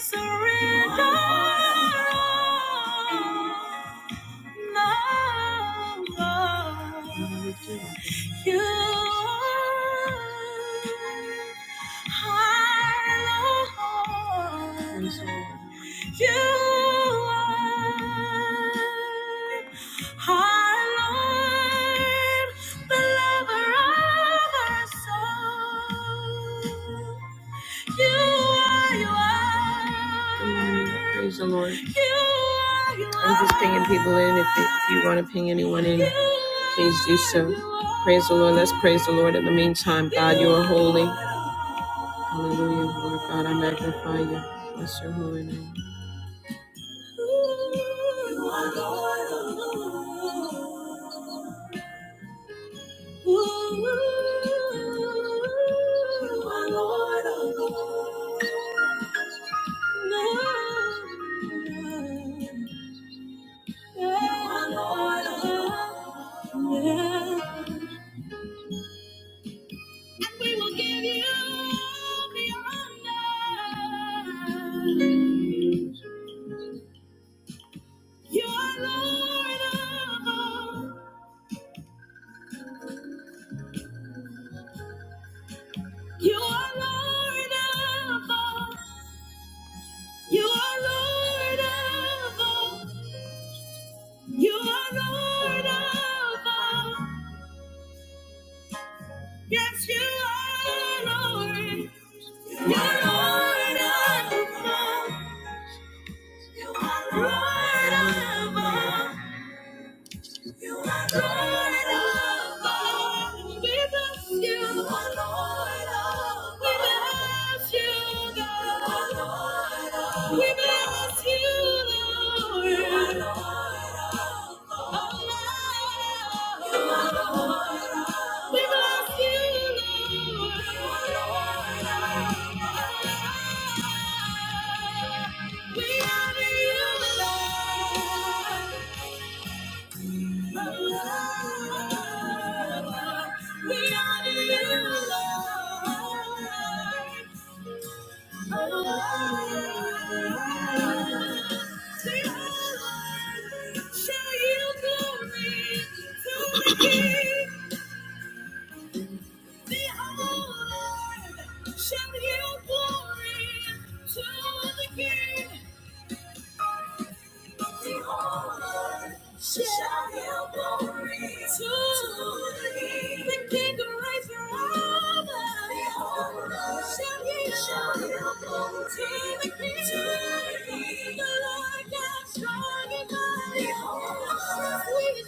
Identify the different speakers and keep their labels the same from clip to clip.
Speaker 1: Surrender, no, no. You are our Lord. Lord. You are our Lord, the lover of our soul. You are, you are. Good morning. Praise the Lord. You are, you are. I'm just pinging people in. If, if you want to ping anyone in, please do so. Praise the Lord. Let's praise the Lord. In the meantime, God, you are holy. Hallelujah. Lord God, I magnify you. Bless your holy name. You are Lord alone. Ooh, you are Lord alone. Yeah. You are Lord alone. Yeah. And we will give you the honor. You are Lord of all. You are Lord of all. You are Lord of all. You are Lord of all. Yes, you are Lord. You are Lord of all. You are Lord of all. You are Lord of all. We bless you. You are Lord of all. We bless you, God. You are Lord of all. We bless you, Lord. You are Lord of all. Oh, Lord. You are Lord of all. We bless you, Lord. You are Lord of all. We honor you, Lord. Shall you glory to the King? the honor shall give glory to thee. the King of Reigns forever. The honor shall give glory to the King, the Lord God strong and mighty. The honor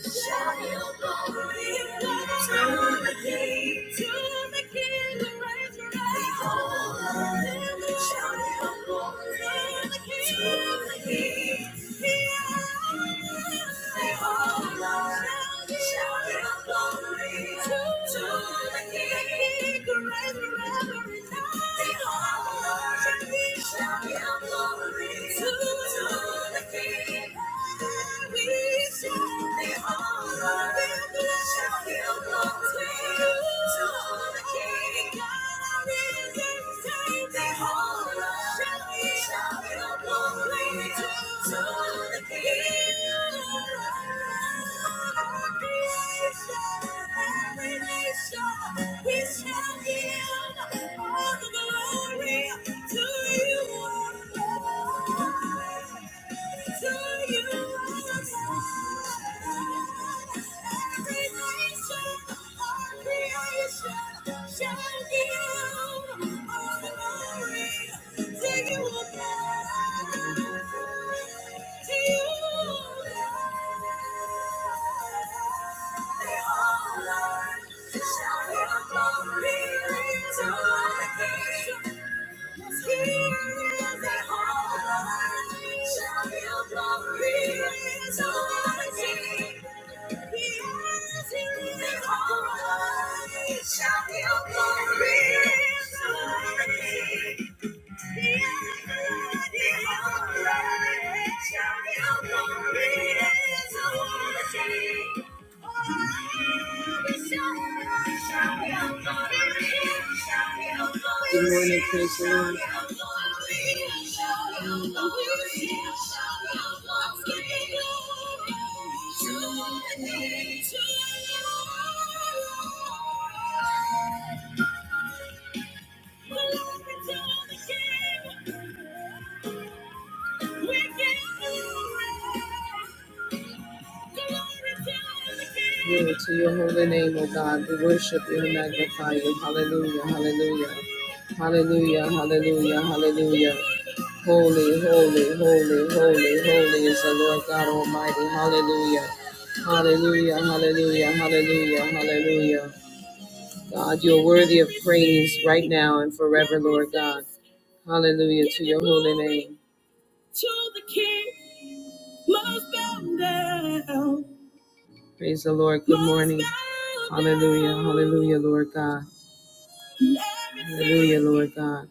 Speaker 1: shall give glory to the King, to the King of Reigns forever. Shout your glory. We shall give all the glory to you. Shout your glory to the King. 'Cause he is at home, shall give glory to the King. he is in all, shall give glory to the King. Good morning, praise the Lord. Mm-hmm. Glory to your holy name, O God. We worship you and magnify you. Hallelujah, hallelujah. Hallelujah, hallelujah, hallelujah. Holy, holy, holy, holy, holy is the Lord God Almighty. Hallelujah. Hallelujah, hallelujah, hallelujah, hallelujah. God, you're worthy of praise right now and forever, Lord God. Hallelujah to your holy name. To the King, must bow down. Praise the Lord. Good morning. Hallelujah. Hallelujah, Lord God. Hallelujah, Lord God.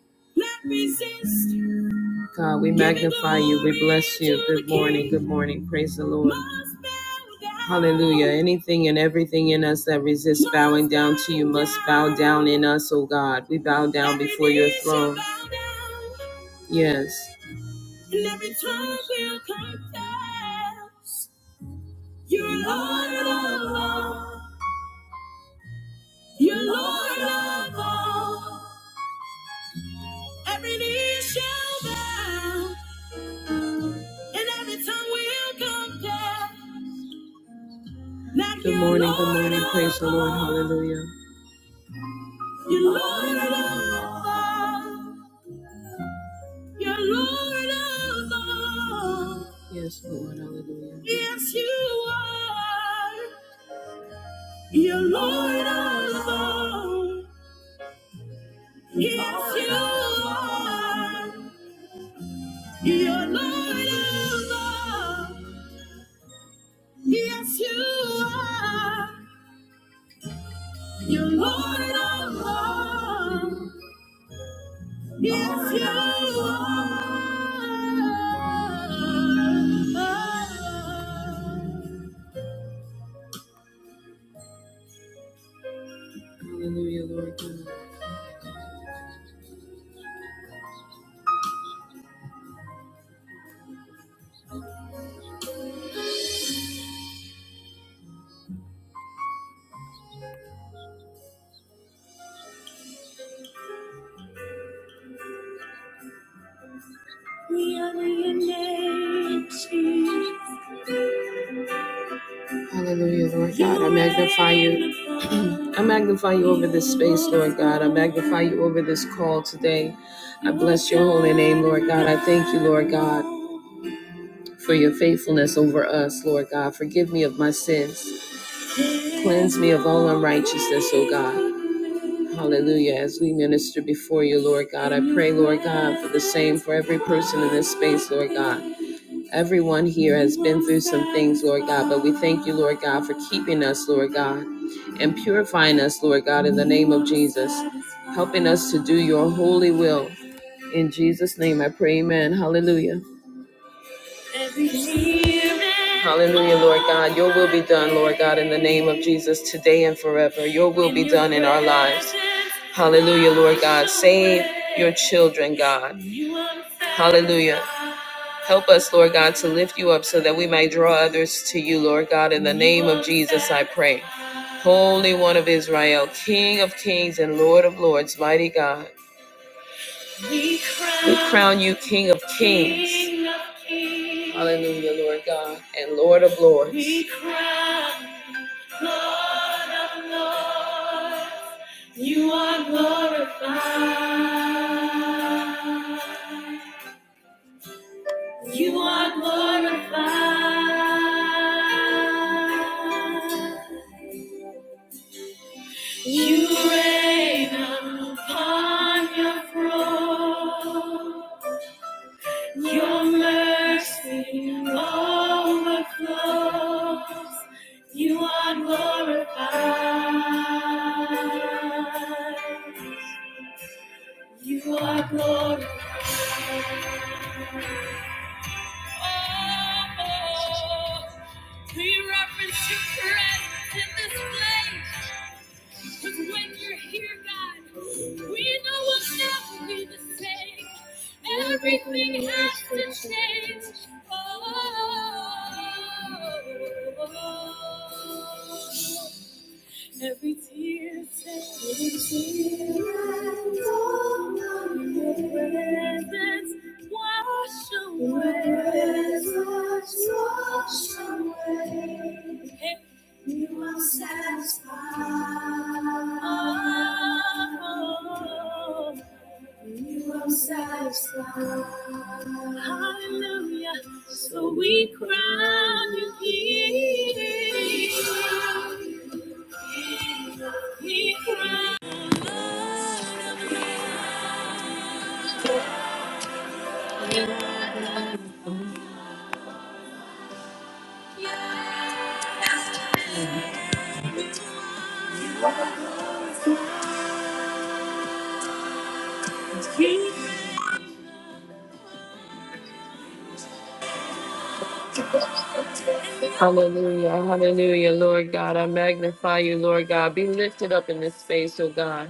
Speaker 1: God, we magnify you. We bless you. Good morning. Good morning. Praise the Lord. Hallelujah. Anything and everything in us that resists bowing down to you must bow down in us, oh God. We bow down before your throne. Yes. And every time we'll confess, you're Lord of all, you're Lord of all. Every knee shall bow, and every tongue will confess. that Good morning, good morning, praise the Lord, hallelujah. You're Lord of all, you're Lord of all. Yes, Lord, hallelujah. Yes, you are. You're Lord alone. Yes, you are. You're Lord alone. Yes, you are. You're Lord alone. Yes, you are. Hallelujah, Lord God. We honor your name, Jesus. Hallelujah, Lord God. I magnify you. I magnify you over this space, Lord God. I magnify you over this call today. I bless your holy name, Lord God. I thank you, Lord God, for your faithfulness over us, Lord God. Forgive me of my sins. Cleanse me of all unrighteousness, O God. Hallelujah. As we minister before you, Lord God, I pray, Lord God, for the same for every person in this space, Lord God. Everyone here has been through some things, Lord God, but we thank you, Lord God, for keeping us, Lord God, and purifying us, Lord God, in the name of Jesus, helping us to do your holy will. In Jesus' name I pray, amen. Hallelujah. Hallelujah, Lord God. Your will be done, Lord God, in the name of Jesus, today and forever. Your will be done in our lives. Hallelujah, Lord God. Save your children, God. Hallelujah. Help us, Lord God, to lift you up so that we might draw others to you, Lord God. In the name of Jesus, I pray. Holy One of Israel, King of kings and Lord of lords, mighty God. We crown, you King of kings. King of kings. Hallelujah, Lord God, and Lord of lords. We crown Lord of lords. You are glorified. You are glorified. You reign upon your throne. Your mercy overflows. You are glorified. You are glorified. Oh, we reverence your presence in this place. Cause when you're here, God, we know we'll never be the same. Everything has to change. Oh, oh, oh, oh. Every tear, every tear, your presence wash away. Presence wash away. You are satisfied. Oh, you are satisfied. Hallelujah. So we crown you King. Hallelujah, hallelujah, Lord God. I magnify you, Lord God. Be lifted up in this space, oh God.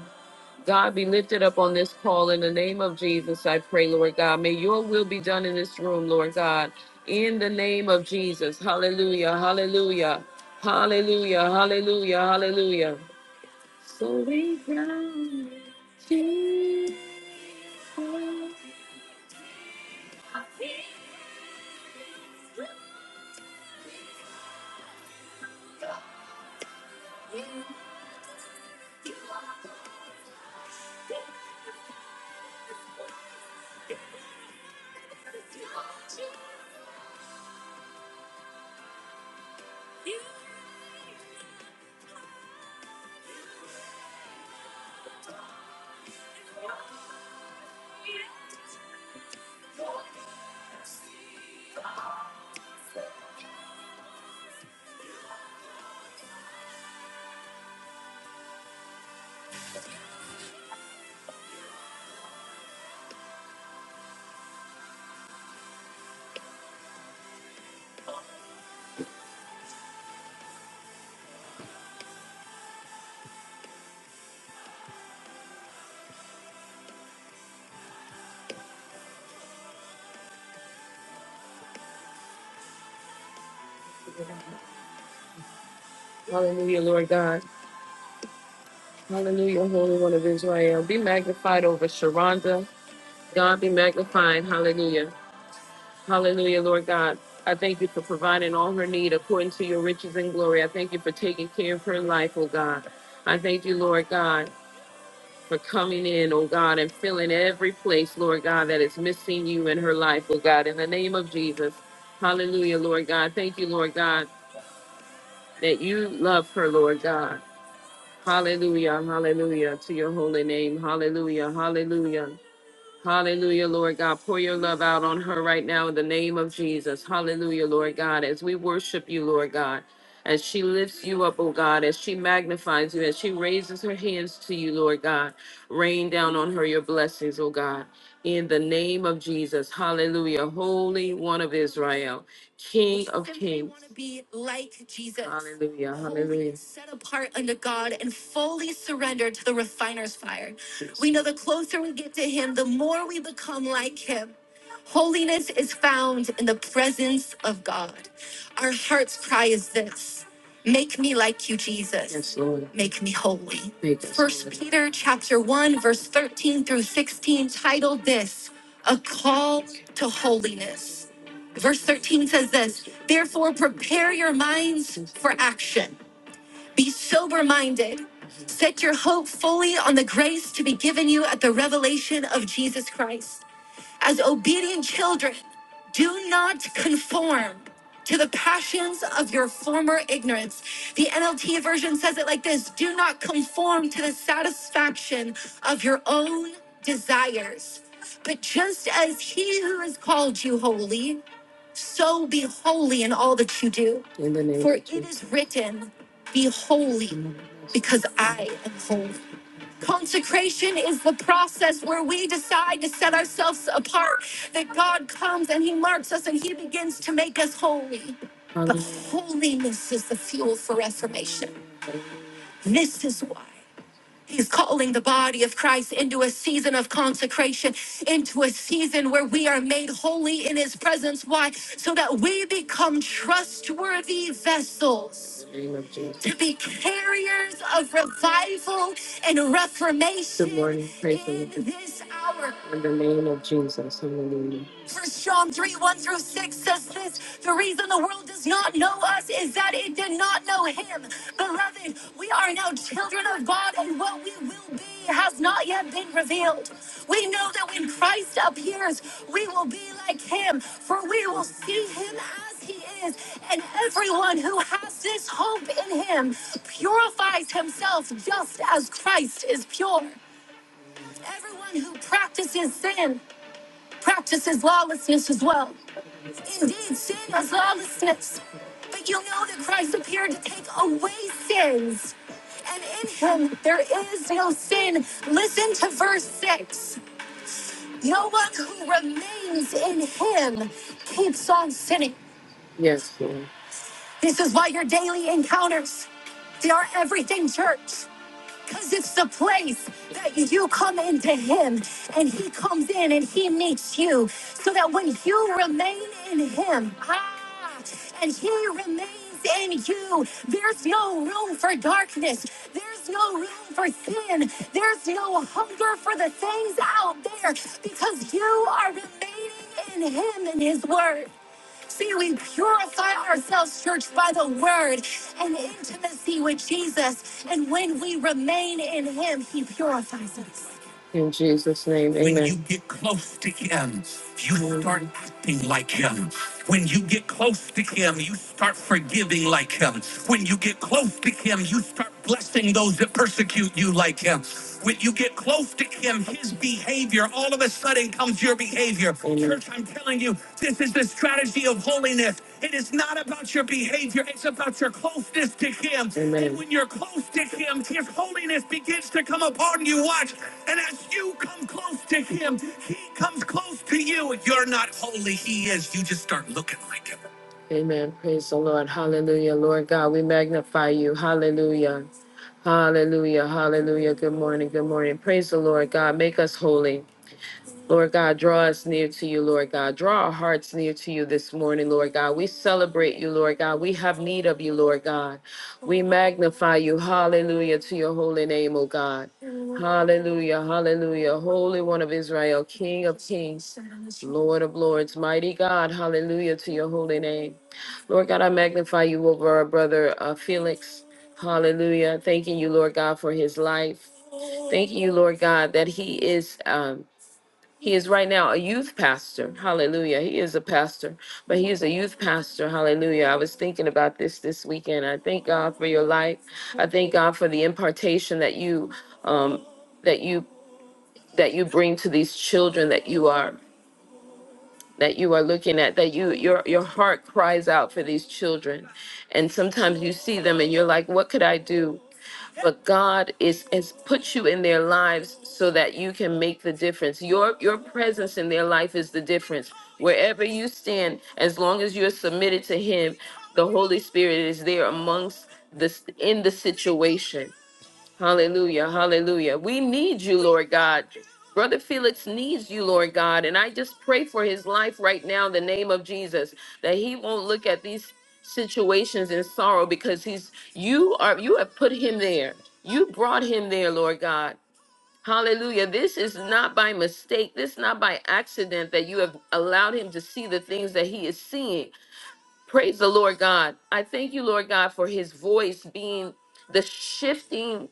Speaker 1: God, be lifted up on this call in the name of Jesus, I pray, Lord God. May your will be done in this room, Lord God. In the name of Jesus, hallelujah, hallelujah, hallelujah, hallelujah, hallelujah. So we crown Jesus. Hallelujah, Lord God. Hallelujah, Holy One of Israel. Be magnified over Sharonda. God be magnified. Hallelujah. Hallelujah, Lord God. I thank you for providing all her need according to your riches and glory. I thank you for taking care of her life, oh God. I thank you, Lord God, for coming in, oh God, and filling every place, Lord God, that is missing you in her life, oh God, in the name of Jesus. Hallelujah, Lord God. Thank you, Lord God, that you love her, Lord God. Hallelujah, hallelujah to your holy name. Hallelujah, hallelujah. Hallelujah, Lord God. Pour your love out on her right now in the name of Jesus. Hallelujah, Lord God. As we worship you, Lord God, as she lifts you up, oh God, as she magnifies you, as she raises her hands to you, Lord God, rain down on her your blessings, oh God. In the name of Jesus. Hallelujah. Holy One of Israel, King of Kings. Hallelujah. Hallelujah. Set apart unto God and fully surrendered to the refiner's fire. We know the closer we get to Him, the more we become like Him. Holiness is found in the presence of God. Our heart's cry is this Make me like you, Jesus. Yes, Lord. Make me holy. Make us First holy. Peter chapter 1, verse 13 through 16, titled this A Call to Holiness. Verse 13 says this Therefore, prepare your minds for action. Be sober minded. Set your hope fully on the grace to be given you at the revelation of Jesus Christ. As obedient children, do not conform to the passions of your former ignorance. The NLT version says it like this Do not conform to the satisfaction of your own desires. But just as he who has called you holy so be holy in all that you do. In the name For of it Jesus. is written, Be holy, because I am holy. Consecration is the process where we decide to set ourselves apart, that God comes and He marks us and He begins to make us holy. But holiness is the fuel for reformation. This is why. He's calling the body of Christ into a season of consecration, into a season where we are made holy in his presence. Why? So that we become trustworthy vessels to be carriers of revival and reformation Good morning. Praise in the Lord. this hour. In the name of Jesus. Hallelujah. First John 3, 1 through 6 says this the reason the world does not know us is that it did not know him. Beloved, we are now children of God, and what we will be has not yet been revealed. We know that when Christ appears, we will be like him, for we will see him as he is, and everyone who has this hope in him purifies himself just as Christ is pure. Everyone who practices sin practices lawlessness as well. Indeed, sin is lawlessness. But you know that Christ appeared to take away sins. And in him there is no sin. Listen to verse 6. No one who remains in him keeps on sinning. Yes, Lord. This is why your daily encounters, they are everything, church. Because it's the place that you come into Him and He comes in and He meets you. So that when you remain in Him, ah, and He remains in you, there's no room for darkness. There's no room for sin. There's no hunger for the things out there because you are remaining in Him and His Word. See, we purify ourselves, church, by the word and intimacy with Jesus. And when we remain in him, he purifies us. In Jesus' name, amen. When you get close to him, you start acting like him. When you get close to him, you start forgiving like him. When you get close to him, you start blessing those that persecute you like him. When you get close to him, his behavior, all of a sudden comes your behavior powerful. Amen. Church, I'm telling you, this is the strategy of holiness. It is not about your behavior, it's about your closeness to Him. Amen. And when you're close to Him, His holiness begins to come upon you. Watch. And as you come close to Him, He comes close to you. You're not holy, He is. You just start looking like Him. Amen. Praise the Lord. Hallelujah. Lord God, we magnify you. Hallelujah. Hallelujah. Hallelujah. Good morning. Good morning. Praise the Lord God. Make us holy. Lord God, draw us near to you, Lord God. Draw our hearts near to you this morning, Lord God. We celebrate you, Lord God. We have need of you, Lord God. We magnify you. Hallelujah to your holy name, O God. Hallelujah, hallelujah. Holy One of Israel, King of kings, Lord of lords, mighty God. Hallelujah to your holy name. Lord God, I magnify you over our brother uh, Felix. Hallelujah. Thanking you, Lord God, for his life. Thank you, Lord God, that he is. Um, he is right now a youth pastor. Hallelujah. He is a pastor, but he is a youth pastor. Hallelujah. I was thinking about this this weekend. I thank God for your life. I thank God for the impartation that you um that you that you bring to these children that you are that you are looking at that you your your heart cries out for these children. And sometimes you see them and you're like, what could I do? but God is has put you in their lives so that you can make the difference. Your your presence in their life is the difference. Wherever you stand, as long as you're submitted to Him, the Holy Spirit is there amongst this in the situation. Hallelujah. Hallelujah. We need you, Lord God. Brother Felix needs you, Lord God. And I just pray for his life right now in the name of Jesus that he won't look at these situations in sorrow because he's you are you have put him there. You brought him there, Lord God. Hallelujah. This is not by mistake. This is not by accident that you have allowed him to see the things that he is seeing. Praise the Lord God. I thank you, Lord God, for his voice being the shifting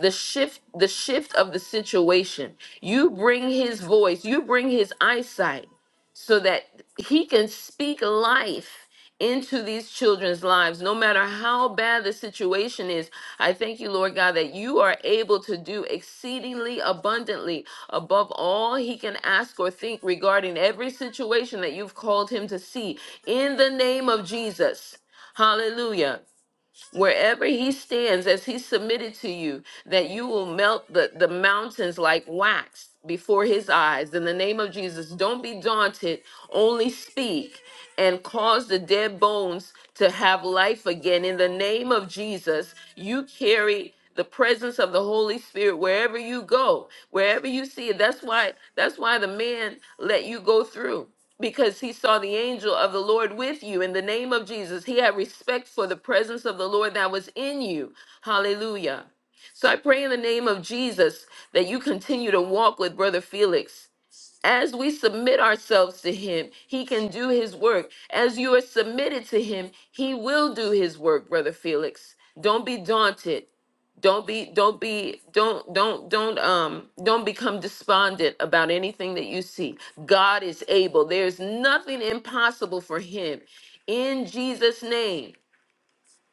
Speaker 1: the shift the shift of the situation you bring his voice you bring his eyesight so that he can speak life into these children's lives no matter how bad the situation is i thank you lord god that you are able to do exceedingly abundantly above all he can ask or think regarding every situation that you've called him to see in the name of jesus hallelujah wherever he stands as he submitted to you that you will melt the, the mountains like wax before his eyes in the name of jesus don't be daunted only speak and cause the dead bones to have life again in the name of jesus you carry the presence of the holy spirit wherever you go wherever you see it that's why that's why the man let you go through because he saw the angel of the Lord with you in the name of Jesus. He had respect for the presence of the Lord that was in you. Hallelujah. So I pray in the name of Jesus that you continue to walk with Brother Felix. As we submit ourselves to him, he can do his work. As you are submitted to him, he will do his work, brother Felix. Don't be daunted. Don't be don't be don't don't don't um don't become despondent about anything that you see. God is able. There's nothing impossible for him. In Jesus name.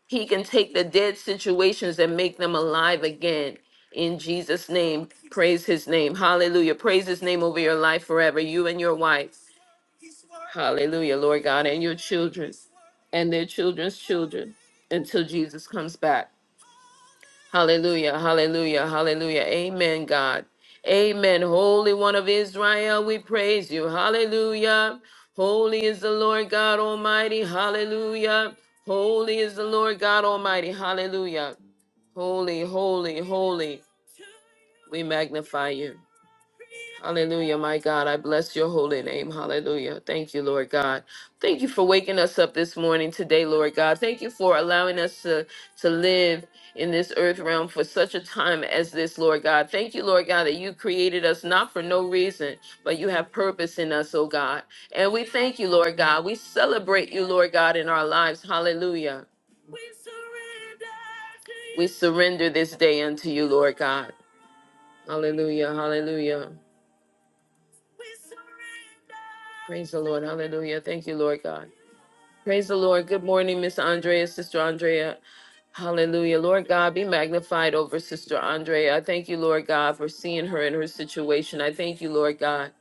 Speaker 1: He can take the dead situations and make them alive again. In Jesus' name, praise his name. Hallelujah. Praise his name over your life forever, you and your wife. Hallelujah, Lord God, and your children and their children's children until Jesus comes back. Hallelujah, hallelujah, hallelujah. Amen, God. Amen. Holy One of Israel, we praise you. Hallelujah. Holy is the Lord God Almighty. Hallelujah. Holy is the Lord God Almighty. Hallelujah. Holy, holy, holy, we magnify you. Hallelujah, my God. I bless your holy name. Hallelujah. Thank you, Lord God. Thank you for waking us up this morning today, Lord God. Thank you for allowing us to, to live in this earth realm for such a time as this, Lord God. Thank you, Lord God, that you created us not for no reason, but you have purpose in us, oh God. And we thank you, Lord God. We celebrate you, Lord God, in our lives. Hallelujah. We surrender this day unto you, Lord God. Hallelujah. Hallelujah. Praise the Lord. Hallelujah. Thank you, Lord God. Praise the Lord. Good morning, Miss Andrea, Sister Andrea. Hallelujah. Lord God, be magnified over Sister Andrea. I thank you, Lord God, for seeing her in her situation. I thank you, Lord God.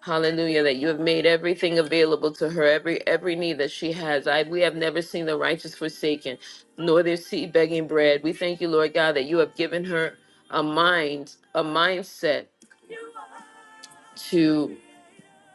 Speaker 1: Hallelujah, that you have made everything available to her, every every need that she has. I we have never seen the righteous forsaken, nor their seed begging bread. We thank you, Lord God, that you have given her a mind, a mindset to.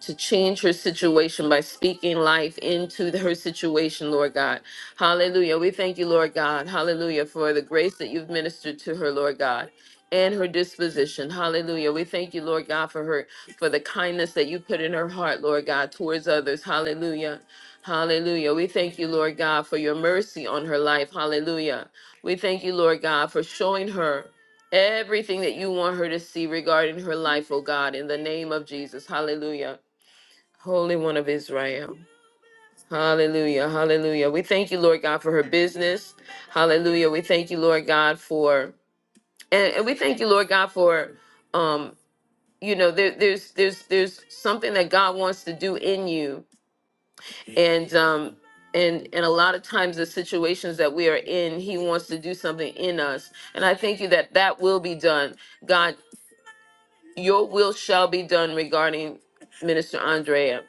Speaker 1: to change her situation by speaking life into the- her situation, Lord God. Hallelujah. We thank you, Lord God. Hallelujah for the grace that you've ministered to her, Lord God. And her disposition. Hallelujah. We thank you, Lord God, for her, for the kindness that you put in her heart, Lord God, towards others. Hallelujah. Hallelujah. We thank you, Lord God, for your mercy on her life. Hallelujah. We thank you, Lord God, for showing her everything that you want her to see regarding her life, oh God, in the name of Jesus. Hallelujah. Holy One of Israel. Hallelujah. Hallelujah. We thank you, Lord God, for her business. Hallelujah. We thank you, Lord God, for and, and we thank you, Lord God, for um, you know, there, there's there's there's something that God wants to do in you. And um and and a lot of times the situations that we are in, he wants to do something in us. And I thank you that that will be done. God, your will shall be done regarding Minister Andrea.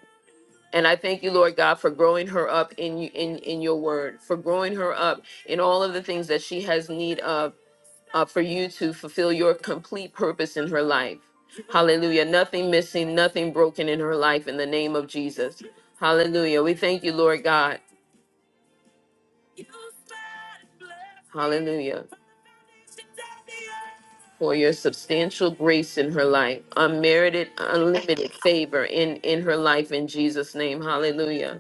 Speaker 1: And I thank you, Lord God, for growing her up in you in, in your word, for growing her up in all of the things that she has need of uh, for you to fulfill your complete purpose in her life. Hallelujah. Nothing missing, nothing broken in her life in the name of Jesus. Hallelujah. We thank you, Lord God. Hallelujah. For your substantial grace in her life, unmerited, unlimited favor in, in her life in Jesus' name. Hallelujah.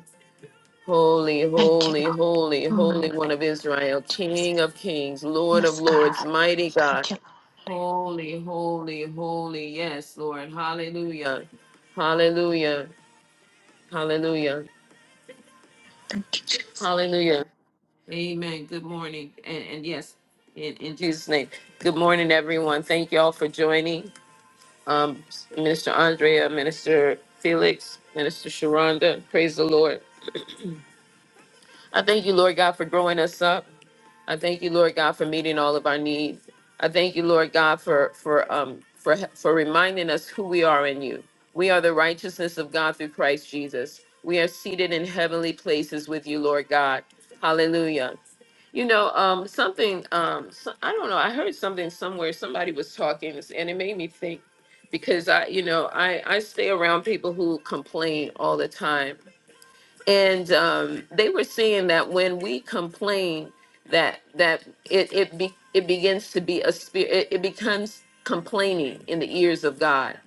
Speaker 1: Holy,
Speaker 2: Thank you,
Speaker 1: holy,
Speaker 2: Lord.
Speaker 1: holy,
Speaker 2: Oh, my
Speaker 1: holy
Speaker 2: God,
Speaker 1: one of Israel,
Speaker 2: Jesus.
Speaker 1: King of kings, Lord of
Speaker 2: Yes, God.
Speaker 1: lords, mighty God.
Speaker 2: Thank you, Lord.
Speaker 1: Holy, holy, holy. Yes, Lord. Hallelujah. Hallelujah. Hallelujah.
Speaker 2: Thank you, Jesus.
Speaker 1: Hallelujah. Amen. Good morning. And, and yes, in, in Jesus' name. Good morning, everyone. Thank you all for joining. Um, Minister Andrea, Minister Felix, Minister Sharonda. Praise the Lord. I thank you, Lord God, for growing us up. I thank you, Lord God, for meeting all of our needs. I thank you, Lord God, for for um for for reminding us who we are in you. We are the righteousness of God through Christ Jesus. We are seated in heavenly places with you, Lord God. Hallelujah. You know, um, something um, so, I don't know. I heard something somewhere. Somebody was talking, and it made me think because I, you know, I I stay around people who complain all the time, and um, they were seeing that when we complain that that it it, be, it begins to be a spirit it, it becomes complaining in the ears of god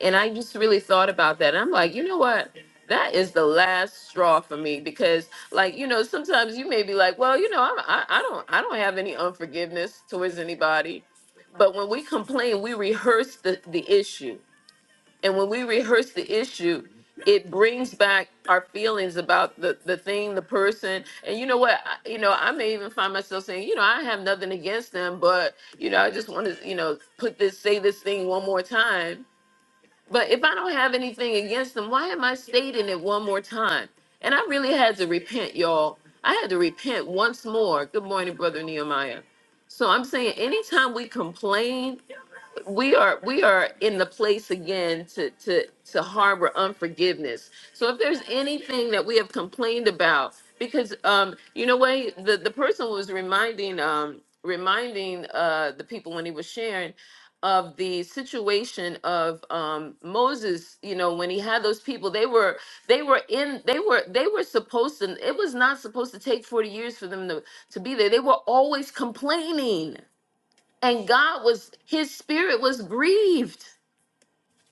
Speaker 1: and i just really thought about that and i'm like you know what that is the last straw for me because like you know sometimes you may be like well you know I'm, I, I don't i don't have any unforgiveness towards anybody but when we complain we rehearse the, the issue and when we rehearse the issue, it brings back our feelings about the, the thing, the person. And you know what? I, you know, I may even find myself saying, you know, I have nothing against them, but, you know, I just want to, you know, put this, say this thing one more time. But if I don't have anything against them, why am I stating it one more time? And I really had to repent, y'all. I had to repent once more. Good morning, Brother Nehemiah. So I'm saying anytime we complain we are we are in the place again to to to harbor unforgiveness so if there's anything that we have complained about because um you know way the the person was reminding um reminding uh the people when he was sharing of the situation of um Moses you know when he had those people they were they were in they were they were supposed to it was not supposed to take 40 years for them to to be there they were always complaining and God was his spirit was grieved.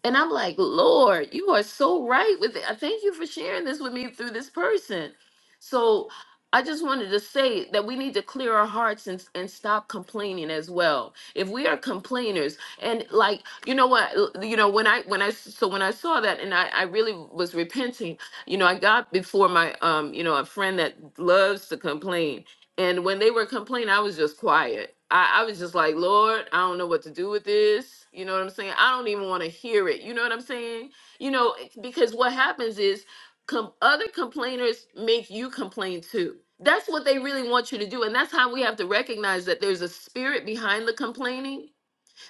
Speaker 1: And I'm like, Lord, you are so right with it. I thank you for sharing this with me through this person. So I just wanted to say that we need to clear our hearts and, and stop complaining as well. If we are complainers and like, you know what, l- you know, when I, when I, so when I saw that and I, I really was repenting, you know, I got before my, um, you know, a friend that loves to complain and when they were complaining, I was just quiet. I, I was just like, Lord, I don't know what to do with this. You know what I'm saying? I don't even want to hear it. You know what I'm saying? You know, eh, because what happens is com- other complainers make you complain too. That's what they really want you to do. And that's how we have to recognize that there's a spirit behind the complaining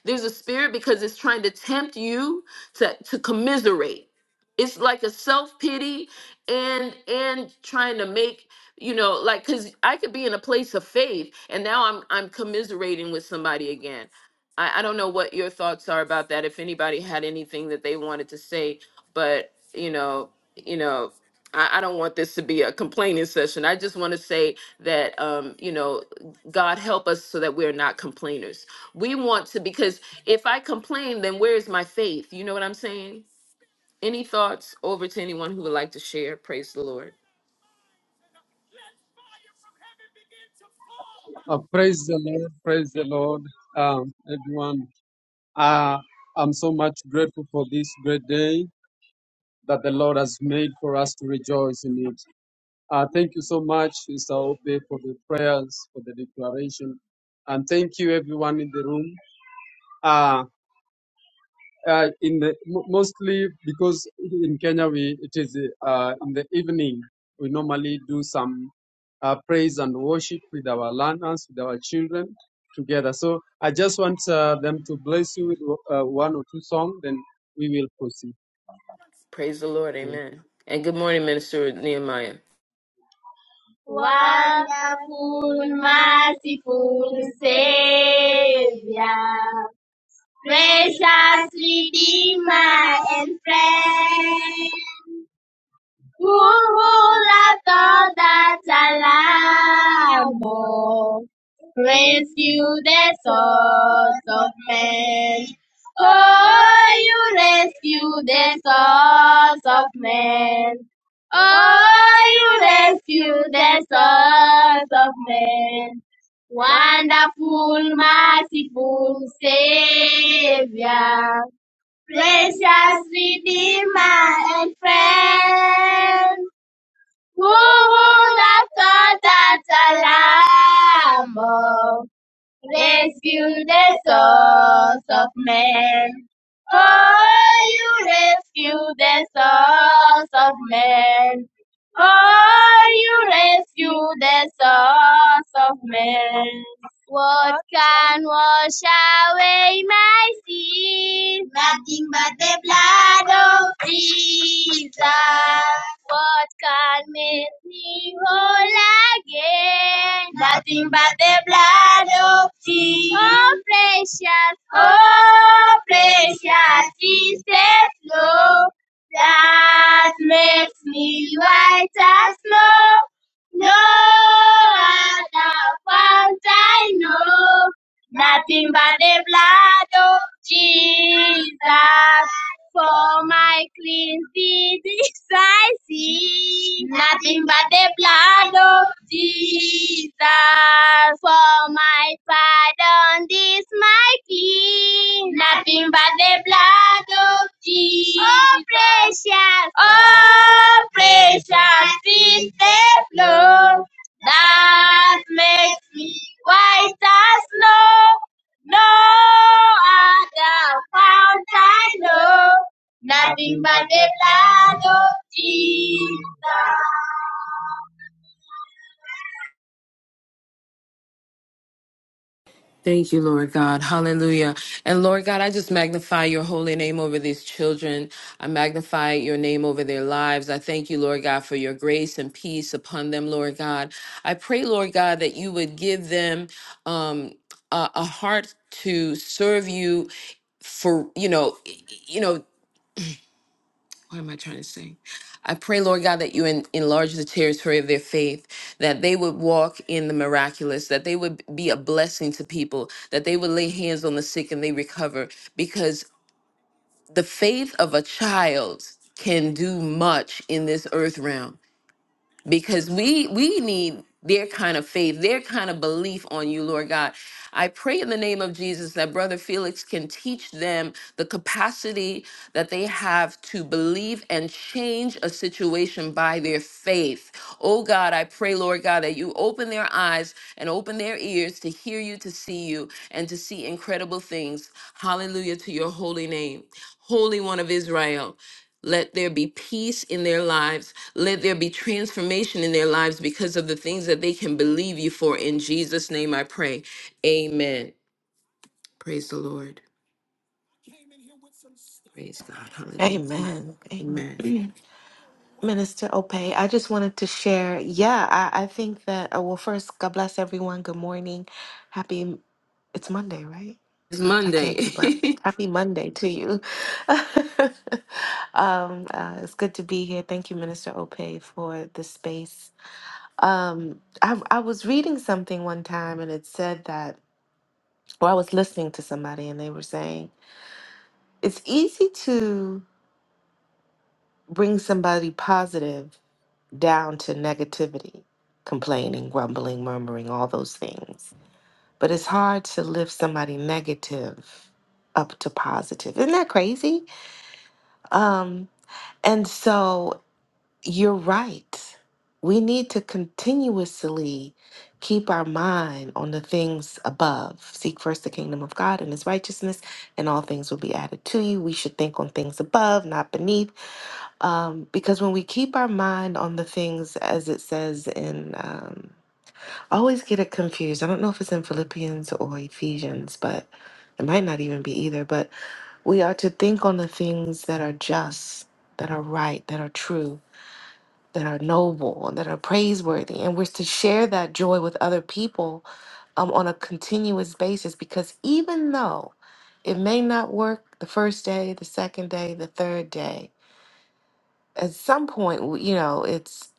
Speaker 1: there's a spirit because it's trying to tempt you to, to commiserate. It's like a self-pity and and trying to make, you know, like cuz I could be in a place of faith and now I'm I'm commiserating with somebody again. I, I don't know what your thoughts are about that if anybody had anything that they wanted to say, but you know, you know, I, I don't want this to be a complaining session. I just want to say that um, you know, God help us so that we're not complainers we want to because if I complain, then where is my faith? You know what I'm saying? Any thoughts over to anyone who would like to share? Praise the Lord. Praise the Lord. Amen. And good morning, Minister Nehemiah.
Speaker 3: Wonderful, merciful Savior, precious Redeemer and friend. Kurulatoda Salamo, praise you the sons of men. Oh, you rescue the sons of men. Oh, you rescue the sons of men. Wonderful, merciful Savior. Precious Redeemer and friend, who would have thought that a lamb oh, rescued the souls of men? Oh, you rescue the souls of men. Oh, you rescue the souls of men. What can wash away my sins? Nothing but the blood of Jesus. What can make me whole again? Nothing but the blood of Jesus. Oh, precious, Oh, precious is the flow that makes me white as snow. No other ones I know. Nothing but the blood of Jesus for my cleansing I see. Nothing but the blood of Jesus for my pardon this my king. Nothing but the blood of Jesus. Oh precious, oh precious is the blood that makes me white as snow. No other fount I know, nothing but the blood of Jesus.
Speaker 1: Thank you, Lord God. Hallelujah. And Lord God, I just magnify your holy name over these children. I magnify your name over their lives. I thank you, Lord God, for your grace and peace upon them, Lord God. I pray, Lord God, that you would give them um, a, a heart to serve you for you know you know what am I trying to say? I pray, Lord God, that you en- enlarge the territory of their faith, that they would walk in the miraculous, that they would be a blessing to people, that they would lay hands on the sick and they recover, because the faith of a child can do much in this earth realm because we we need their kind of faith, their kind of belief on you, Lord God. I pray in the name of Jesus that Brother Felix can teach them the capacity that they have to believe and change a situation by their faith. Oh God, I pray, Lord God, that you open their eyes and open their ears to hear you, to see you, and to see incredible things. Hallelujah to your holy name. Holy One of Israel. Let there be peace in their lives. Let there be transformation in their lives because of the things that they can believe you for. In Jesus' name I pray. Amen. Praise the Lord. Praise God. Hallelujah.
Speaker 2: Amen. Amen.
Speaker 1: Amen.
Speaker 2: Mm. Minister Opey, I just wanted to share. Yeah, I, I think that, uh, well, first, God bless everyone. Good morning. Happy, it's Monday, right?
Speaker 1: It's
Speaker 2: I
Speaker 1: Monday.
Speaker 2: can't keep up. Happy Monday to you. um, uh, it's good to be here. Thank you, Minister Opey, for the space. Um, I, I was reading something one time and it said that Or I was listening to somebody and they were saying it's easy to bring somebody positive down to negativity, complaining, grumbling, murmuring, all those things. But it's hard to lift somebody negative up to positive. Isn't that crazy? Um, and so You're right. We need to continuously keep our mind on the things above. Seek first the kingdom of God and his righteousness, and all things will be added to you. We should think on things above, not beneath. Um, because when we keep our mind on the things, as it says in, um, I always get it confused. I don't know if it's in Philippians or Ephesians, but it might not even be either. But we are to think on the things that are just, that are right, that are true that are noble and that are praiseworthy. And we're to share that joy with other people um, on a continuous basis because even though it may not work the first day, the second day, the third day, at some point, w- you know, it's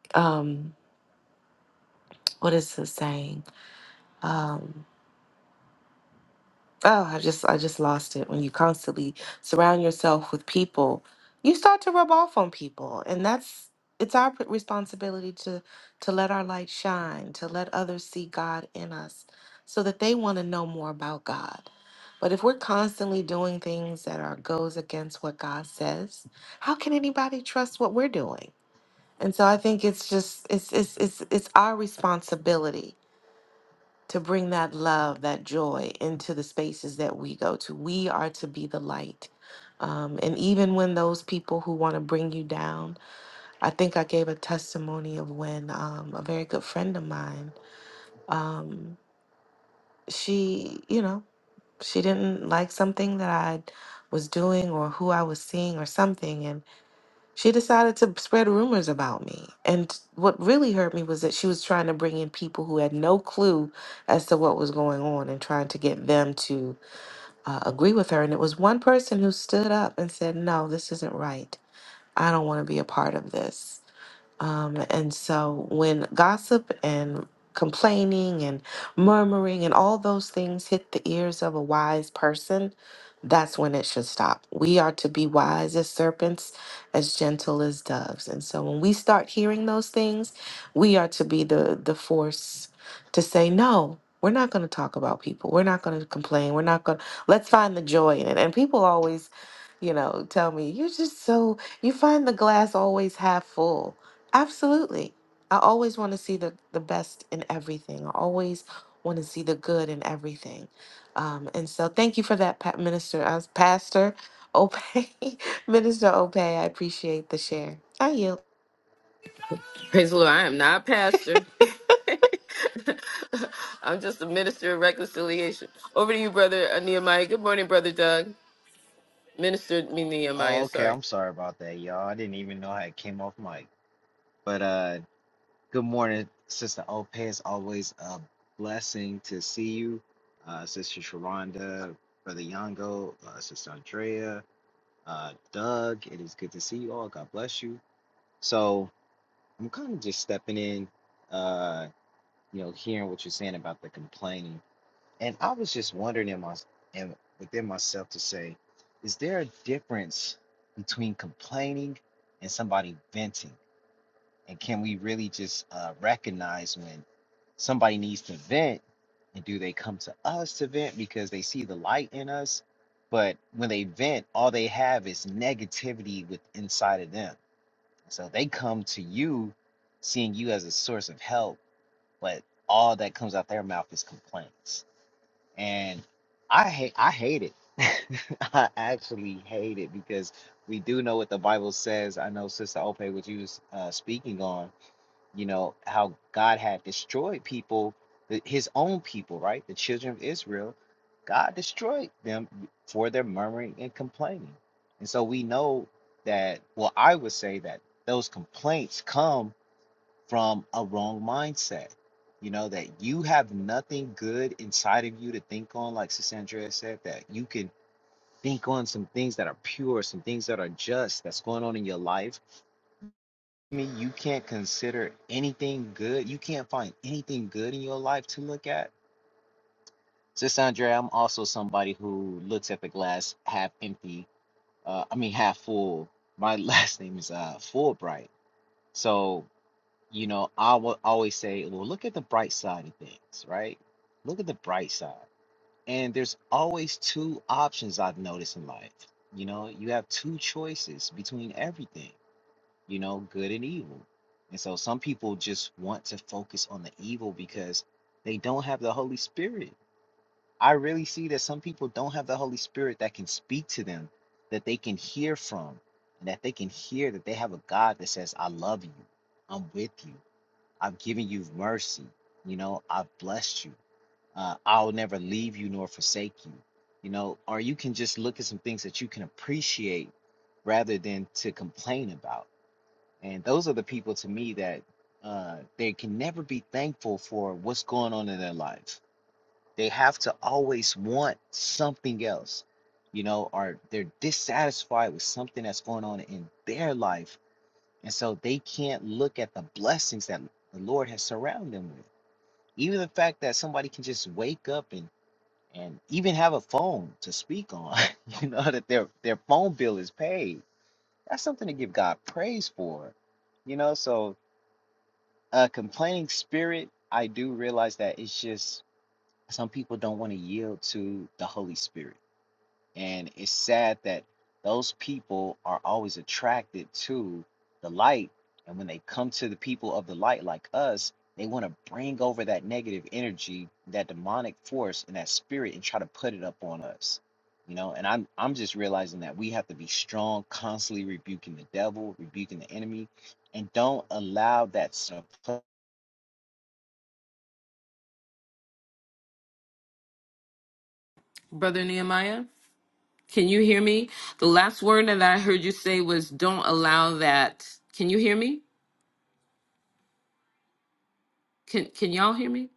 Speaker 2: um, what is the saying? Um, oh i just i just lost it when you constantly surround yourself with people you start to rub off on people and that's it's our p- responsibility to to let our light shine to let others see god in us so that they want to know more about god but if we're constantly doing things that are goes against what god says how can anybody trust what we're doing and so i think it's just it's it's it's, it's our responsibility to bring that love, that joy into the spaces that we go to. We are to be the light. Um, and even when those people who want to bring you down, I think I gave a testimony of when um, a very good friend of mine, um, she, you know, she didn't like something that I was doing or who I was seeing or something. She decided to spread rumors about me. And what really hurt me was that she was trying to bring in people who had no clue as to what was going on and trying to get them to uh, agree with her. And it was one person who stood up and said, No, this isn't right. I don't want to be a part of this. Um, and so when gossip and complaining and murmuring and all those things hit the ears of a wise person, that's when it should stop. We are to be wise as serpents, as gentle as doves. And so when we start hearing those things, we are to be the the force to say no. We're not going to talk about people. We're not going to complain. We're not going to let's find the joy in it. And people always, you know, tell me, you're just so you find the glass always half full. Absolutely. I always want to see the, the best in everything. I always want to see the good in everything. Um, and so thank you for that, Pat Minister, uh, Pastor Opay, Minister Opay. I appreciate the share. I yield.
Speaker 1: Praise the Lord. I am not a pastor. I'm just a minister of reconciliation. Over to you, brother uh, Nehemiah. Good morning, brother Doug. Minister me
Speaker 4: Oh,
Speaker 1: Nehemiah,
Speaker 4: okay.
Speaker 1: sorry.
Speaker 4: I'm sorry about that, y'all. I didn't even know how it came off mic. But uh good morning, Sister Ope. It's always a blessing to see you. Uh Sister Sharonda, Brother Yango, uh, Sister Andrea, uh Doug, it is good to see you all. God bless you. So I'm kind of just stepping in, uh, you know, hearing what you're saying about the complaining. And I was just wondering in my and within myself to say, is there a difference between complaining and somebody venting? And can we really just uh, recognize when somebody needs to vent and do they come to us to vent because they see the light in us? But when they vent, all they have is negativity with inside of them. So they come to you seeing you as a source of help, but all that comes out their mouth is complaints and I hate I hate it. I actually hate it because we do know what the Bible says. I know Sister Ope, what you was uh, speaking on, you know how God had destroyed people, the, His own people, right? The children of Israel, God destroyed them for their murmuring and complaining, and so we know that. Well, I would say that those complaints come from a wrong mindset. You know, that you have nothing good inside of you to think on, like Sis Andrea said, that you can think on some things that are pure, some things that are just, that's going on in your life. I mean, you can't consider anything good. You can't find anything good in your life to look at. Sis Andrea, I'm also somebody who looks at the glass half empty, uh, I mean, half full. My last name is uh, Fulbright. So you know, I will always say, well, look at the bright side of things, right? Look at the bright side. And there's always two options I've noticed in life. You know, you have two choices between everything, you know, good and evil. And so some people just want to focus on the evil because they don't have the Holy Spirit. I really see that some people don't have the Holy Spirit that can speak to them, that they can hear from, and that they can hear that they have a God that says, I love you, I'm with you. I've given you mercy. You know, I've blessed you. Uh, I'll never leave you nor forsake you. You know, or you can just look at some things that you can appreciate rather than to complain about. And those are the people to me that uh, they can never be thankful for what's going on in their life. They have to always want something else, you know, or they're dissatisfied with something that's going on in their life. And so they can't look at the blessings that the Lord has surrounded them with. Even the fact that somebody can just wake up and and even have a phone to speak on, you know, that their their phone bill is paid. That's something to give God praise for. You know, so a complaining spirit, I do realize that it's just some people don't want to yield to the Holy Spirit and it's sad that those people are always attracted to the light. And when they come to the people of the light, like us, they want to bring over that negative energy, that demonic force, and that spirit, and try to put it up on us. You know, and I'm I'm just realizing that we have to be strong, constantly rebuking the devil, rebuking the enemy, and don't allow that. stuff.
Speaker 1: Brother Nehemiah. Can you hear me? The last word that I heard you say was don't allow that. Can you hear me? Can can y'all hear me?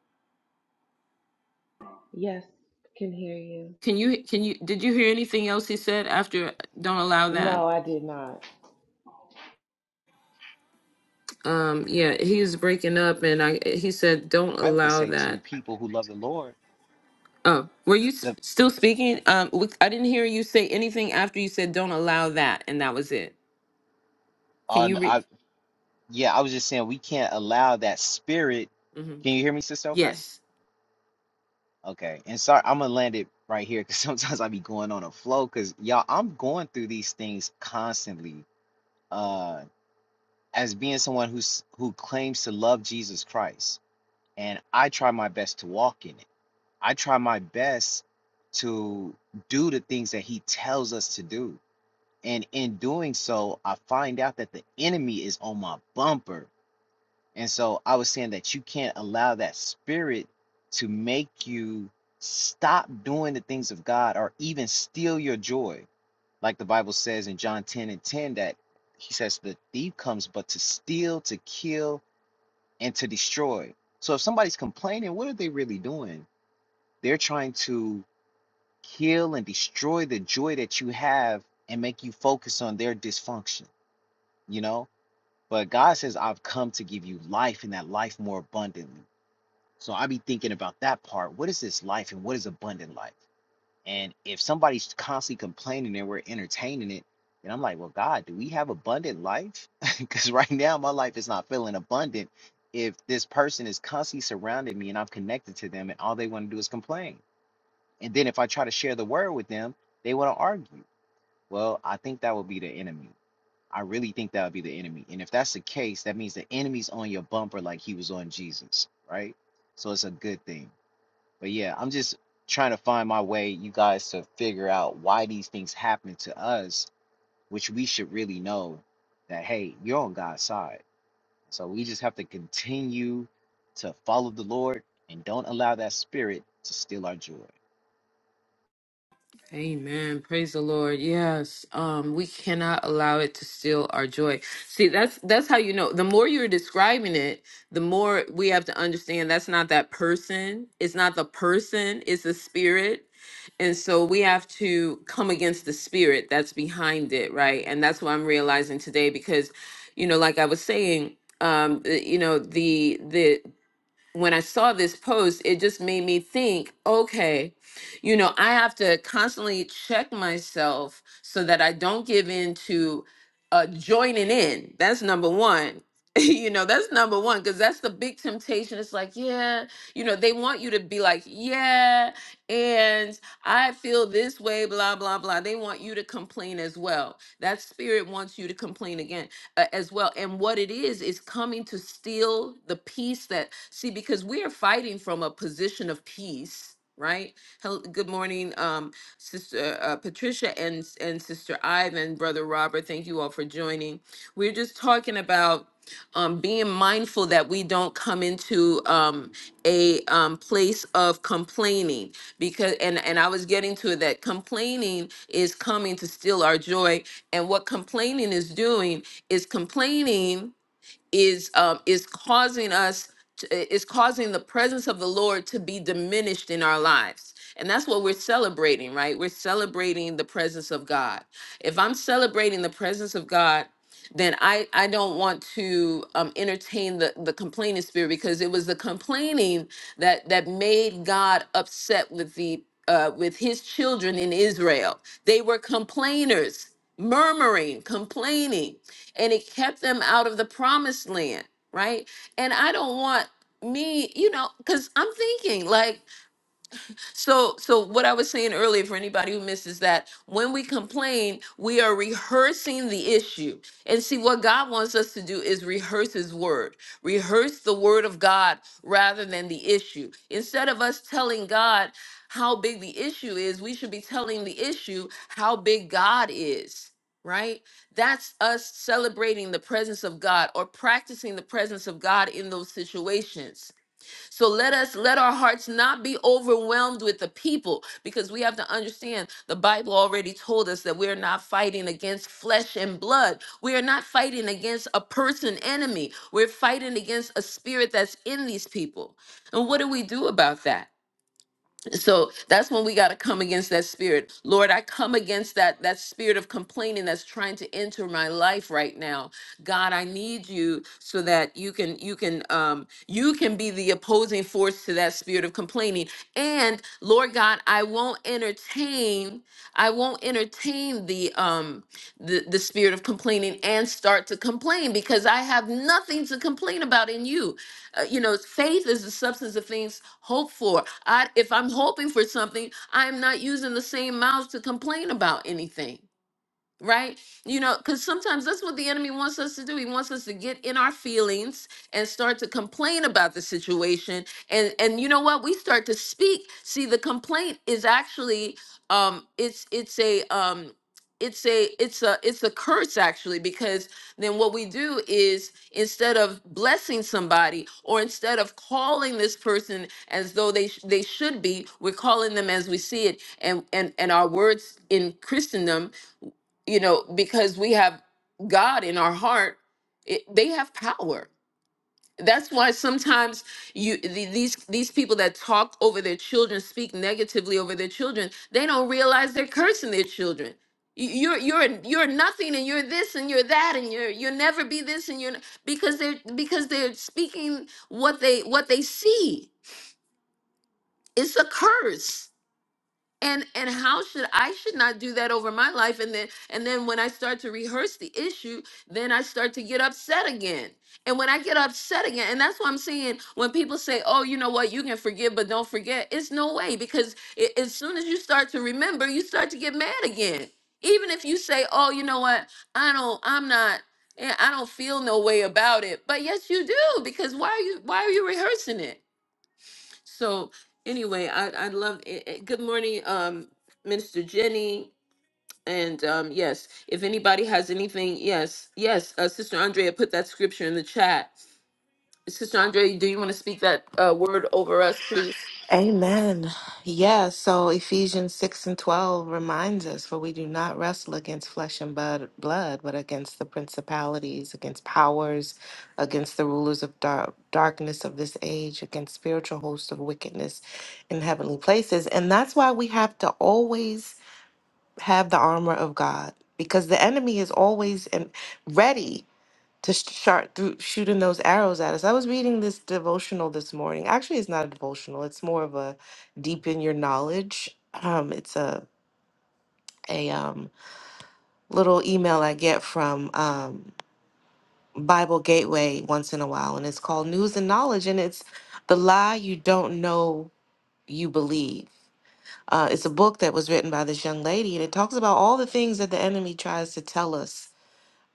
Speaker 2: Can hear you.
Speaker 1: Can you can you did you hear anything else he said after don't allow that?
Speaker 2: No, I did not.
Speaker 1: Um yeah, he was breaking up and I he said don't
Speaker 4: I would
Speaker 1: allow
Speaker 4: say
Speaker 1: that.
Speaker 4: to people who love the Lord,
Speaker 1: Oh, were you s-
Speaker 4: the
Speaker 1: still speaking? Um we- I didn't hear you say anything after you said don't allow that and that was it. Can you
Speaker 4: on
Speaker 1: read?
Speaker 4: I. Yeah, I was just saying we can't allow that spirit.
Speaker 1: hmm
Speaker 4: Can you hear me, Sister Ope?
Speaker 1: Yes.
Speaker 4: Okay. And sorry, I'm gonna land it right here because sometimes I be going on a flow. Cause y'all, I'm going through these things constantly. Uh, as being someone who's who claims to love Jesus Christ, and I try my best to walk in it. I try my best to do the things that He tells us to do. And in doing so, I find out that the enemy is on my bumper And so I was saying that you can't allow that spirit to make you stop doing the things of God or even steal your joy. Like the Bible says in John 10 and 10, that he says the thief comes but to steal, to kill, and to destroy. So if somebody's complaining, what are they really doing? They're trying to kill and destroy the joy that you have and make you focus on their dysfunction, you know? But God says, I've come to give you life and that life more abundantly. So I be thinking about that part. What is this life and what is abundant life? And if somebody's constantly complaining and we're entertaining it, then I'm like, well, God, do we have abundant life? Because right now my life is not feeling abundant. If this person is constantly surrounding me and I'm connected to them and all they want to do is complain. And then if I try to share the word with them, they want to argue. Well, I think that would be the enemy. I really think that would be the enemy. And if that's the case, that means the enemy's on your bumper like he was on Jesus, right? So it's a good thing. But yeah, I'm just trying to find my way, you guys, to figure out why these things happen to us, which we should really know that, hey, you're on God's side. So we just have to continue to follow the Lord and don't allow that spirit to steal our joy.
Speaker 1: Amen. Praise the Lord. Yes. Um, we cannot allow it to steal our joy. See, that's that's how you know. The more you're describing it, the more we have to understand that's not that person. It's not the person, it's the spirit. And so we have to come against the spirit that's behind it, right? And that's what I'm realizing today because, you know, like I was saying, um, uh, you know, the the when I saw this post, it just made me think, okay, you know, I have to constantly check myself so that I don't give in to uh, joining in. That's number one. you know, that's number one, because that's the big temptation. It's like, yeah, you know, they want you to be like, yeah, and I feel this way, blah, blah, blah. They want you to complain as well. That spirit wants you to complain again uh, as well. And what it is, is coming to steal the peace that, see, because we are fighting from a position of peace. Right. Hello, good morning, um, Sister uh, uh, Patricia and and Sister Ivan, Brother Robert. Thank you all for joining. We're just talking about um, being mindful that we don't come into um, a um, place of complaining because and and I was getting to it, that complaining is coming to steal our joy and what complaining is doing is complaining is um, is causing us to, is causing the presence of the Lord to be diminished in our lives. And that's what we're celebrating, right? We're celebrating the presence of God. If I'm celebrating the presence of God, then I, I don't want to um, entertain the, the complaining spirit because it was the complaining that that made God upset with the uh, with his children in Israel. They were complainers murmuring, complaining, and it kept them out of the promised land, right? And I don't want me, you know, because I'm thinking like, so, so what I was saying earlier for anybody who misses that, when we complain, we are rehearsing the issue. And see, what God wants us to do is rehearse His word, rehearse the word of God rather than the issue. Instead of us telling God how big the issue is, we should be telling the issue how big God is. Right? That's us celebrating the presence of God or practicing the presence of God in those situations so let us let our hearts not be overwhelmed with the people because we have to understand the Bible already told us that we're not fighting against flesh and blood. We are not fighting against a person enemy. We're fighting against a spirit that's in these people. And what do we do about that? so that's when we got to come against that spirit lord i come against that that spirit of complaining that's trying to enter my life right now god i need you so that you can you can um you can be the opposing force to that spirit of complaining and lord god i won't entertain i won't entertain the um the, the spirit of complaining and start to complain because I have nothing to complain about in you. Uh, you know, faith is the substance of things hoped for. I, if I'm hoping for something, I'm not using the same mouth to complain about anything right? You know, because sometimes that's what the enemy wants us to do. He wants us to get in our feelings and start to complain about the situation. And and you know what? We start to speak. See, the complaint is actually um it's it's a um it's a it's a it's a curse actually because then what we do is instead of blessing somebody or instead of calling this person as though they sh- they should be we're calling them as we see it and and and our words in christendom you know, because we have God in our heart, it, they have power. That's why sometimes you the, these these people that talk over their children, speak negatively over their children, they don't realize they're cursing their children. You- You're you're you're nothing, and you're this, and you're that, and you're you'll never be this, and you're n- because they're because they're speaking what they what they see. It's a curse and and how should i should not do that over my life and then and then when i start to rehearse the issue then i start to get upset again and when i get upset again and that's what i'm saying when people say oh you know what you can forgive but don't forget it's no way because i- as soon as you start to remember you start to get mad again even if you say oh you know what i don't i'm not eh, i don't feel no way about it but yes you do because why are you why are you rehearsing it so anyway, I I love it. it- Good morning, um, Minister Jenny. And um, yes, if anybody has anything, yes, yes, uh, Sister Andrea put that scripture in the chat. Sister Andrea, do you want to speak that uh, word over us, please?
Speaker 2: Amen. Yeah, so Ephesians 6 and 12 reminds us for we do not wrestle against flesh and blood, blood but against the principalities, against powers, against the rulers of dark, darkness of this age, against spiritual hosts of wickedness in heavenly places. And that's why we have to always have the armor of God because the enemy is always in, ready to sh- shart through shooting those arrows at us. I was reading this devotional this morning. Actually, it's not a devotional. It's more of a deepen your knowledge. Um, it's a a um, little email I get from um, Bible Gateway once in a while, and it's called News and Knowledge, and it's the lie you don't know you believe. Uh, it's a book that was written by this young lady, and it talks about all the things that the enemy tries to tell us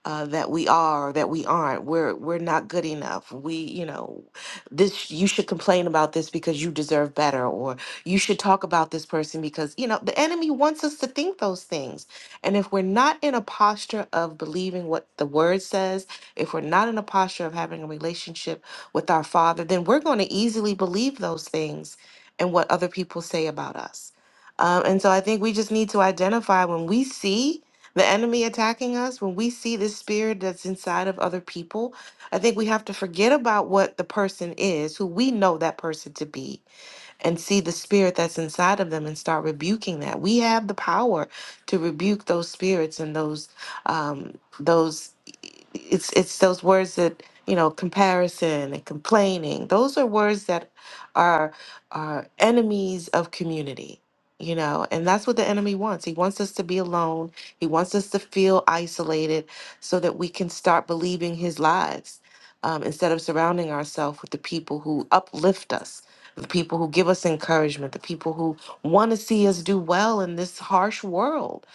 Speaker 2: uh, that we are or that we aren't. We're we're not good enough. We, you know, this you should complain about this because you deserve better, or you should talk about this person because you know the enemy wants us to think those things. And if we're not in a posture of believing what the word says, if we're not in a posture of having a relationship with our Father, then we're going to easily believe those things and what other people say about us. Um, and so I think we just need to identify when we see the enemy attacking us, when we see this spirit that's inside of other people, I think we have to forget about what the person is, who we know that person to be, and see the spirit that's inside of them and start rebuking that. We have the power to rebuke those spirits and those um those it's it's those words that you know comparison and complaining those are words that are are enemies of community you know and that's what the enemy wants he wants us to be alone he wants us to feel isolated so that we can start believing his lies um, instead of surrounding ourselves with the people who uplift us the people who give us encouragement, the people who want to see us do well in this harsh world.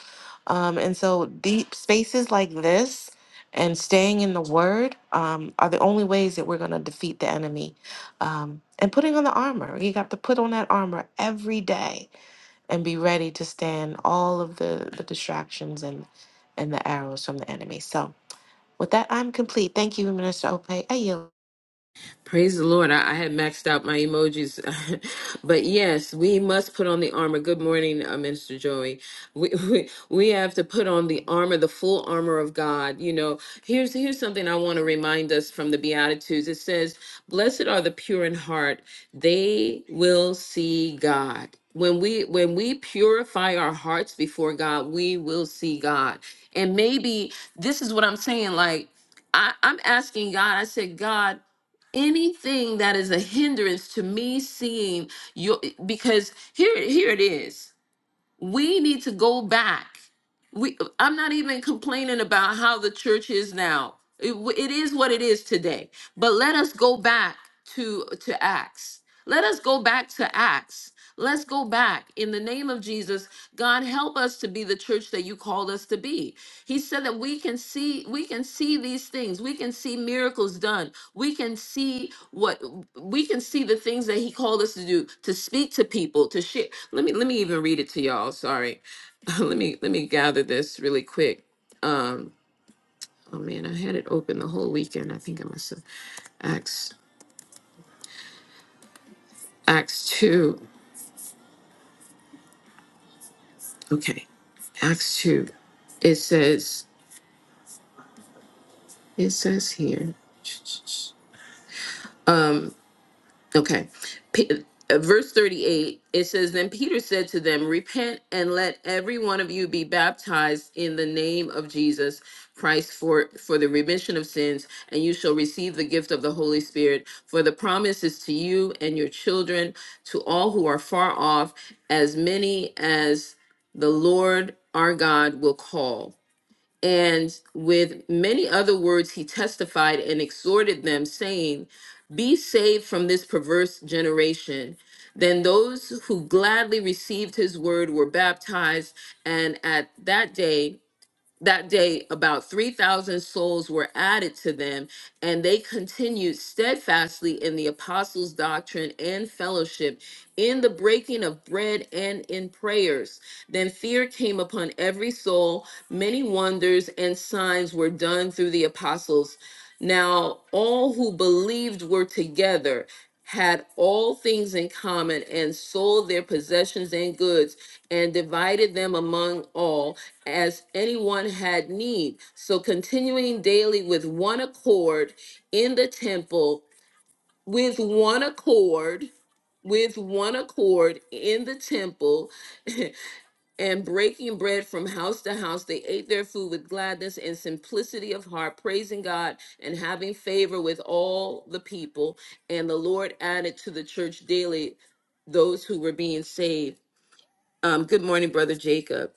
Speaker 2: Um, and so, deep spaces like this and staying in the word um, are the only ways that we're going to defeat the enemy. Um, and putting on the armor, you have to put on that armor every day and be ready to stand all of the, the distractions and, and the arrows from the enemy. So, with that, I'm complete. Thank you, Minister Ope. Ayo.
Speaker 1: Praise the Lord. I, I had maxed out my emojis. but yes, we must put on the armor. Good morning, uh, Minister Joey. We, we we have to put on the armor, the full armor of God. You know, here's here's something I want to remind us from the Beatitudes. It says, "Blessed are the pure in heart; they will see God." When we when we purify our hearts before God, we will see God. And maybe this is what I'm saying. Like I, I'm asking God. I said, God anything that is a hindrance to me seeing your because here here it is we need to go back we i'm not even complaining about how the church is now it, w- it is what it is today but let us go back to to acts let us go back to acts let's go back in the name of jesus god help us to be the church that you called us to be he said that we can see we can see these things we can see miracles done we can see what we can see the things that he called us to do to speak to people to share let me let me even read it to y'all sorry let me let me gather this really quick. Um, oh man, I had it open the whole weekend. I think I must have Acts Acts two. Okay, Acts two. It says it says here. um, Okay. P- uh, verse 38, it says, Then Peter said to them, Repent and let every one of you be baptized in the name of Jesus Christ for, for the remission of sins, and you shall receive the gift of the Holy Spirit. For the promise is to you and your children, to all who are far off, as many as the Lord our God will call. And with many other words, he testified and exhorted them, saying, Be saved from this perverse generation. Then those who gladly received his word were baptized, and at that day that day about 3,000 souls were added to them, and they continued steadfastly in the apostles' doctrine and fellowship, in the breaking of bread and in prayers. Then fear came upon every soul. Many wonders and signs were done through the apostles. Now all who believed were together had all things in common and sold their possessions and goods and divided them among all as anyone had need. So continuing daily with one accord in the temple, with one accord, with one accord in the temple, And breaking bread from house to house, they ate their food with gladness and simplicity of heart, praising God and having favor with all the people. And the Lord added to the church daily those who were being saved. Um, good morning, Brother Jacob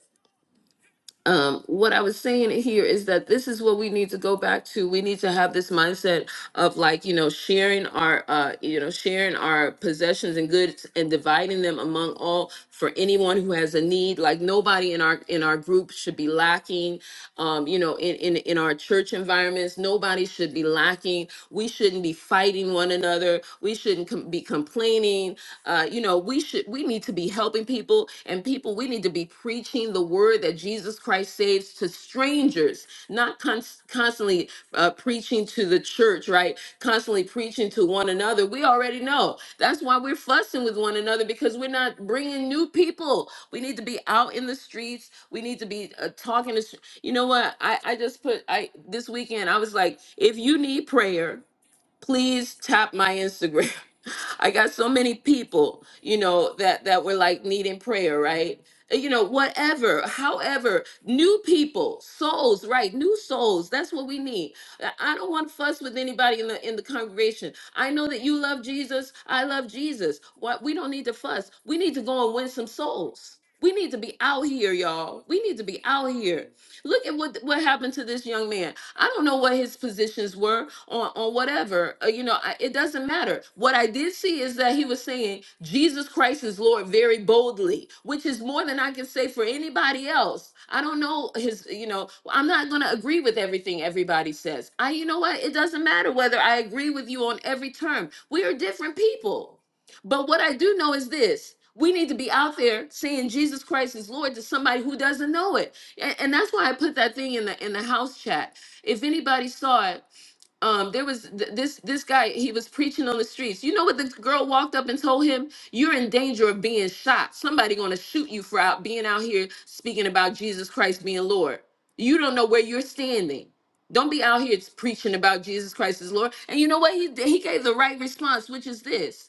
Speaker 1: um, what I was saying here is that this is what we need to go back to. We need to have this mindset of like, you know, sharing our, uh, you know, sharing our possessions and goods and dividing them among all for anyone who has a need. Like nobody in our in our group should be lacking. Um, you know, in in in our church environments, nobody should be lacking. We shouldn't be fighting one another. We shouldn't com- be complaining. Uh, you know, we we should we need to be helping people and people we need to be preaching the word that jesus christ saves to strangers not cons- constantly uh, preaching to the church right constantly preaching to one another we already know that's why we're fussing with one another because we're not bringing new people we need to be out in the streets we need to be uh, talking to str- you know what I, I just put i this weekend i was like if you need prayer please tap my Instagram. I got so many people, you know, that that were like needing prayer, right? Uh, You know, whatever, however, new people, souls, right? New souls. That's what we need. I I don't want fuss with anybody in the in the congregation. I know that you love Jesus. I love Jesus. What we don't need to fuss. We need to go and win some souls. We need to be out here, y'all. We need to be out here. Look at what what happened to this young man. I don't know what his positions were on on whatever. uh, you know, I, it doesn't matter. What I did see is that he was saying Jesus Christ is Lord very boldly, which is more than I can say for anybody else. I don't know his. You know, I'm not going to agree with everything everybody says. I, you know what? It doesn't matter whether I agree with you on every term. We are different people. But what I do know is this we need to be out there saying Jesus Christ is Lord to somebody who doesn't know it. A- And, that's why I put that thing in the in the house chat. If anybody saw it, um, there was th- this this guy, he was preaching on the streets. You know what the girl walked up and told him? You're in danger of being shot. Somebody gonna shoot you for out being out here speaking about Jesus Christ being Lord. You don't know where you're standing. Don't be out here preaching about Jesus Christ is Lord. And you know what? He he gave the right response, which is this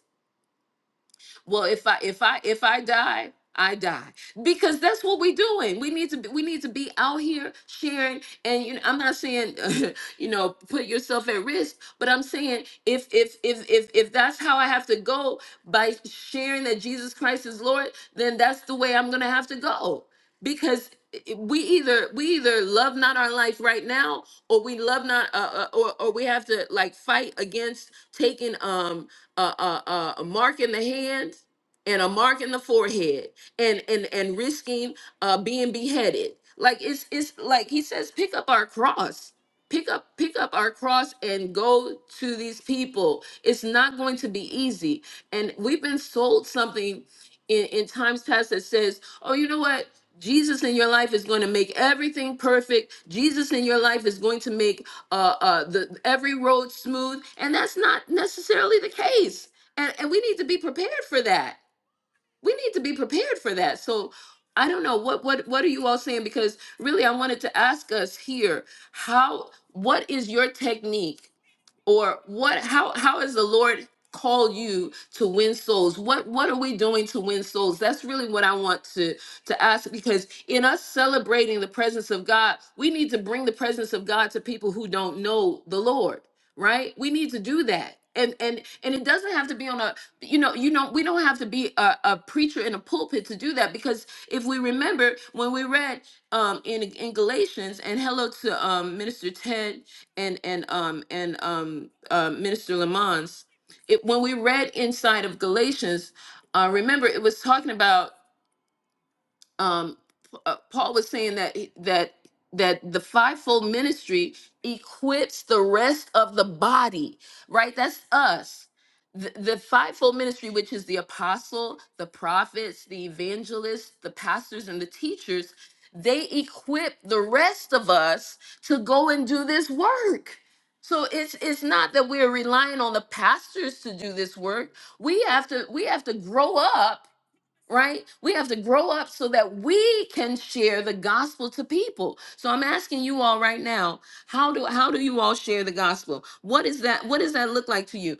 Speaker 1: well if i if i if i die i die because that's what we're doing we need to be, we need to be out here sharing and you know i'm not saying you know put yourself at risk but i'm saying if if if if if that's how i have to go by sharing that jesus christ is lord then that's the way i'm gonna have to go because i- we either we either love not our life right now or we love not uh, uh, or or we have to like fight against taking um a, a, a a mark in the hand and a mark in the forehead and and and risking uh being beheaded like it's it's like he says pick up our cross pick up pick up our cross and go to these people it's not going to be easy and we've been sold something in, in times past that says oh you know what jesus in your life is going to make everything perfect jesus in your life is going to make uh, uh, the every road smooth and that's not necessarily the case and, and we need to be prepared for that we need to be prepared for that. So I don't know what what what are you all saying because really I wanted to ask us here how what is your technique or what how how has the lord called you to win souls what what are we doing to win souls that's really what i want to to ask because in us celebrating the presence of god we need to bring the presence of god to people who don't know the lord right we need to do that and and and it doesn't have to be on a you know you know we don't have to be a, a preacher in a pulpit to do that because if we remember when we read um in in galatians and hello to um minister ted and and um and um uh, Minister Lamons, it when we read inside of Galatians, uh, remember it was talking about um, uh, Paul was saying that that that the fivefold ministry equips the rest of the body, right? That's us. The, the fivefold ministry, which is the apostle, the prophets, the evangelists, the pastors, and the teachers, they equip the rest of us to go and do this work. So it's it's not that we're relying on the pastors to do this work. We have to we have to grow up right? We have to grow up so that we can share the gospel to people. So I'm asking you all right now, how do how do you all share the gospel? What is that what does that look like to you?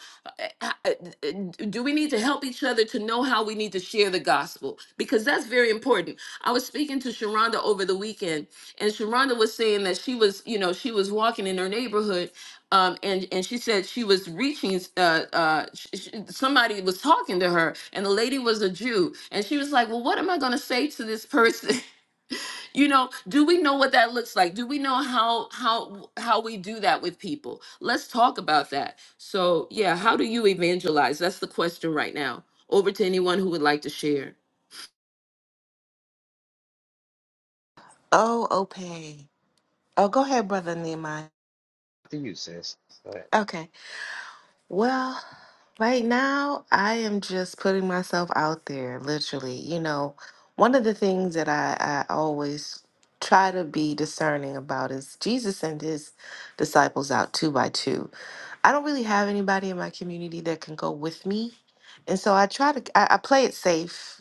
Speaker 1: Uh, uh, uh, Do we need to help each other to know how we need to share the gospel? Because that's very important. I was speaking to Sharonda over the weekend and Sharonda was saying that she was, you know, she was walking in her neighborhood um, and and she said she was reaching. Uh, uh, sh sh somebody was talking to her, and the lady was a Jew, and she was like, "Well, what am I going to say to this person? you know, do we know what that looks like? Do we know how how how we do that with people? Let's talk about that. So, yeah, how do you evangelize? That's the question right now. Over to anyone who would like to share.
Speaker 2: Oh, Ope. Oh, go ahead, Brother Nehemiah.
Speaker 4: To you, sis. Go ahead.
Speaker 2: Okay. Well, right now I am just putting myself out there, literally. You know, one of the things that I, I always try to be discerning about is Jesus sent his disciples out two by two. I don't really have anybody in my community that can go with me. And so I try to, I, I play it safe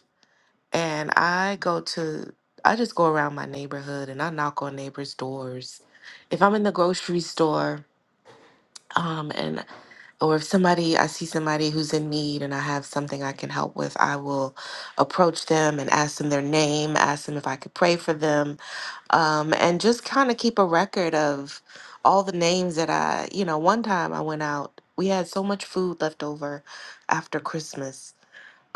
Speaker 2: and I go to, I just go around my neighborhood and I knock on neighbors' doors. If I'm in the grocery store, um, and or if somebody I see somebody who's in need and I have something I can help with, I will approach them and ask them their name, ask them if I could pray for them, um, and just kind of keep a record of all the names that I, you know, one time I went out, we had so much food left over after Christmas.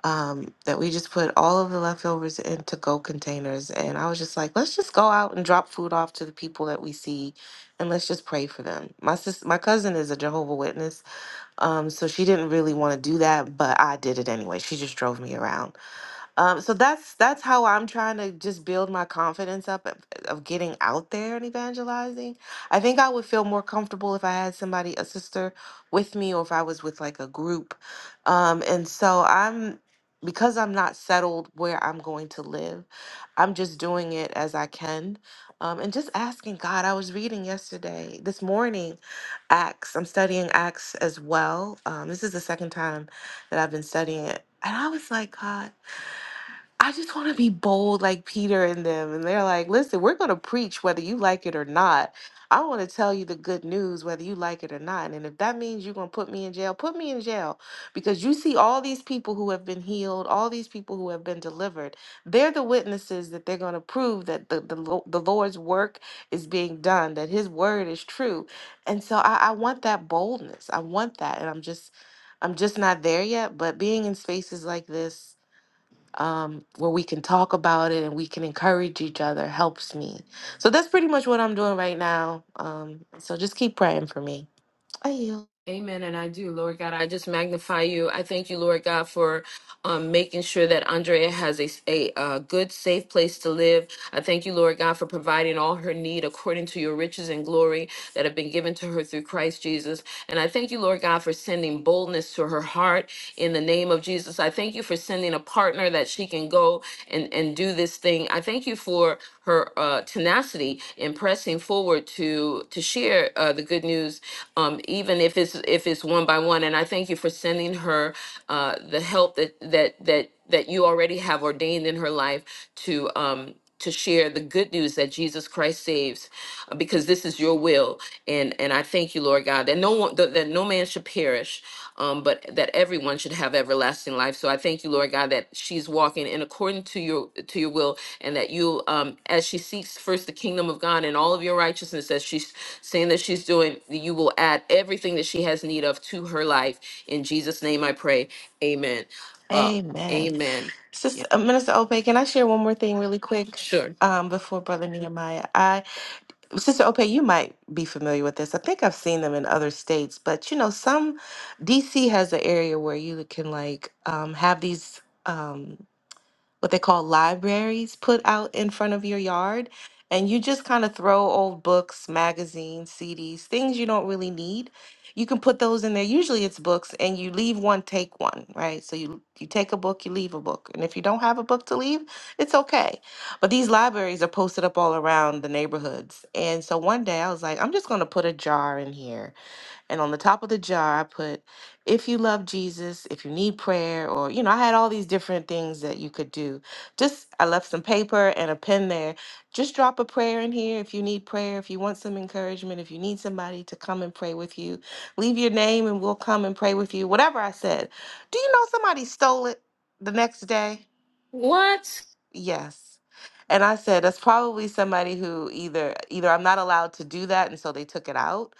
Speaker 2: Um, that we just put all of the leftovers in to go containers. And I was just like, let's just go out and drop food off to the people that we see and let's just pray for them. My sis my cousin is a Jehovah Witness um, so she didn't really want to do that, but I did it anyway. She just drove me around. Um, so that's that's how I'm trying to just build my confidence up of, of getting out there and evangelizing. I think I would feel more comfortable if I had somebody, a sister, with me, or if I was with like a group. Um, and so I'm because I'm not settled where I'm going to live. I'm just doing it as I can, um, and just asking God. I was reading yesterday, this morning Acts. I'm studying Acts as well. Um, this is the second time that I've been studying it. And I was like, God, I just want to be bold like Peter and them. And they're like, listen, we're going to preach whether you like it or not. I want to tell you the good news whether you like it or not. And if that means you're going to put me in jail, put me in jail. Because you see all these people who have been healed, all these people who have been delivered. They're the witnesses that they're going to prove that the, the, Lo- the Lord's work is being done, that his word is true. And so I, I want that boldness. I want that. And I'm just. I'm just not there yet, but being in spaces like this um, where we can talk about it and we can encourage each other helps me. So that's pretty much what I'm doing right now. Um, so just keep praying for me. I yield.
Speaker 1: Amen. And I do, Lord God. I just magnify you. I thank you, Lord God, for um, making sure that Andrea has a, a, uh good, safe place to live. I thank you, Lord God, for providing all her need according to your riches and glory that have been given to her through Christ Jesus. And I thank you, Lord God, for sending boldness to her heart in the name of Jesus. I thank you for sending a partner that she can go and, and do this thing. I thank you for her uh, tenacity in pressing forward to to share uh, the good news, um, even if it's if it's one by one. And I thank you for sending her uh, the help that that that that you already have ordained in her life to. Um, to share the good news that Jesus Christ saves, uh, because this is your will, and and I thank you, Lord God uh, that no one that, that no man should perish um, but that everyone should have everlasting life so i thank you lord god that she's walking in according to your to your will and that you um, as she seeks first the kingdom of god and all of your righteousness as she's saying that she's doing you will add everything that she has need of to her life in jesus name i pray amen uh,
Speaker 2: Amen.
Speaker 1: amen
Speaker 2: Sister uh, Minister Ope, can I share one more thing really quick?
Speaker 1: sure
Speaker 2: Um, before Brother Nehemiah, I Sister Ope, you might be familiar with this. I think I've seen them in other states, but you know, some DC has an area where you can like um, have these. Um, what they call libraries put out in front of your yard. And you just kind of throw old books, magazines, CDs, things you don't really need. You can put those in there. Usually it's books and you leave one, take one, right? So you you take a book, you leave a book. And if you don't have a book to leave, it's okay. But these libraries are posted up all around the neighborhoods. And so one day I was like, I'm just going to put a jar in here and on the top of the jar, I put, if you love Jesus, if you need prayer, or, you know, I had all these different things that you could do. Just, I left some paper and a pen there. Just drop a prayer in here if you need prayer, if you want some encouragement, if you need somebody to come and pray with you. Leave your name and we'll come and pray with you. Whatever I said. Do you know somebody stole it the next day?
Speaker 1: what
Speaker 2: Yes. And I said, that's probably somebody who either either I'm not allowed to do that, and so they took it out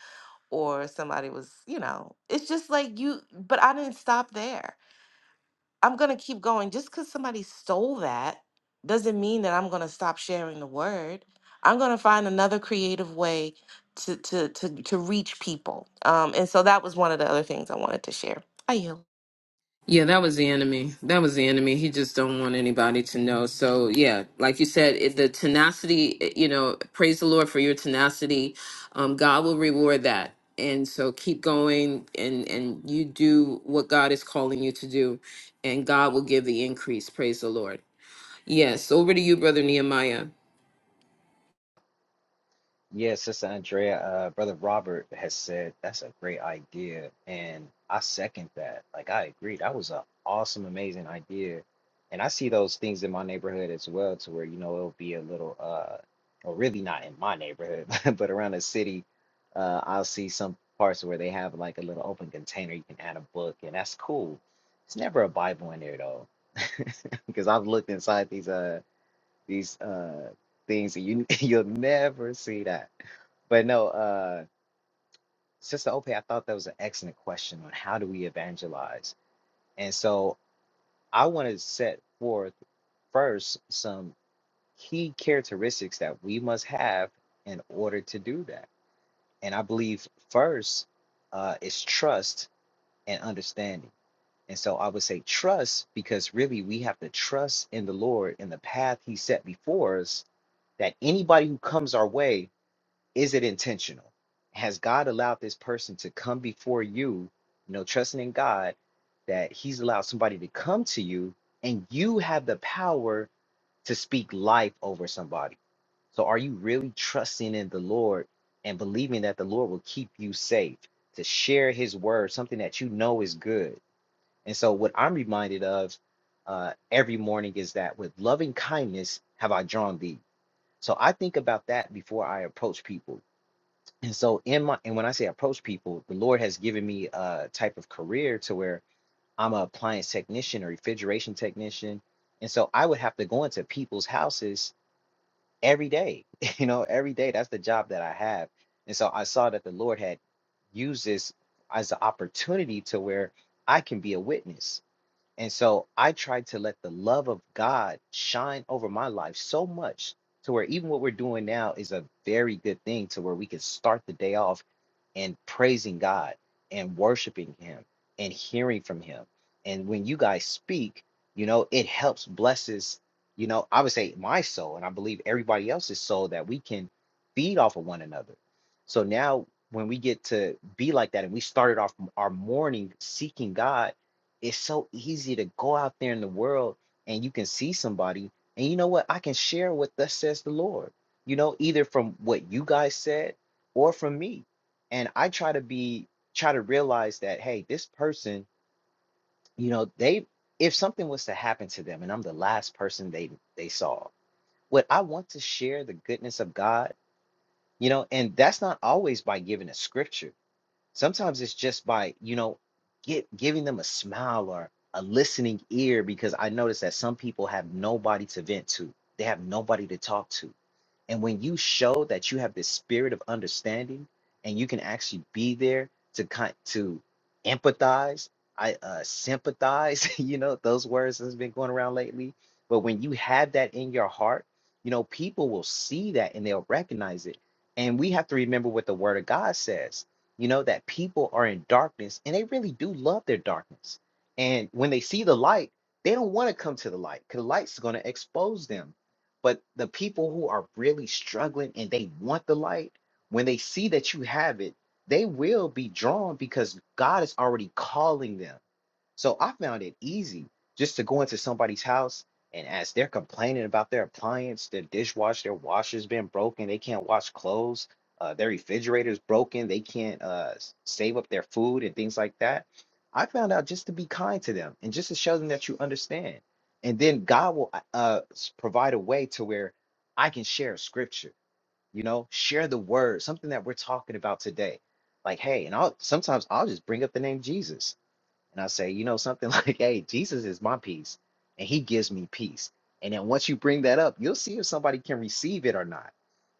Speaker 2: or somebody was, you know, it's just like you, but I didn't stop there. I'm going to keep going. Just because somebody stole that doesn't mean that I'm going to stop sharing the word. I'm going to find another creative way to, to, to, to reach people. Um, and so that was one of the other things I wanted to share. I yield.
Speaker 1: Yeah, that was the enemy. That was the enemy. He just don't want anybody to know. So yeah, like you said, it, the tenacity. it- You know, praise the Lord for your tenacity. Um, God will reward that. And so keep going, and and you do what God is calling you to do, and God will give the increase. Praise the Lord. Yes, over to you, brother Nehemiah.
Speaker 4: Yeah, Sister Andrea, uh, Brother Robert has said that's a great idea, and I second that. Like, I agree. That was an awesome, amazing idea, and I see those things in my neighborhood as well, to where you know it'll be a little, uh, or really not in my neighborhood, but around the city, uh, I'll see some parts where they have like a little open container you can add a book, and that's cool. It's never a Bible in there though, because I've looked inside these uh these uh things, and you you'll never see that. But no, uh, Sister Ope, I thought that was an excellent question on how do we evangelize. And so I want to set forth first some key characteristics that we must have in order to do that. And I believe first uh, is trust and understanding. And so I would say trust because really we have to trust in the Lord in the path He set before us that anybody who comes our way Is it intentional? Has God allowed this person to come before you, you know, trusting in God that He's allowed somebody to come to you and you have the power to speak life over somebody? So are you really trusting in the Lord and believing that the Lord will keep you safe to share His word, something that you know is good? And so what I'm reminded of uh, every morning is that with loving kindness have I drawn thee. So I think about that before I approach people and so in my and when i say approach people the lord has given me a type of career to where i'm a appliance technician or refrigeration technician and so i would have to go into people's houses every day you know every day that's the job that i have and so i saw that the lord had used this as an opportunity to where i can be a witness and so I tried to let the love of God shine over my life so much to where even what we're doing now is a very good thing to where we can start the day off and praising God and worshiping Him and hearing from Him. And when you guys speak, you know, it helps, blesses, you know, I would say my soul, and I believe everybody else's soul that we can feed off of one another. So now when we get to be like that and we started off m- our morning seeking God it's so easy to go out there in the world and you can see somebody and you know what i can share what thus says the lord you know either from what you guys said or from me and i try to be try to realize that hey this person you know they if something was to happen to them and i'm the last person they they saw what i want to share the goodness of god you know and that's not always by giving a scripture sometimes it's just by you know get giving them a smile or a listening ear because i notice that some people have nobody to vent to they have nobody to talk to and when you show that you have this spirit of understanding and you can actually be there to kind to empathize, I uh, sympathize, you know, those words that's been going around lately. But when you have that in your heart, you know, people will see that and they'll recognize it. And we have to remember what the word of God says, you know, that people are in darkness and they really do love their darkness. And when they see the light, they don't want to come to the light because the light's going to expose them but the people who are really struggling and they want the light, when they see that you have it, they will be drawn because God is already calling them. So I found it easy just to go into somebody's house and as they're complaining about their appliance, their dishwasher, their washer's been broken, they can't wash clothes, uh, their refrigerator's broken, they can't uh, s- save up their food and things like that. I found out just to be kind to them and just to show them that you understand. And then God will uh, uh, s- provide a way to where I can share scripture, you know, share the word, something that we're talking about today. Like, hey, and I'll sometimes I'll just bring up the name Jesus and I say, you know, something like, hey, Jesus is my peace and he gives me peace. And then once you bring that up, you'll see if somebody can receive it or not,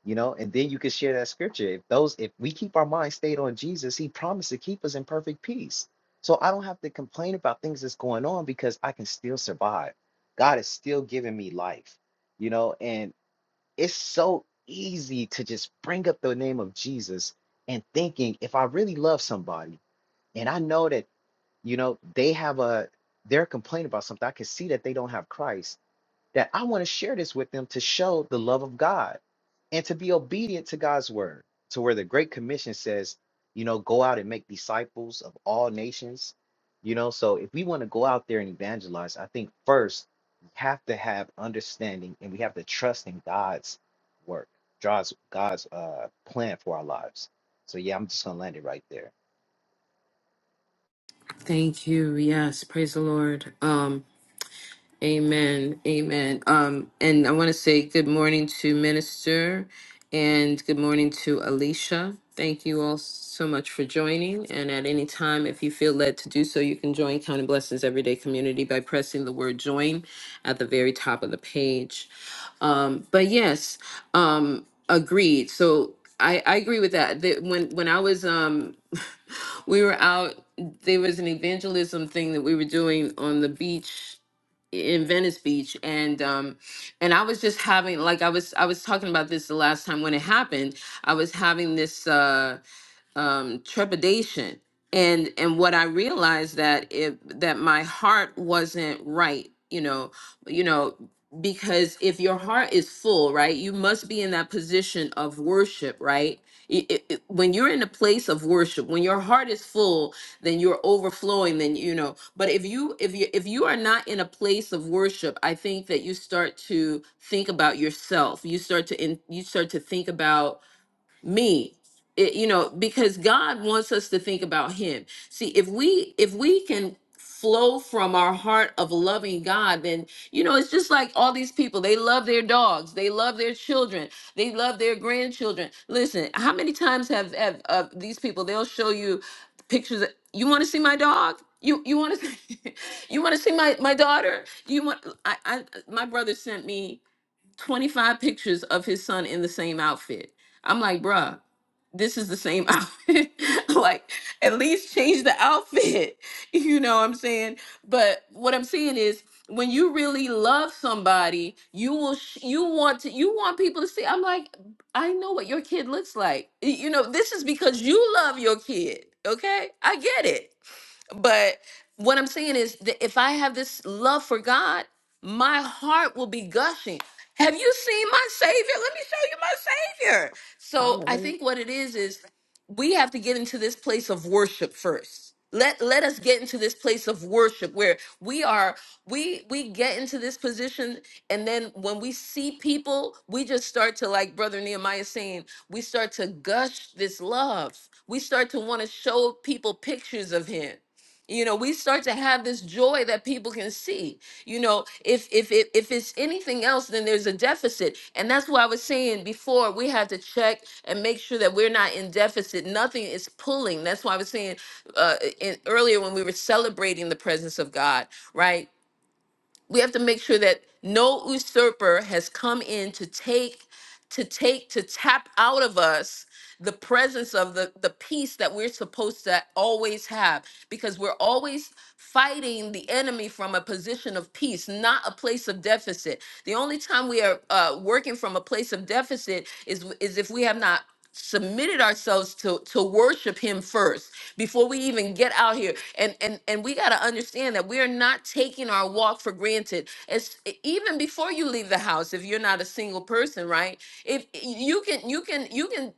Speaker 4: you know, and then you can share that scripture. If those, if we keep our mind stayed on Jesus, he promised to keep us in perfect peace. So I don't have to complain about things that's going on because I can still survive. God is still giving me life, you know, and it's so easy to just bring up the name of Jesus and thinking if I really love somebody, and I know that you know, they have a they're complaining about something. I can see that they don't have Christ. That I want to share this with them to show the love of God and to be obedient to God's word. To where the Great Commission says, you know, go out and make disciples of all nations. You know, so if we want to go out there and evangelize, I think first we have to have understanding and we have to trust in God's work, God's God's uh, plan for our lives. So yeah, I'm just gonna land it right there.
Speaker 1: Thank you. Yes, praise the Lord. Um, Amen. Amen. Um, and I want to say good morning to Minister and good morning to Alicia. Thank you all so much for joining. And at any time, if you feel led to do so, you can join Counting Blessings Everyday Community by pressing the word join at the very top of the page. Um, but yes, um, agreed. So I, I agree with that. that when, when I was um, we were out there was an evangelism thing that we were doing on the beach in Venice Beach and um and I was just having like I was I was talking about this the last time when it happened. I was having this uh um, trepidation and and what I realized that if that my heart wasn't right, you know, you know, because if your heart is full, right, you must be in that position of worship, right? I- I- I- when you're in a place of worship, when your heart is full, then you're overflowing. Then you know. But if you if you if you are not in a place of worship, I think that you start to think about yourself. You start to in, you start to think about me it, you know because god wants us to think about him see if we if we can flow from our heart of loving god then you know it's just like all these people they love their dogs they love their children they love their grandchildren listen how many times have have uh, these people they'll show you pictures of, you want to see my dog you you want to you want to see my my daughter you want I, I my brother sent me 25 pictures of his son in the same outfit. I'm like, bruh, this is the same outfit. like, at least change the outfit. You know what I'm saying? But what I'm saying is when you really love somebody, you will sh- you want to you want people to see. I'm like, I know what your kid looks like. Y- You know, this is because you love your kid. Okay? I get it. But what I'm saying is that if I have this love for God, my heart will be gushing. Have you seen my Savior? Let me show you my Savior. So I
Speaker 2: Hallelujah.
Speaker 1: think what it is is we have to get into this place of worship first. Let let us get into this place of worship where we are we we get into this position and then when we see people we just start to like brother Nehemiah saying we start to gush this love. We start to want to show people pictures of him you know we start to have this joy that people can see you know if if if, if it's anything else then there's a deficit and that's why i was saying before we have to check and make sure that we're not in deficit nothing is pulling that's why i was saying uh in, earlier when we were celebrating the presence of god right we have to make sure that no usurper has come in to take to take to tap out of us the presence of the the peace that we're supposed to always have because we're always fighting the enemy from a position of peace not a place of deficit the only time we are uh, working from a place of deficit is is if we have not submitted ourselves to to worship him first before we even get out here and and and we got to understand that we are not taking our walk for granted it's e, even before you leave the house if you're not a single person right if you can you can you can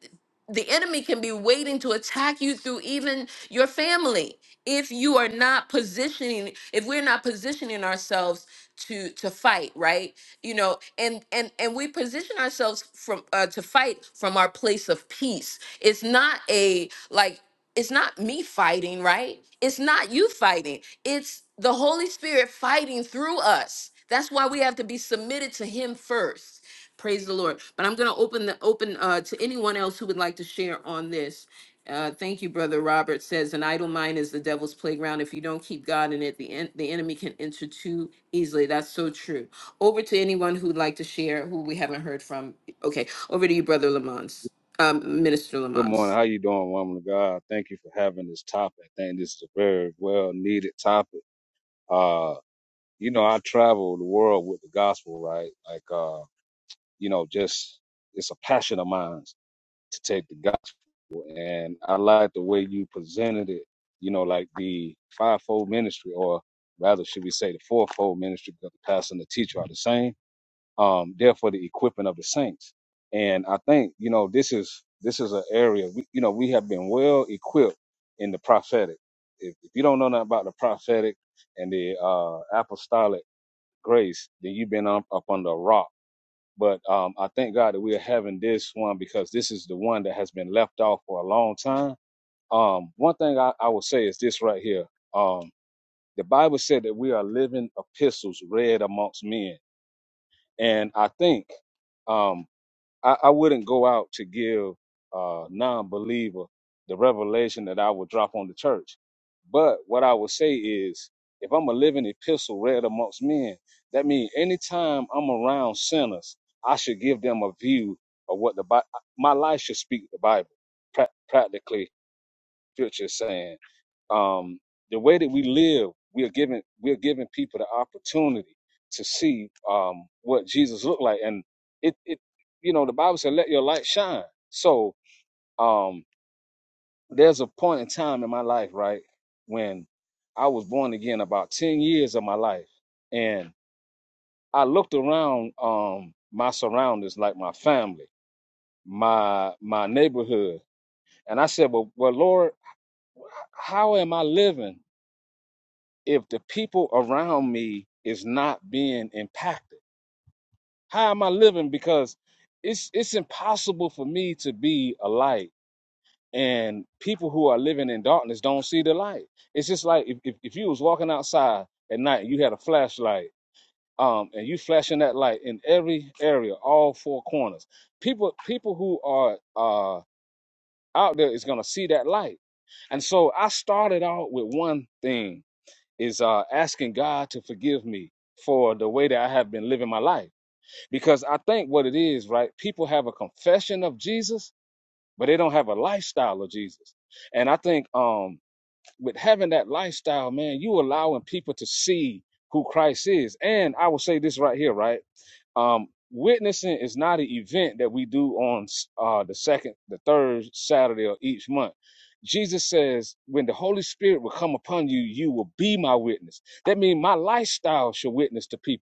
Speaker 1: the enemy can be waiting to attack you through even your family if you are not positioning if we're not positioning ourselves to to fight right you know and and and we position ourselves from uh, to fight from our place of peace it's not a like it's not me fighting right it's not you fighting it's the holy spirit fighting through us that's why we have to be submitted to him first Praise the Lord. But I'm going to open the open uh, to anyone else who would like to share on this. Uh, thank you, brother Robert says an idle mind is the devil's playground. If you don't keep God in it, the en- the enemy can enter too easily. That's so true. Over to anyone who would like to share who we haven't heard from. Okay, over to you, brother Lamons, um, Minister
Speaker 5: Good morning.
Speaker 1: Lamons.
Speaker 5: How you doing, woman of God? Thank you for having this topic. I think this is a very well needed topic. Uh, you know, I travel the world with the gospel, right? Like, uh, you know, just it's a passion of mine to take the gospel, and I like the way you presented it. You know, like the fivefold ministry, or rather, should we say, the fourfold ministry, because the pastor and the teacher are the same um, there for the equipping of the saints. And I think you know this is this is an area we, you know we have been well equipped in the prophetic. If, if you don't know nothing about the prophetic and the uh, apostolic grace, then you've been up, up under a rock. But um, I thank God that we are having this one because this is the one that has been left off for a long time. Um, one thing I, I will say is this right here. Um, the Bible said that we are living epistles read amongst men, and I think um, I, I wouldn't go out to give a non-believer the revelation that I would drop on the church. But what I would say is, if I'm a living epistle read amongst men, that means anytime I'm around sinners, I should give them a view of what the Bible. My life should speak the Bible, prac- practically. Scripture is saying um, the way that we live, we're giving we're giving people the opportunity to see um, what Jesus looked like, and it it you know the Bible said, "Let your light shine." So um, there's a point in time in my life, right, when I was born again, about ten years of my life, and I looked around um, my surroundings, like my family, my my neighborhood, and I said, "Well, well, Lord, how am I living?" if the people around me is not being impacted? How am I living? Because it's it's impossible for me to be a light and people who are living in darkness don't see the light. It's just like if, if, if you was walking outside at night and you had a flashlight, um, and you flashing that light in every area, all four corners. People people who are uh out there is gonna see that light. And so I started out with one thing is uh, asking God to forgive me for the way that I have been living my life. Because I think what it is, right? People have a confession of Jesus, but they don't have a lifestyle of Jesus. And I think um, with having that lifestyle, man, you allowing people to see who Christ is. And I will say this right here, right? Um, witnessing is not an event that we do on uh, the second, the third Saturday of each month. Jesus says, when the Holy Spirit will come upon you, you will be my witness. That means my lifestyle should witness to people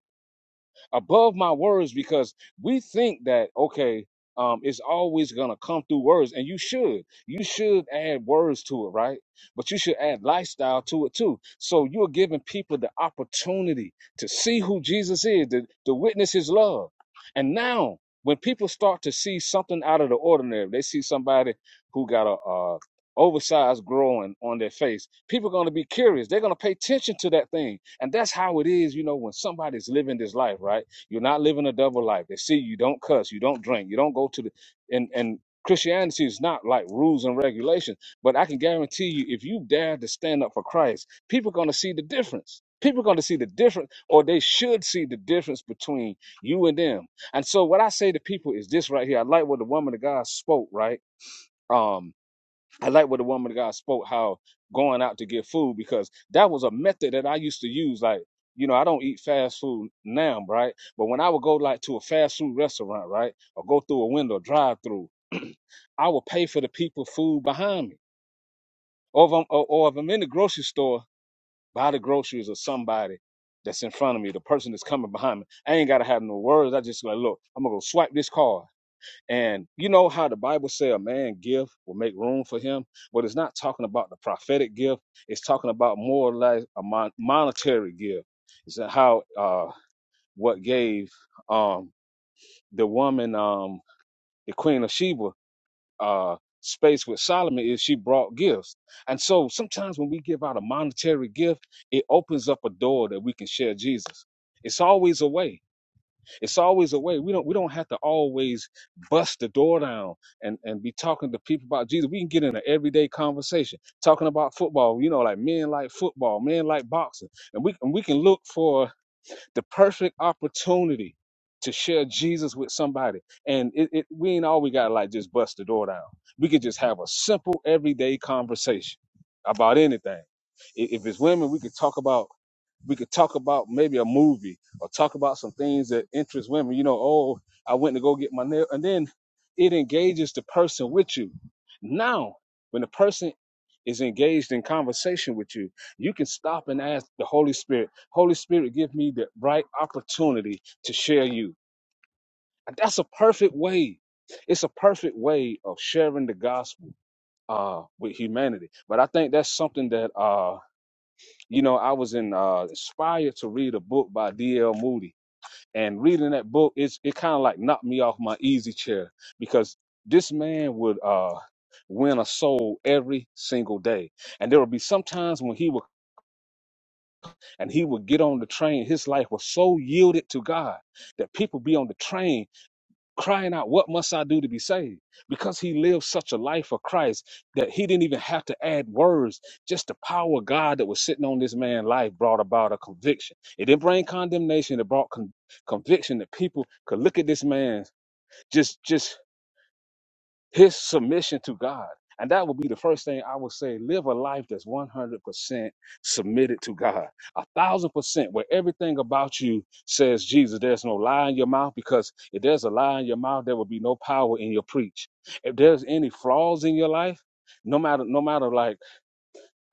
Speaker 5: above my words because we think that okay um it's always gonna come through words and you should you should add words to it right but you should add lifestyle to it too so you're giving people the opportunity to see who jesus is to, to witness his love and now when people start to see something out of the ordinary they see somebody who got a, a oversized growing on their face people are going to be curious they're going to pay attention to that thing and that's how it is you know when somebody's living this life right you're not living a double life. They see you don't cuss, you don't drink, you don't go to the and and Christianity is not like rules and regulations, but I can guarantee you, if you dare to stand up for Christ, people are going to see the difference. People are going to see the difference, or they should see the difference between you and them. And so, what I say to people is this right here. I like what the woman of God spoke, right? Um, I like what the woman of God spoke how going out to get food because that was a method that I used to use. Like, you know, I don't eat fast food now, right? But when I would go like to a fast food restaurant, right, or go through a window drive through, I would pay for the people food behind me, or if I'm or, or if I'm in the grocery store, buy the groceries of somebody that's in front of me, the person that's coming behind me. I ain't gotta have no words. I just like, look, I'm gonna go swipe this card and you know how the Bible say a man gift will make room for him, but it's not talking about the prophetic gift. It's talking about more or less a mon- monetary gift. It's how uh, what gave um, the woman, um, the Queen of Sheba, uh, space with Solomon is she brought gifts. And so sometimes when we give out a monetary gift, it opens up a door that we can share Jesus. It's always a way. It's always a way. We don't we don't have to always bust the door down and and be talking to people about Jesus. We can get in an everyday conversation talking about football. You know, like men like football, men like boxing, and we and we can look for the perfect opportunity to share Jesus with somebody. And it, it we ain't always got to like just bust the door down. We could just have a simple everyday conversation about anything. I- If it's women, we could talk about we could talk about maybe a movie or talk about some things that interest women. You know, oh, I went to go get my nail, and then it engages the person with you. Now, when the person is engaged in conversation with you, you can stop and ask the Holy Spirit, Holy Spirit, give me the right opportunity to share you. And that's a perfect way. It's a perfect way of sharing the gospel uh, with humanity. But I think that's something that uh, you know, I was in uh, inspired to read a book by D.L. Moody, and reading that book, it's, it kind of like knocked me off my easy chair because this man would uh, win a soul every single day, and there would be some times when he would and he would get on the train. His life was so yielded to God that people be on the train crying out, What must I do to be saved? Because he lived such a life of Christ that he didn't even have to add words. Just the power of God that was sitting on this man's life brought about a conviction. It didn't bring condemnation, it brought con- conviction that people could look at this man just just his submission to God. And that would be the first thing I would say. Live a life that's 100% submitted to God. A thousand percent, where everything about you says Jesus. There's no lie in your mouth because if there's a lie in your mouth, there will be no power in your preach. If there's any flaws in your life, no matter, no matter like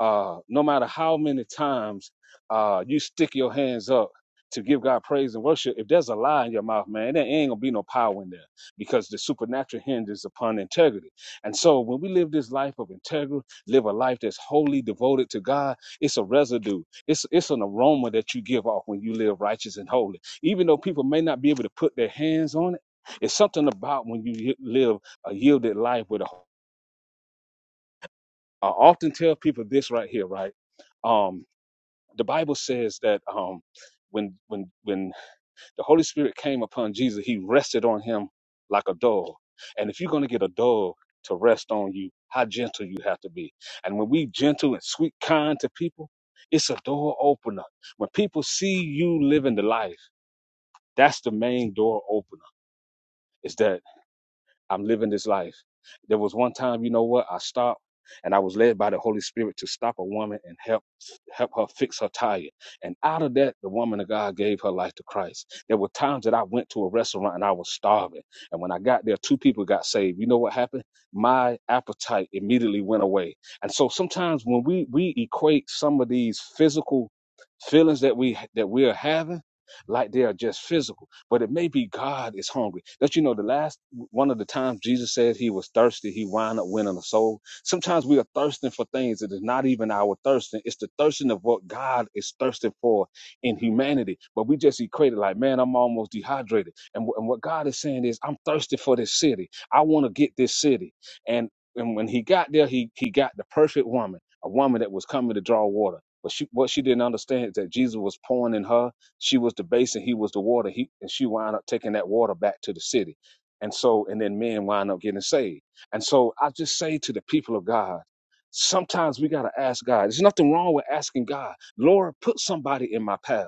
Speaker 5: uh, no matter how many times uh, you stick your hands up to give God praise and worship, if there's a lie in your mouth, man, there ain't gonna be no power in there because the supernatural hinges upon integrity. And so when we live this life of integrity, live a life that's wholly devoted to God, it's a residue. It's it's an aroma that you give off when you live righteous and holy. Even though people may not be able to put their hands on it, it's something about when you live a yielded life with a I often tell people this right here, right? Um the Bible says that um, when when when the Holy Spirit came upon Jesus, He rested on him like a dog. And if you're going to get a dog to rest on you, how gentle you have to be. And when we gentle and sweet, kind to people, it's a door opener. When people see you living the life, that's the main door opener. Is that. I'm living this life. There was one time, you know what? I stopped and I was led by the Holy Spirit to stop a woman and help help her fix her tire. And out of that, the woman of God gave her life to Christ. There were times that I went to a restaurant and I was starving. And when I got there, two people got saved. You know what happened? My appetite immediately went away. And so sometimes when we we equate some of these physical feelings that we that we are having like they are just physical but it may be God is hungry. Don't you know the last one of the times Jesus said he was thirsty, he wound up winning a soul. Sometimes we are thirsting for things that is not even our thirsting. It's the thirsting of what God is thirsting for in humanity. But we just equate it like, man, I'm almost dehydrated. And, wh- and what God is saying is, I'm thirsty for this city. I want to get this city. And and when he got there, he he got the perfect woman, a woman that was coming to draw water. But she, what she didn't understand is that Jesus was pouring in her she was the basin, he was the water, he and she wound up taking that water back to the city. And so, and then men wind up getting saved. And so I just say to the people of God, sometimes we gotta ask God. There's nothing wrong with asking God, Lord, put somebody in my path.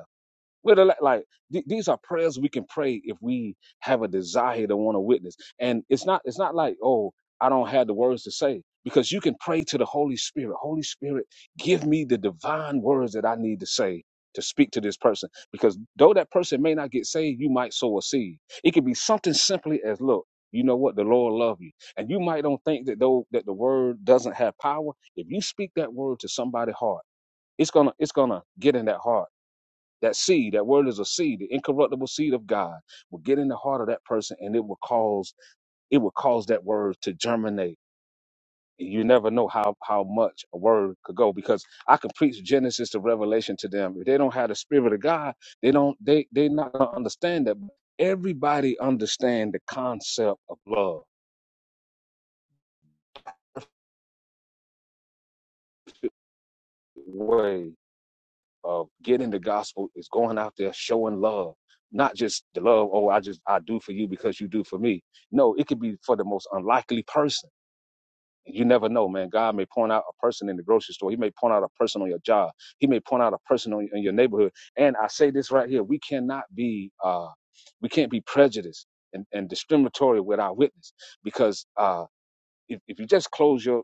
Speaker 5: Well, are like, like th- these are prayers we can pray if we have a desire to want to witness. And it's not it's not like, oh, I don't have the words to say because you can pray to the Holy Spirit. Holy Spirit, give me the divine words that I need to say to speak to this person because though that person may not get saved, you might sow a seed. It could be something simply as look, you know what, the Lord love you. And you might don't think that though that the word doesn't have power. If you speak that word to somebody's heart, it's gonna it's gonna get in that heart that seed, that word is a seed, the incorruptible seed of God, will get in the heart of that person, and it will cause it will cause that word to germinate. And You never know how how much a word could go because I can preach Genesis to Revelation to them. If they don't have the Spirit of God, they don't they they not gonna understand that. Everybody understand the concept of love, the way of getting the gospel is going out there showing love, not just the love, oh, I just I do for you because you do for me. No, it could be for the most unlikely person. You never know, man. God may point out a person in the grocery store. He may point out a person on your job. He may point out a person on, in your neighborhood. And I say this right here: we cannot be, uh, we can't be prejudiced and, and discriminatory with our witness, because uh, if, if you just close your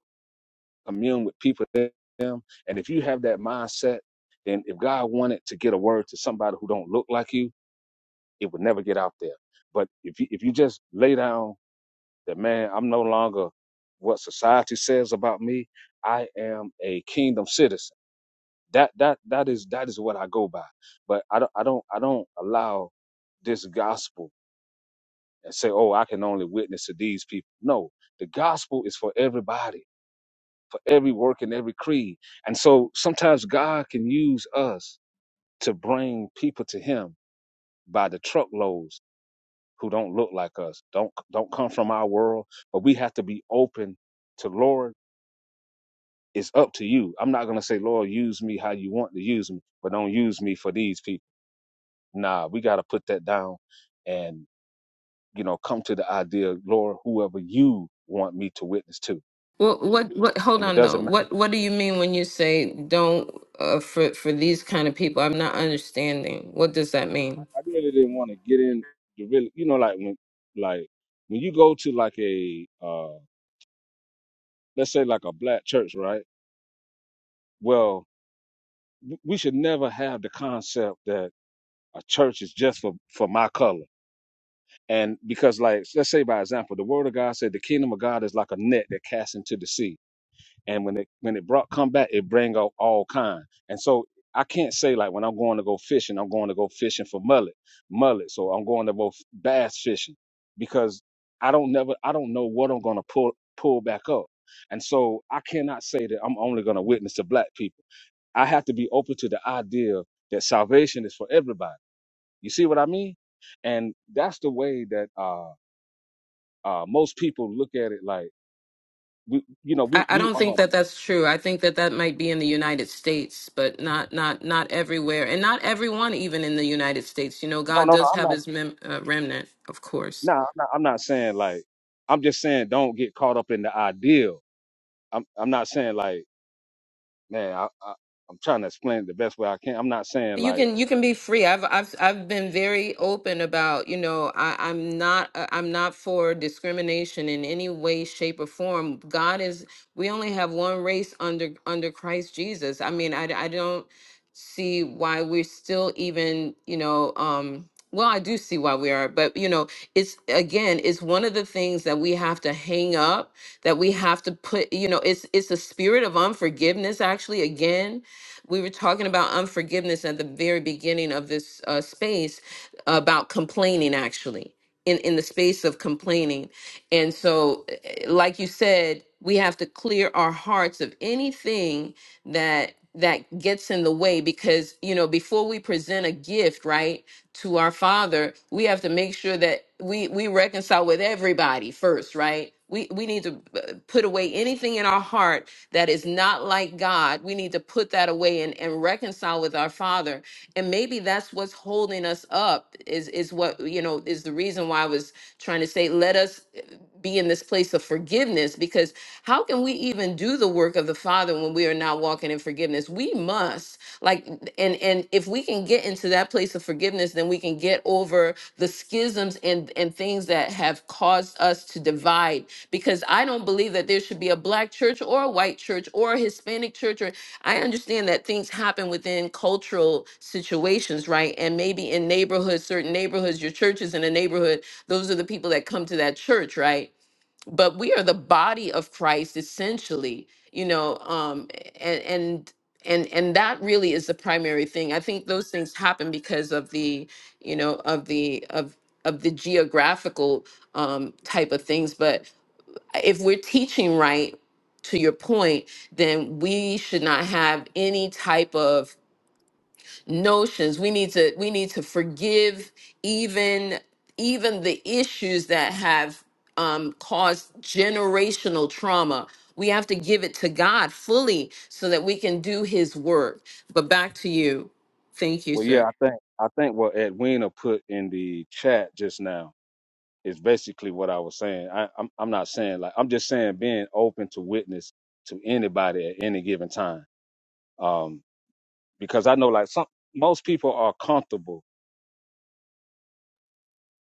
Speaker 5: commune with people then. And if you have that mindset, then if God wanted to get a word to somebody who don't look like you, it would never get out there. But if you if you just lay down that man, I'm no longer what society says about me. I am a kingdom citizen. That that that is that is what I go by. But I don't I don't I don't allow this gospel and say, oh, I can only witness to these people. No, the gospel is for everybody for every work and every creed. And so sometimes God can use us to bring people to him by the truckloads who don't look like us, don't don't come from our world, but we have to be open to Lord, it's up to you. I'm not gonna say, Lord, use me how you want to use me, but don't use me for these people. Nah, we gotta put that down and you know come to the idea, Lord, whoever you want me to witness to.
Speaker 1: Well, what what? Hold
Speaker 5: And it
Speaker 1: on
Speaker 5: doesn't matter
Speaker 1: though. What what do you mean when you say don't uh, for for these kind of people? I'm not understanding. What does that mean?
Speaker 5: I really didn't want to get in the really, you know, like when, like when you go to like a, uh, let's say like a black church, right? Well, w- we should never have the concept that a church is just for for my color. And because, like, let's say by example, the Word of God said the kingdom of God is like a net that casts into the sea and when it when it brought come back, it bring out all kind. And so I can't say like when I'm going to go fishing, I'm going to go fishing for mullet, mullet. So I'm going to go f- bass fishing because I don't never I don't know what I'm going to pull pull back up. And so I cannot say that I'm only going to witness to black people. I have to be open to the idea that salvation is for everybody. You see what I mean? And that's the way that uh, uh, most people look at it. Like we, you know,
Speaker 1: I,
Speaker 5: we
Speaker 1: I
Speaker 5: we
Speaker 1: don't
Speaker 5: um
Speaker 1: think
Speaker 5: no
Speaker 1: that that's true. I think that that might be in the United States, but not not not everywhere, and not everyone even in the United States. You know, God
Speaker 5: no no
Speaker 1: does
Speaker 5: I'm not.
Speaker 1: have His mem- uh, remnant, of course.
Speaker 5: No, I'm not, I'm not saying like. I'm just saying don't get caught up in the ideal. I'm I'm not saying like, man, I, I I'm trying to explain it the best way I can. I'm not saying
Speaker 1: You
Speaker 5: like,
Speaker 1: can you can be free. I've I've I've been very open about, you know, I, I'm not uh, I'm not for discrimination in any way, shape, or form. God is we only have one race under under Christ Jesus. I mean, I I don't see why we're still even, you know, um well, I do see why we are, but you know, it's again, it's one of the things that we have to hang up, that we have to put, you know, it's it's a spirit of unforgiveness actually again we were talking about unforgiveness at the very beginning of this uh, space about complaining, actually, in, in the space of complaining. And so, eh, like you said, we have to clear our hearts of anything that that gets in the way because you know before we present a gift right to our father we have to make sure that we we reconcile with everybody first right we, we need to uh, put away anything in our heart that is not like God. We need to put that away and, and reconcile with our Father. And maybe that's what's holding us up, is, is what, you know, is the reason why I was trying to say, let us uh, be in this place of forgiveness, because how can we even do the work of the Father when we are not walking in forgiveness? We must, like, and and and if we can get into that place of forgiveness then we can get over the schisms and and things that have caused us to divide because i don't believe that there should be a black church or a white church or a hispanic church or i understand that things happen within cultural situations right and maybe in neighborhoods certain neighborhoods your church is in a neighborhood those are the people that come to that church right but we are the body of Christ essentially, you know, um, and and and and that really is the primary thing. I think those things happen because of the, you know, of the of of the geographical um, type of things. But if we're teaching right, to your point, then we should not have any type of notions we need to we need to forgive even even the issues that have um, caused generational trauma we have to give it to god fully so that we can do his work but back to you thank you
Speaker 5: well, yeah,
Speaker 1: sir
Speaker 5: I think I think what Edwina put in the chat just now is basically what I was saying. I, I'm I'm not saying like I'm just saying being open to witness to anybody at any given time. Um, because I know like some most people are comfortable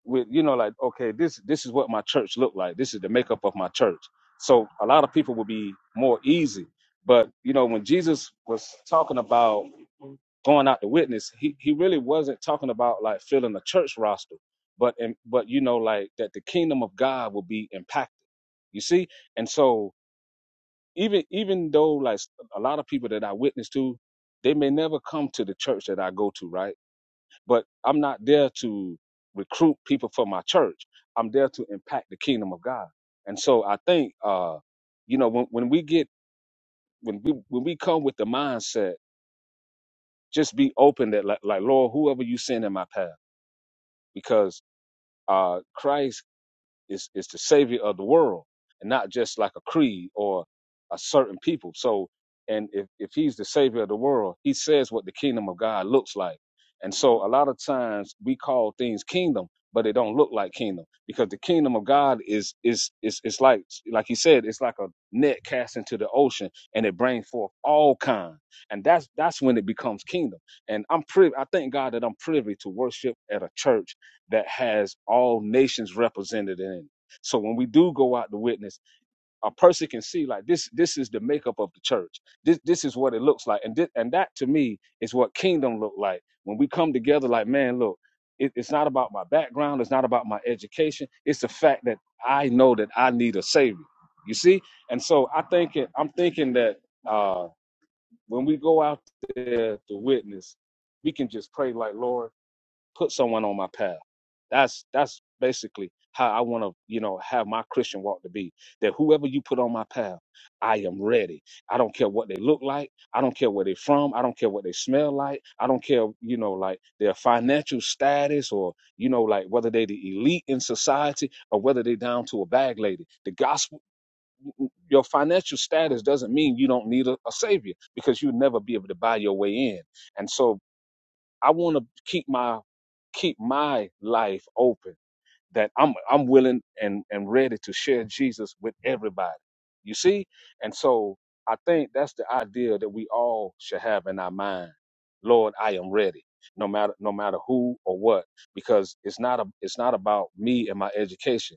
Speaker 5: with you know like okay this this is what my church looked like this is the makeup of my church so a lot of people would be more easy but you know when jesus was talking about going out to witness he, he really wasn't talking about like filling a church roster but and but you know like that the kingdom of god will be impacted you see and so even even though like a lot of people that i witness to they may never come to the church that i go to right but I'm not there to recruit people for my church. I'm there to impact the kingdom of God. And so I think, uh, you know, when, when we get when we when we come with the mindset, just be open that like, like Lord, whoever you send in my path, because uh, Christ is is the savior of the world and not just like a creed or a certain people so and if, if he's the savior of the world he says what the kingdom of god looks like and so a lot of times we call things kingdom but it don't look like kingdom because the kingdom of god is is is it's like like he said it's like a net cast into the ocean and it brings forth all kind and that's that's when it becomes kingdom and i'm privy i thank god that i'm privy to worship at a church that has all nations represented in it. So when we do go out to witness, a person can see like this. This is the makeup of the church. This this is what it looks like, and this, and that to me is what kingdom look like. When we come together, like man, look, it, it's not about my background. It's not about my education. It's the fact that I know that I need a savior. You see, and so I think it, I'm thinking that uh, when we go out there to witness, we can just pray like Lord put someone on my path. That's that's basically how I want to, you know, have my Christian walk to be. That whoever you put on my path, I am ready. I don't care what they look like. I don't care where they're from. I don't care what they smell like. I don't care, you know, like their financial status or, you know, like whether they're the elite in society or whether they're down to a bag lady. The gospel, your financial status doesn't mean you don't need a, a savior because you'll never be able to buy your way in. And so I want to keep my keep my life open that I'm I'm willing and and ready to share Jesus with everybody. You see? And so I think that's the idea that we all should have in our mind. Lord, I am ready. No matter no matter who or what because it's not a it's not about me and my education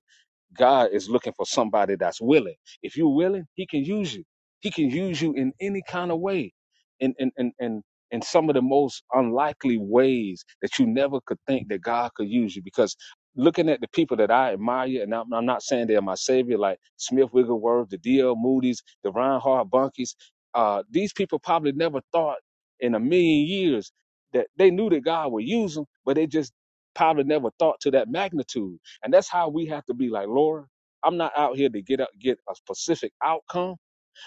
Speaker 5: God is looking for somebody that's willing. If you're willing, He can use you. He can use you in any kind of way, in in in in, in some of the most unlikely ways that you never could think that God could use you. Because looking at the people that I admire, and I'm, I'm not saying they're my savior, like Smith Wigglesworth, the D.L. Moody's, the Reinhard Bunkies. Uh, these people probably never thought in a million years that they knew that God would use them, but they just probably never thought to that magnitude and that's how we have to be like, Lord, I'm not out here to get a, get a specific outcome,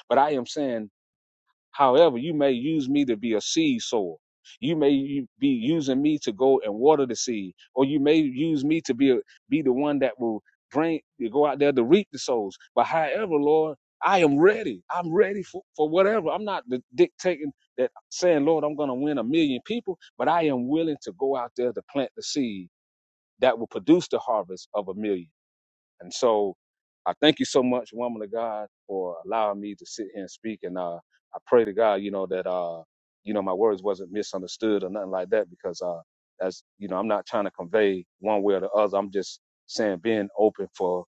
Speaker 5: but I am saying, however, you may use me to be a seed sower. You may be using me to go and water the seed, or you may use me to be a, be the one that will bring you go out there to reap the souls. But however, Lord, I am ready. I'm ready for, for whatever. I'm not dictating that saying, Lord, I'm going to win a million people, but I am willing to go out there to plant the seed that will produce the harvest of a million. And so I thank you so much, woman of God, for allowing me to sit here and speak. And uh, I pray to God, you know, that uh, you know, my words wasn't misunderstood or nothing like that, because uh, that's you know, I'm not trying to convey one way or the other. I'm just saying being open for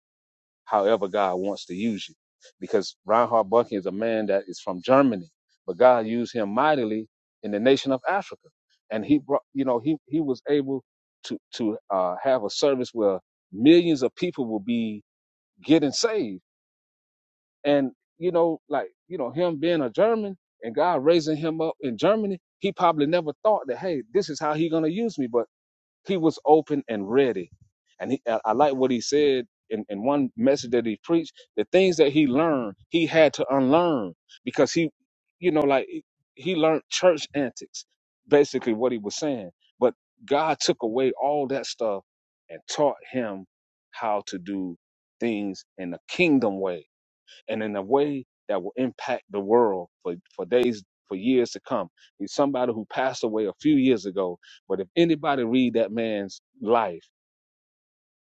Speaker 5: however God wants to use you. Because Reinhard Bucky is a man that is from Germany, but God used him mightily in the nation of Africa, and he brought, you know, he he was able to to uh, have a service where millions of people will be getting saved. And you know, like you know, him being a German and God raising him up in Germany, he probably never thought that, hey, this is how he gonna use me. But he was open and ready. And he, I I like what he said in, in one message that he preached. The things that he learned, he had to unlearn because he, you know, like he he learned church antics, basically what he was saying. But God took away all that stuff and taught him how to do things in the kingdom way and in a way that will impact the world for, for days for years to come. He's somebody who passed away a few years ago, but if anybody read that man's life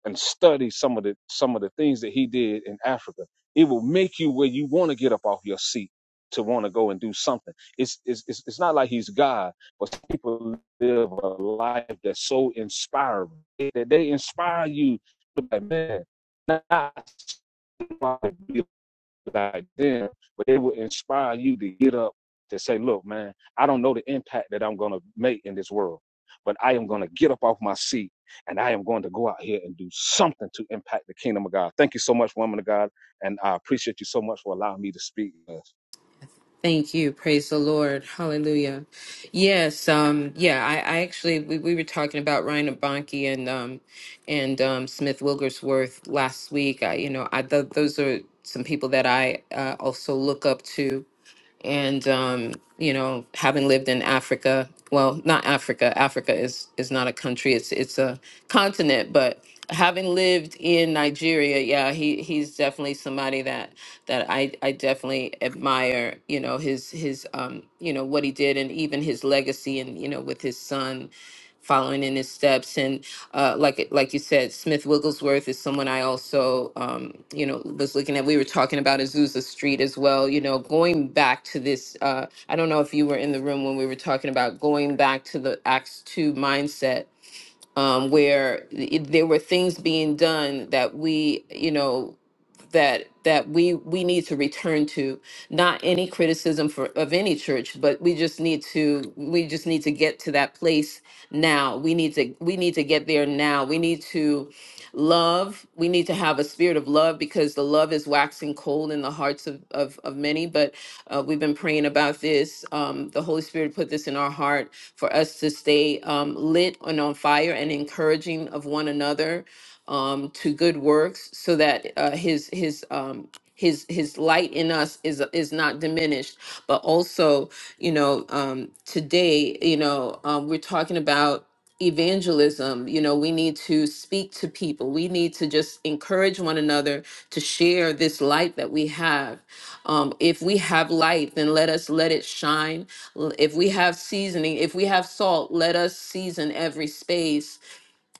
Speaker 5: and study some of the some of the things that he did in Africa, it will make you where you want to get up off your seat to want to go and do something. It's, it's it's it's not like he's God, but people live a life that's so inspiring that they inspire you to be like, man, not like them, but it will inspire you to get up to say, look, man, I don't know the impact that I'm going to make in this world, but I am going to get up off my seat and I am going to go out here and do something to impact the kingdom of God. Thank you so much, woman of God. And I appreciate you so much for allowing me to speak.
Speaker 1: Thank you. Praise the Lord. Hallelujah. Yes. Um, yeah, I, I actually, we, we were talking about Ryan Abanki and, um, and, um, Smith Wilgersworth last week. I, you know, I, th- those are some people that I, uh, also look up to, and um, you know, having lived in Africa, well, not Africa. Africa is is not a country; it's it's a continent. But having lived in Nigeria, yeah, he he's definitely somebody that that I I definitely admire. You know, his his um, you know what he did, and even his legacy, and you know, with his son following in his steps. And uh, like like you said, Smith Wigglesworth is someone I also um, you know was looking at. We were talking about Azusa Street as well. You know, going back to this, uh, I don't know if you were in the room when we were talking about going back to the Acts two mindset um, where i- there were things being done that we, you know, that that we we need to return to. Not any criticism for of any church, but we just need to we just need to get to that place now. We need to we need to get there now. We need to love we need to have a spirit of love because the love is waxing cold in the hearts of, of, of many but uh, we've been praying about this um, the holy spirit put this in our heart for us to stay um, lit and on fire and encouraging of one another um, to good works, so that uh, his his um, his his light in us is is not diminished. But also, you know, um, today, you know, um, we're talking about evangelism you know we need to speak to people we need to just encourage one another to share this light that we have um, if we have light then let us let it shine L- if we have seasoning if we have salt let us season every space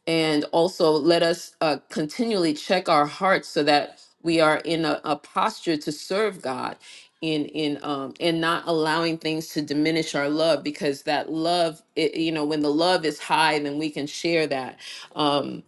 Speaker 1: and also let us uh, continually check our hearts so that we are in a, a posture to serve God in in um and not allowing things to diminish our love because that love it, you know when the love is high then we can share that um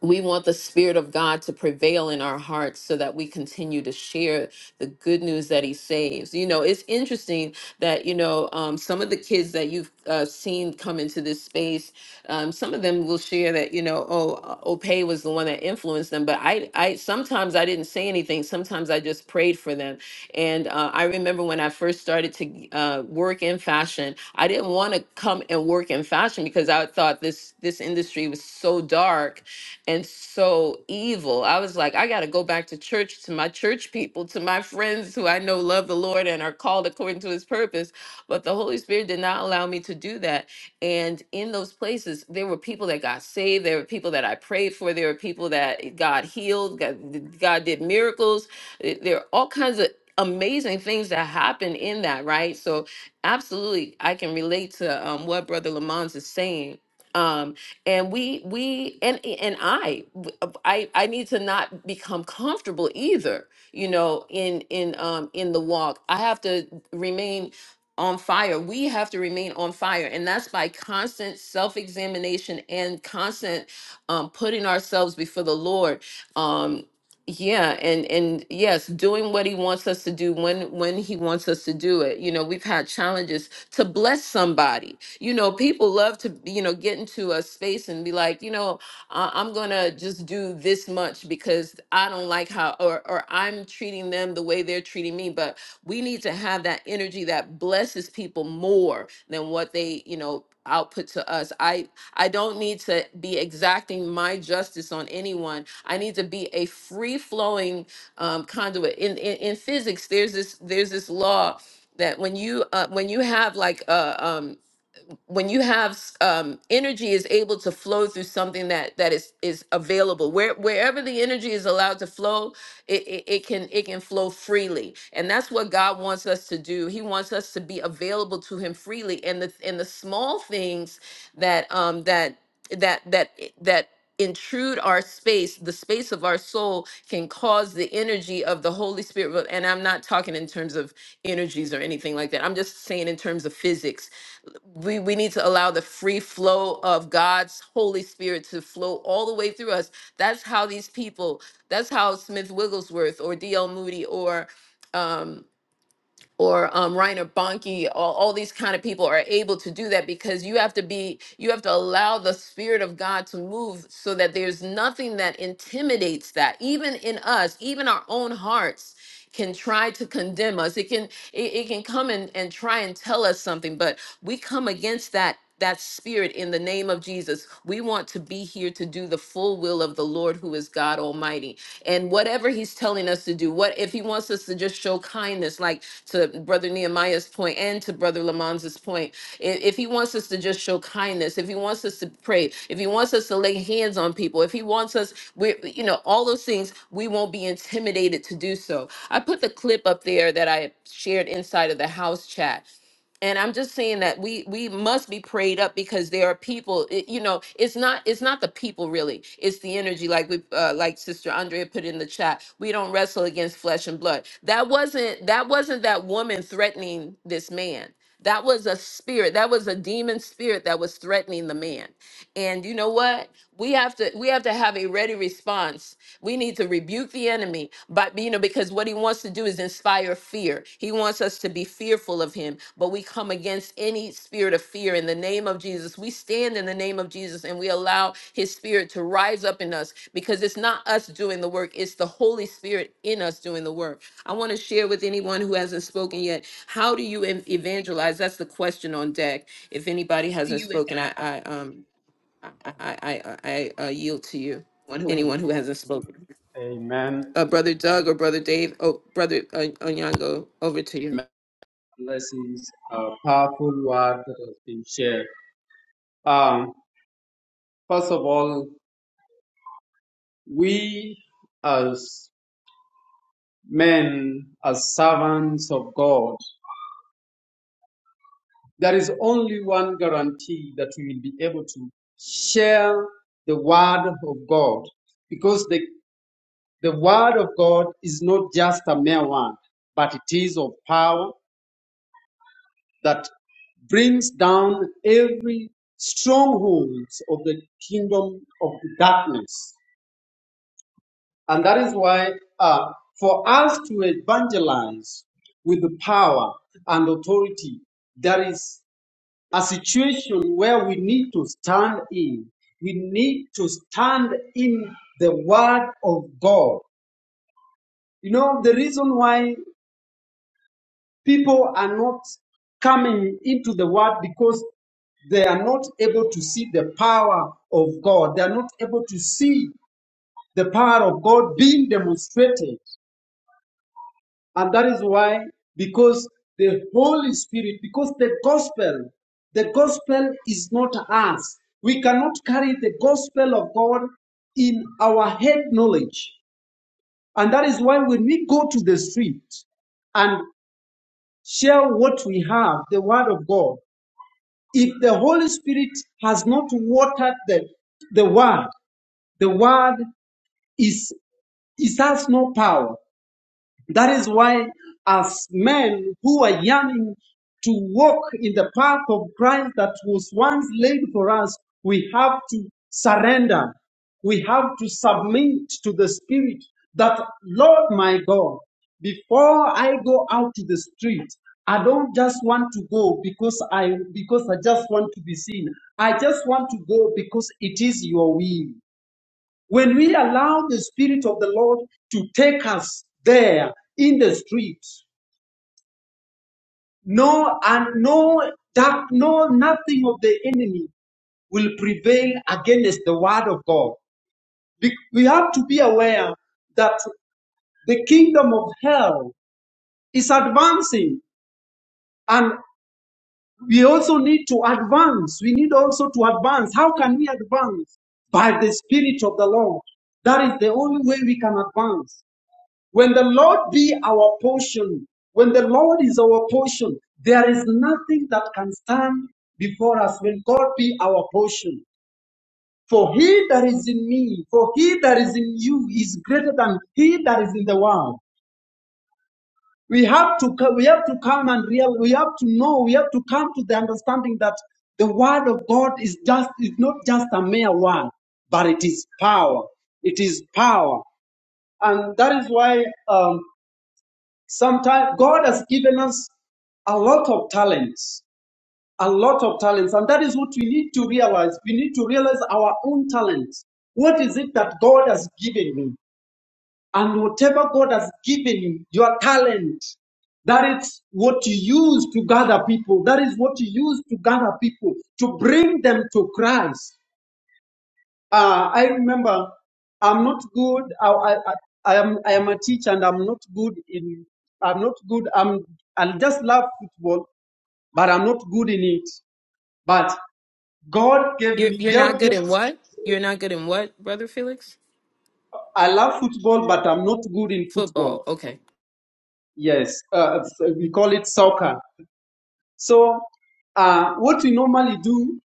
Speaker 1: we want the spirit of god to prevail in our hearts so that we continue to share the good news that he saves you know it's interesting that you know um, some of the kids that you've uh, seen come into this space um, some of them will share that you know oh uh, opay was the one that influenced them but i i sometimes i didn't say anything sometimes i just prayed for them and uh, i remember when i first started to uh, work in fashion i didn't want to come and work in fashion because i thought this this industry was so dark and so evil. I was like, I got to go back to church, to my church people, to my friends who I know love the Lord and are called according to his purpose. But the Holy Spirit did not allow me to do that. And in those places, there were people that got saved. There were people that I prayed for. There were people that God healed. God, God did miracles. Eh, There are all kinds of amazing things that happen in that, right? So, absolutely, I can relate to um, what Brother Lamont is saying. Um, and we we and and I I I need to not become comfortable either you know in in um in the walk I have to remain on fire we have to remain on fire and that's by constant self-examination and constant um putting ourselves before the Lord um yeah and and yes doing what he wants us to do when when he wants us to do it you know we've had challenges to bless somebody you know people love to you know get into a space and be like you know uh, i'm gonna just do this much because i don't like how or or i'm treating them the way they're treating me but we need to have that energy that blesses people more than what they you know output to us i i don't need to be exacting my justice on anyone i need to be a free flowing um, conduit in, in in physics there's this there's this law that when you uh, when you have like a um, when you have um, energy is able to flow through something that that is is available where wherever the energy is allowed to flow it, it, it can it can flow freely and that's what god wants us to do he wants us to be available to him freely and the and the small things that um that that that that intrude our space the space of our soul can cause the energy of the holy spirit and i'm not talking in terms of energies or anything like that i'm just saying in terms of physics we, we need to allow the free flow of God's Holy Spirit to flow all the way through us. That's how these people, that's how Smith Wigglesworth or D.L. Moody or um, or um, Reiner Bonke, all, all these kind of people are able to do that because you have to be, you have to allow the Spirit of God to move so that there's nothing that intimidates that. Even in us, even our own hearts can try to condemn us. It can, it, it can come and, and try and tell us something, but we come against that that spirit in the name of Jesus. We want to be here to do the full will of the Lord who is God Almighty. And whatever he's telling us to do, what if he wants us to just show kindness like to Brother Nehemiah's point and to Brother Lamanza's point, i- if he wants us to just show kindness, if he wants us to pray, if he wants us to lay hands on people, if he wants us, we, you know, all those things, we won't be intimidated to do so. I put the clip up there that I shared inside of the house chat and i'm just saying that we we must be prayed up because there are people it- you know it's not it's not the people really it's the energy like we uh, like sister andrea put in the chat we don't wrestle against flesh and blood that wasn't that wasn't that woman threatening this man that was a spirit that was a demon spirit that was threatening the man and you know what we have to we have to have a ready response we need to rebuke the enemy but you know because what he wants to do is inspire fear he wants us to be fearful of him but we come against any spirit of fear in the name of jesus we stand in the name of jesus and we allow his spirit to rise up in us because it's not us doing the work it's the holy spirit in us doing the work i want to share with anyone who hasn't spoken yet how do you ev- evangelize that's the question on deck if anybody hasn't spoken i i um I I I I, uh, yield to you. Anyone who hasn't spoken, uh, brother Doug or brother Dave, oh brother uh, Onyango, over to you.
Speaker 3: why people are not coming into the word because they are not able to see the power of God. They are not able to see the power of God being demonstrated. And that is why, because the Holy Spirit, because the gospel, the gospel is not us. We cannot carry the gospel of God in our head knowledge. And that is why when we go to the street and share what we have, the word of God, if the Holy Spirit has not watered the, the word, the word is, is has no power. That is why, as men who are yearning to walk in the path of Christ that was once laid for us, we have to surrender. We have to submit to the Spirit that, Lord my God, before I go out to the street, I don't just want to go because I because I just want to be seen. I just want to go because it is your will. When we allow the Spirit of the Lord to take us there in the streets, no and no that no nothing of the enemy will prevail against the word of God. Be- We have to be aware that the kingdom of hell is advancing and we also need to advance. We need also to advance. How can we advance? By the Spirit of the Lord. That is the only way we can advance. When the Lord be our portion, when the Lord is our portion, there is nothing that can stand before us when God be our portion. For he that is in me, for he that is in you is greater than he that is in the world. We have to co- we have to come and real we have to know, we have to come to the understanding that the word of God is just is not just a mere word, but it is power. It is power. And that is why um, Sometimes God has given us a lot of talents, a lot of talents, and that is what we need to realize. We need to realize our own talents. What is it that God has given you? And whatever God has given you, your talent, that is what you use to gather people. That is what you use to gather people, to bring them to Christ. Uh, I remember I'm not good. I, I, I I am I am a teacher and I'm not good in I'm not good. I'm I just love football, but I'm not good in it. But God gave
Speaker 1: You're
Speaker 3: me
Speaker 1: you're not
Speaker 3: God
Speaker 1: good
Speaker 3: gave
Speaker 1: in what? You're not good in what, brother Felix?
Speaker 3: I love football, but I'm not good in football.
Speaker 1: Football. Okay.
Speaker 3: Yes, uh, we call it soccer. So uh, what we normally do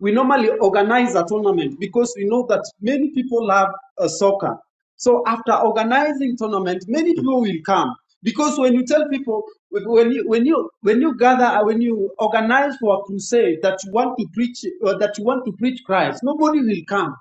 Speaker 3: we normally organize a tournament because we know that many people love uh, soccer. So after organizing tournament, many people will come because when you tell people when you when you when you gather uh, when you organize for a crusade that you want to preach or that you want to preach Christ, nobody will come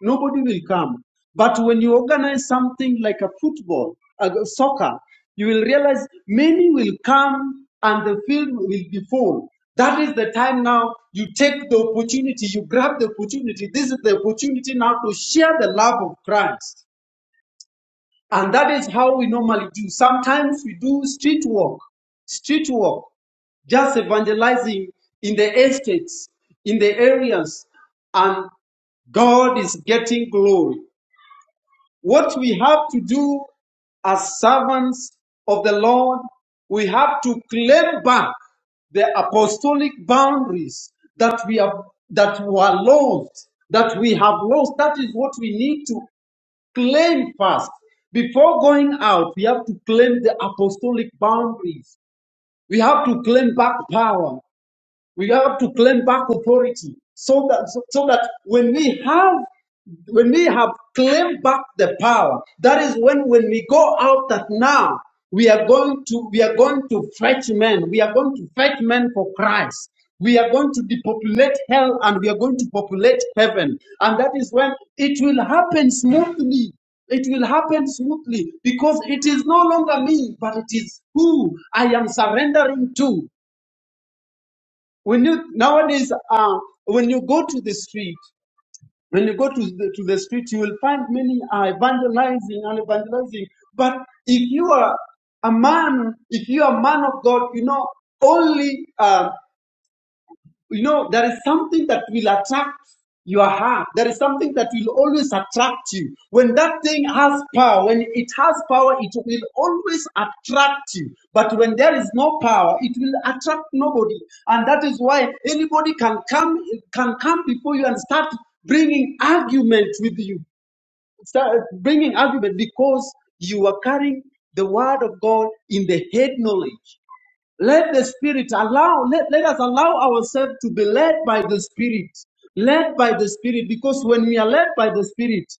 Speaker 3: nobody will come. But when you organize something like a football, a soccer, you will realize many will come and the field will be full. That is the time now you take the opportunity, you grab the opportunity. This is the opportunity now to share the love of Christ. And that is how we normally do. Sometimes we do street walk, street walk, just evangelizing in the estates, in the areas, and God is getting glory. What we have to do as servants of the Lord, we have to claim back the apostolic boundaries that we have that were lost, that we have lost. That is what we need to claim first. Before going out, we have to claim the apostolic boundaries. We have to claim back power. We have to claim back authority so that so, so that when we have when we have claimed back the power, that is when when we go out that now we are going to we are going to fetch men. We are going to fetch men for Christ. We are going to depopulate hell and we are going to populate heaven. And that is when it will happen smoothly. It will happen smoothly because it is no longer me, but it is who I am surrendering to when you nowadays uh, when you go to the street when you go to the, to the street you will find many are evangelizing and evangelizing but if you are a man if you are a man of god you know only Um, you know, there is something that will attract your heart. There is something that will always attract you. When that thing has power, when it has power, it will always attract you. But when there is no power, it will attract nobody. And that is why anybody can come can come before you and start bringing argument with you. Start bringing argument because you are carrying the word of God in the head knowledge. Let the Spirit allow, let, let us allow ourselves to be led by the Spirit. Led by the Spirit, because when we are led by the Spirit,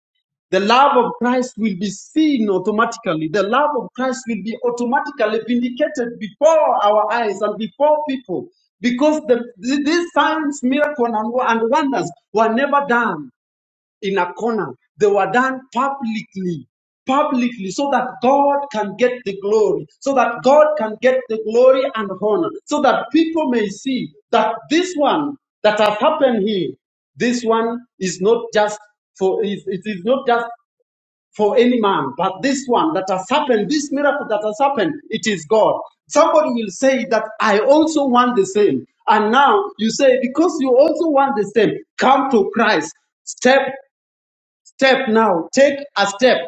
Speaker 3: the love of Christ will be seen automatically. The love of Christ will be automatically vindicated before our eyes and before people. Because the, these signs, miracles, and wonders were never done in a corner. They were done publicly, publicly, so that God can get the glory, so that God can get the glory and honor, so that people may see that this one that has happened here, this one is not just for it it is not just for any man, but this one that has happened, this miracle that has happened, it is God. Somebody will say that I also want the same. And now you say, because you also want the same, come to Christ. Step step now. Take a step.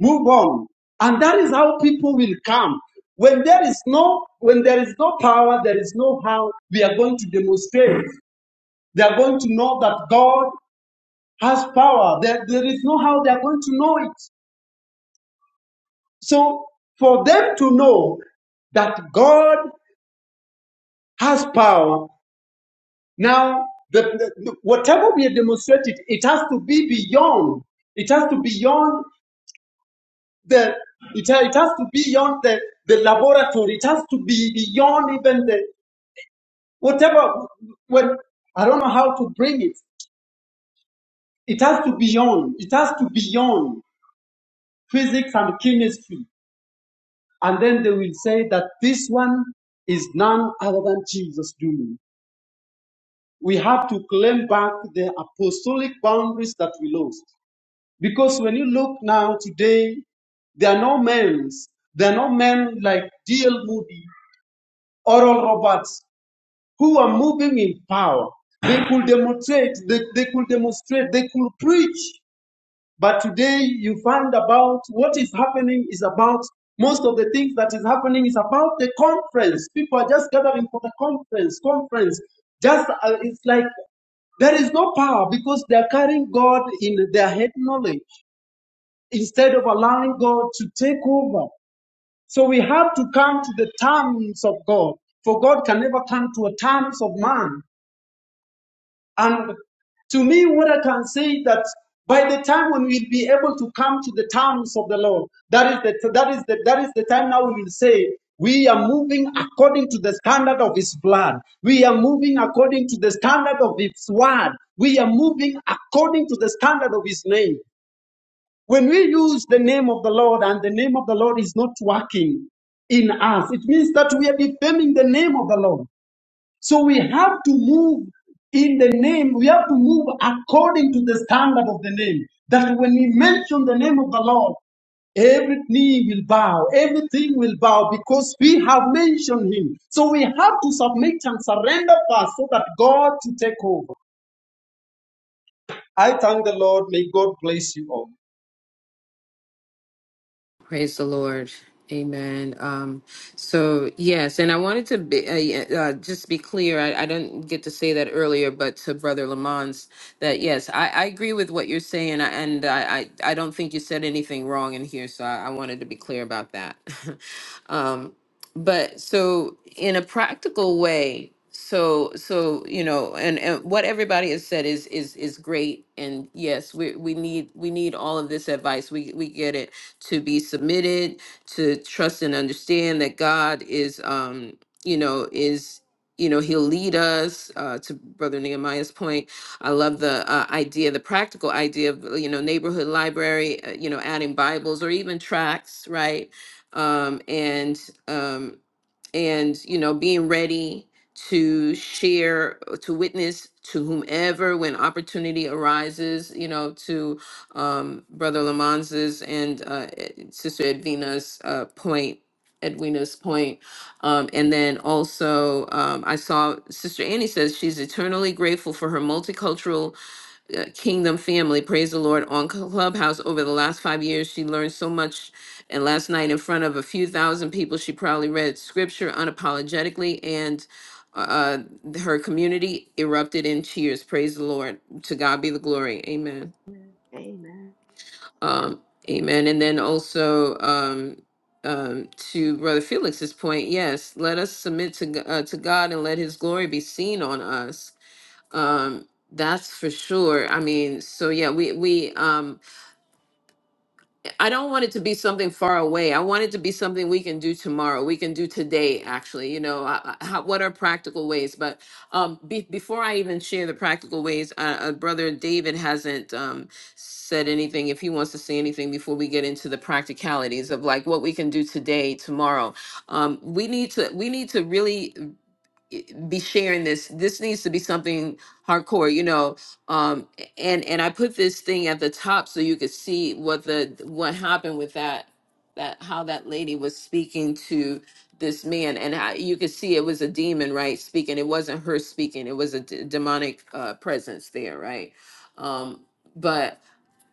Speaker 3: Move on. And that is how people will come. When there is no, when there is no power, there is no how we are going to demonstrate. They are going to know that God has power. There, there is no how they are going to know it. So for them to know that God has power, now the, the- whatever we are demonstrated, it has to be beyond. It has to be beyond. the it, it has to be beyond the, the laboratory. It has to be beyond even the whatever when I don't know how to bring it. It has to beyond. It has to beyond physics and chemistry. And then they will say that this one is none other than Jesus doing. We have to claim back the apostolic boundaries that we lost. Because when you look now today, there are no men. There are no men like D.L. Moody, Oral Roberts, who are moving in power. They could demonstrate, they, they could demonstrate, they could preach. But today you find about what is happening is about most of the things that is happening is about the conference. People are just gathering for the conference, conference. Just uh, it's like there is no power because they are carrying God in their head knowledge instead of allowing God to take over. So we have to come to the terms of God, for God can never come to the terms of man. And to me, what I can say that by the time when we'll be able to come to the terms of the Lord, that is the that is the that is the time now we will say we are moving according to the standard of his blood. We are moving according to the standard of his word. We are moving according to the standard of his name. When we use the name of the Lord and the name of the Lord is not working in us, it means that we are defaming the name of the Lord. So we have to move in the name, we have to move according to the standard of the name. That when we mention the name of the Lord, every knee will bow, everything will bow because we have mentioned him. So we have to submit and surrender first so that God to take over. I thank the Lord. May God bless you all.
Speaker 1: Praise the Lord. Amen. Um, so yes, and I wanted to be, uh, yeah, uh, just be clear. I, I didn't get to say that earlier, but to Brother Lamont's, that yes, I, I agree with what you're saying, I- and I, I I don't think you said anything wrong in here. So I, I wanted to be clear about that. um, but so in a practical way, so so you know, and, and what everybody has said is is is great, and yes, we we need we need all of this advice. We we get it to be submitted, to trust and understand that God is, um, you know, is you know he'll lead us uh, to brother nehemiah's point i love the uh, idea the practical idea of you know neighborhood library uh, you know adding bibles or even tracts right um, and um, and you know being ready to share to witness to whomever when opportunity arises you know to um, brother lamonz's and uh, e- sister edwina's uh, point edwina's point um, and then also um, i saw sister annie says she's eternally grateful for her multicultural uh, Kingdom family. Praise the Lord on Clubhouse over the last five years. She learned so much. And last night, in front of a few thousand people, she probably read scripture unapologetically, and uh, uh, her community erupted in cheers. Praise the Lord. To God be the glory. Amen.
Speaker 2: Amen.
Speaker 1: Um, amen. And then also, um, um, to Brother Felix's point, yes, let us submit to G- uh, to God and let His glory be seen on us um, that's for sure. I mean, so yeah, we we um I don't want it to be something far away. I want it to be something we can do tomorrow. We can do today, actually. You know, I, I, how, what are practical ways? But um, be, before I even share the practical ways, uh, uh, brother David hasn't um said anything. If he wants to say anything before we get into the practicalities of like what we can do today, tomorrow, um, we need to we need to really be sharing this. This needs to be something hardcore, you know. Um, and and I put this thing at the top so you could see what the what happened with that that how that lady was speaking to this man and how, you could see it was a demon right speaking it wasn't her speaking it was a d- demonic uh, presence there right um, but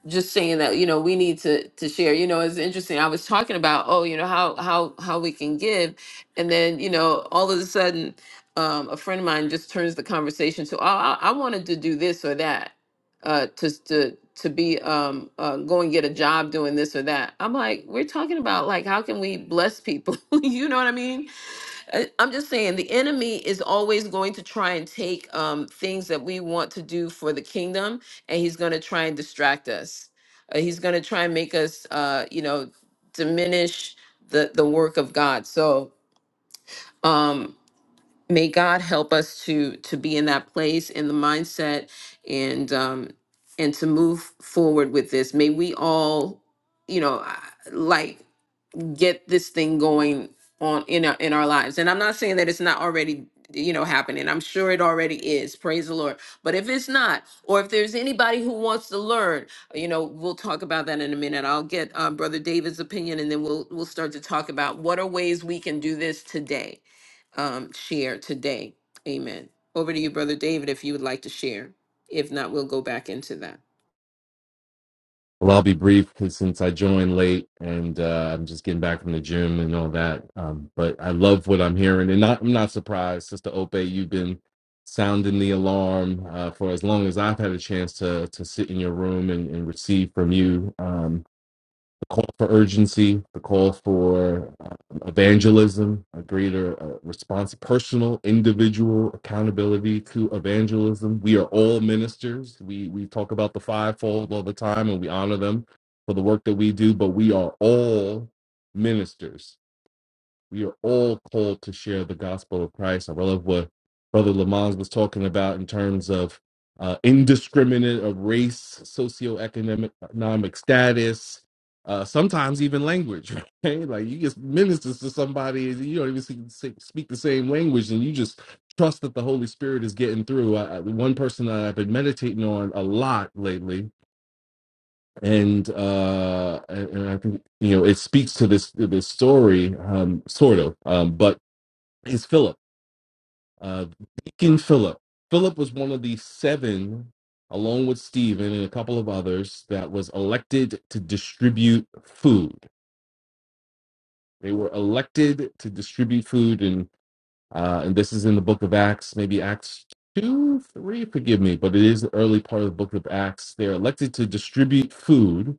Speaker 1: just saying that you know we need to to share you know it's interesting i was talking about oh you know how how how we can give and then you know all of a sudden um, a friend of mine just turns the conversation to oh i, I wanted to do this or that uh to to to be um uh, go and get a job doing this or that i'm like we're talking about like how can we bless people you know what i mean I- I'm just saying the enemy is always going to try and take um, things that we want to do for the kingdom, and he's going to try and distract us. Uh, he's going to try and make us, uh, you know, diminish the the work of God. So um, may God help us to to be in that place, in the mindset, and um, and to move forward with this. May we all, you know, I- like get this thing going on in our in our lives. And I'm not saying that it's not already you know happening. I'm sure it already is. Praise the Lord. But if it's not, or if there's anybody who wants to learn, you know, we'll talk about that in a minute. I'll get uh, Brother David's opinion, and then we'll we'll start to talk about what are ways we can do this today. Um, share today. Amen. Over to you, Brother David, if you would like to share. If not, we'll go back into that.
Speaker 6: Well, I'll be brief because since I joined late and uh, I'm just getting back from the gym and all that. Um, but I love what I'm hearing, and not, I'm not surprised, Sister Ope. You've been sounding the alarm uh, for as long as I've had a chance to to sit in your room and, and receive from you. Um, the call for urgency, the call for uh, evangelism, a greater uh, response, personal, individual accountability to evangelism. We are all ministers. We we talk about the fivefold all the time, and we honor them for the work that we do. But we are all ministers we are all called to share the gospel of Christ. I love what Brother Lamont was talking about in terms of uh, indiscriminate of race, socioeconomic economic status, uh, sometimes even language. Right? Like you just ministers to somebody, and you don't even see, say- speak the same language, and you just trust that the Holy Spirit is getting through. I, I- one person that I've been meditating on a lot lately and uh and and i think you know it speaks to this this story um sort of um but is Philip, uh, Deacon Philip. Philip was one of the seven, along with Stephen and a couple of others, that was elected to distribute food. They were elected to distribute food, and uh, and this is in the Book of Acts, maybe Acts two, three. Forgive me, but it is the early part of the Book of Acts. They're elected to distribute food,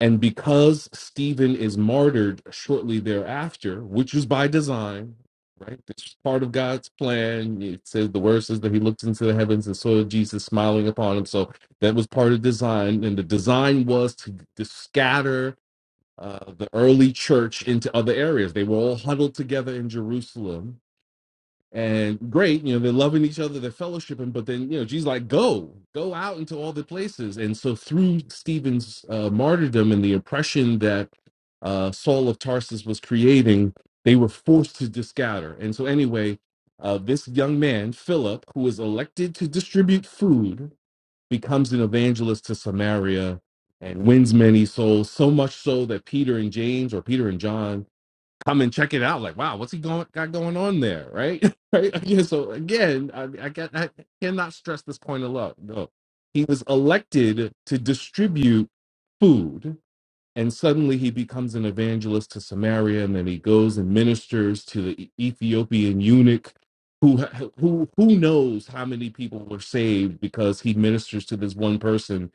Speaker 6: And because Stephen is martyred shortly thereafter, which was by design, right? This is part of God's plan. It says the word says that he looked into the heavens and saw Jesus smiling upon him. So that was part of design. And the design was to, to scatter uh, the early church into other areas. They were all huddled together in Jerusalem and great you know they're loving each other they're fellowshipping but then you know jesus like go go out into all the places and so through stephen's uh, martyrdom and the oppression that uh, saul of tarsus was creating they were forced to just and so anyway uh, this young man philip who was elected to distribute food becomes an evangelist to samaria and wins many souls so much so that peter and james or peter and john come and check it out. Like, wow, what's he going got going on there, right? right? Again, so again, I, I, can, I cannot stress this point enough. No, he was elected to distribute food, and suddenly he becomes an evangelist to Samaria, and then he goes and ministers to the E-, Ethiopian eunuch. Who, who who knows how many people were saved because he ministers to this one person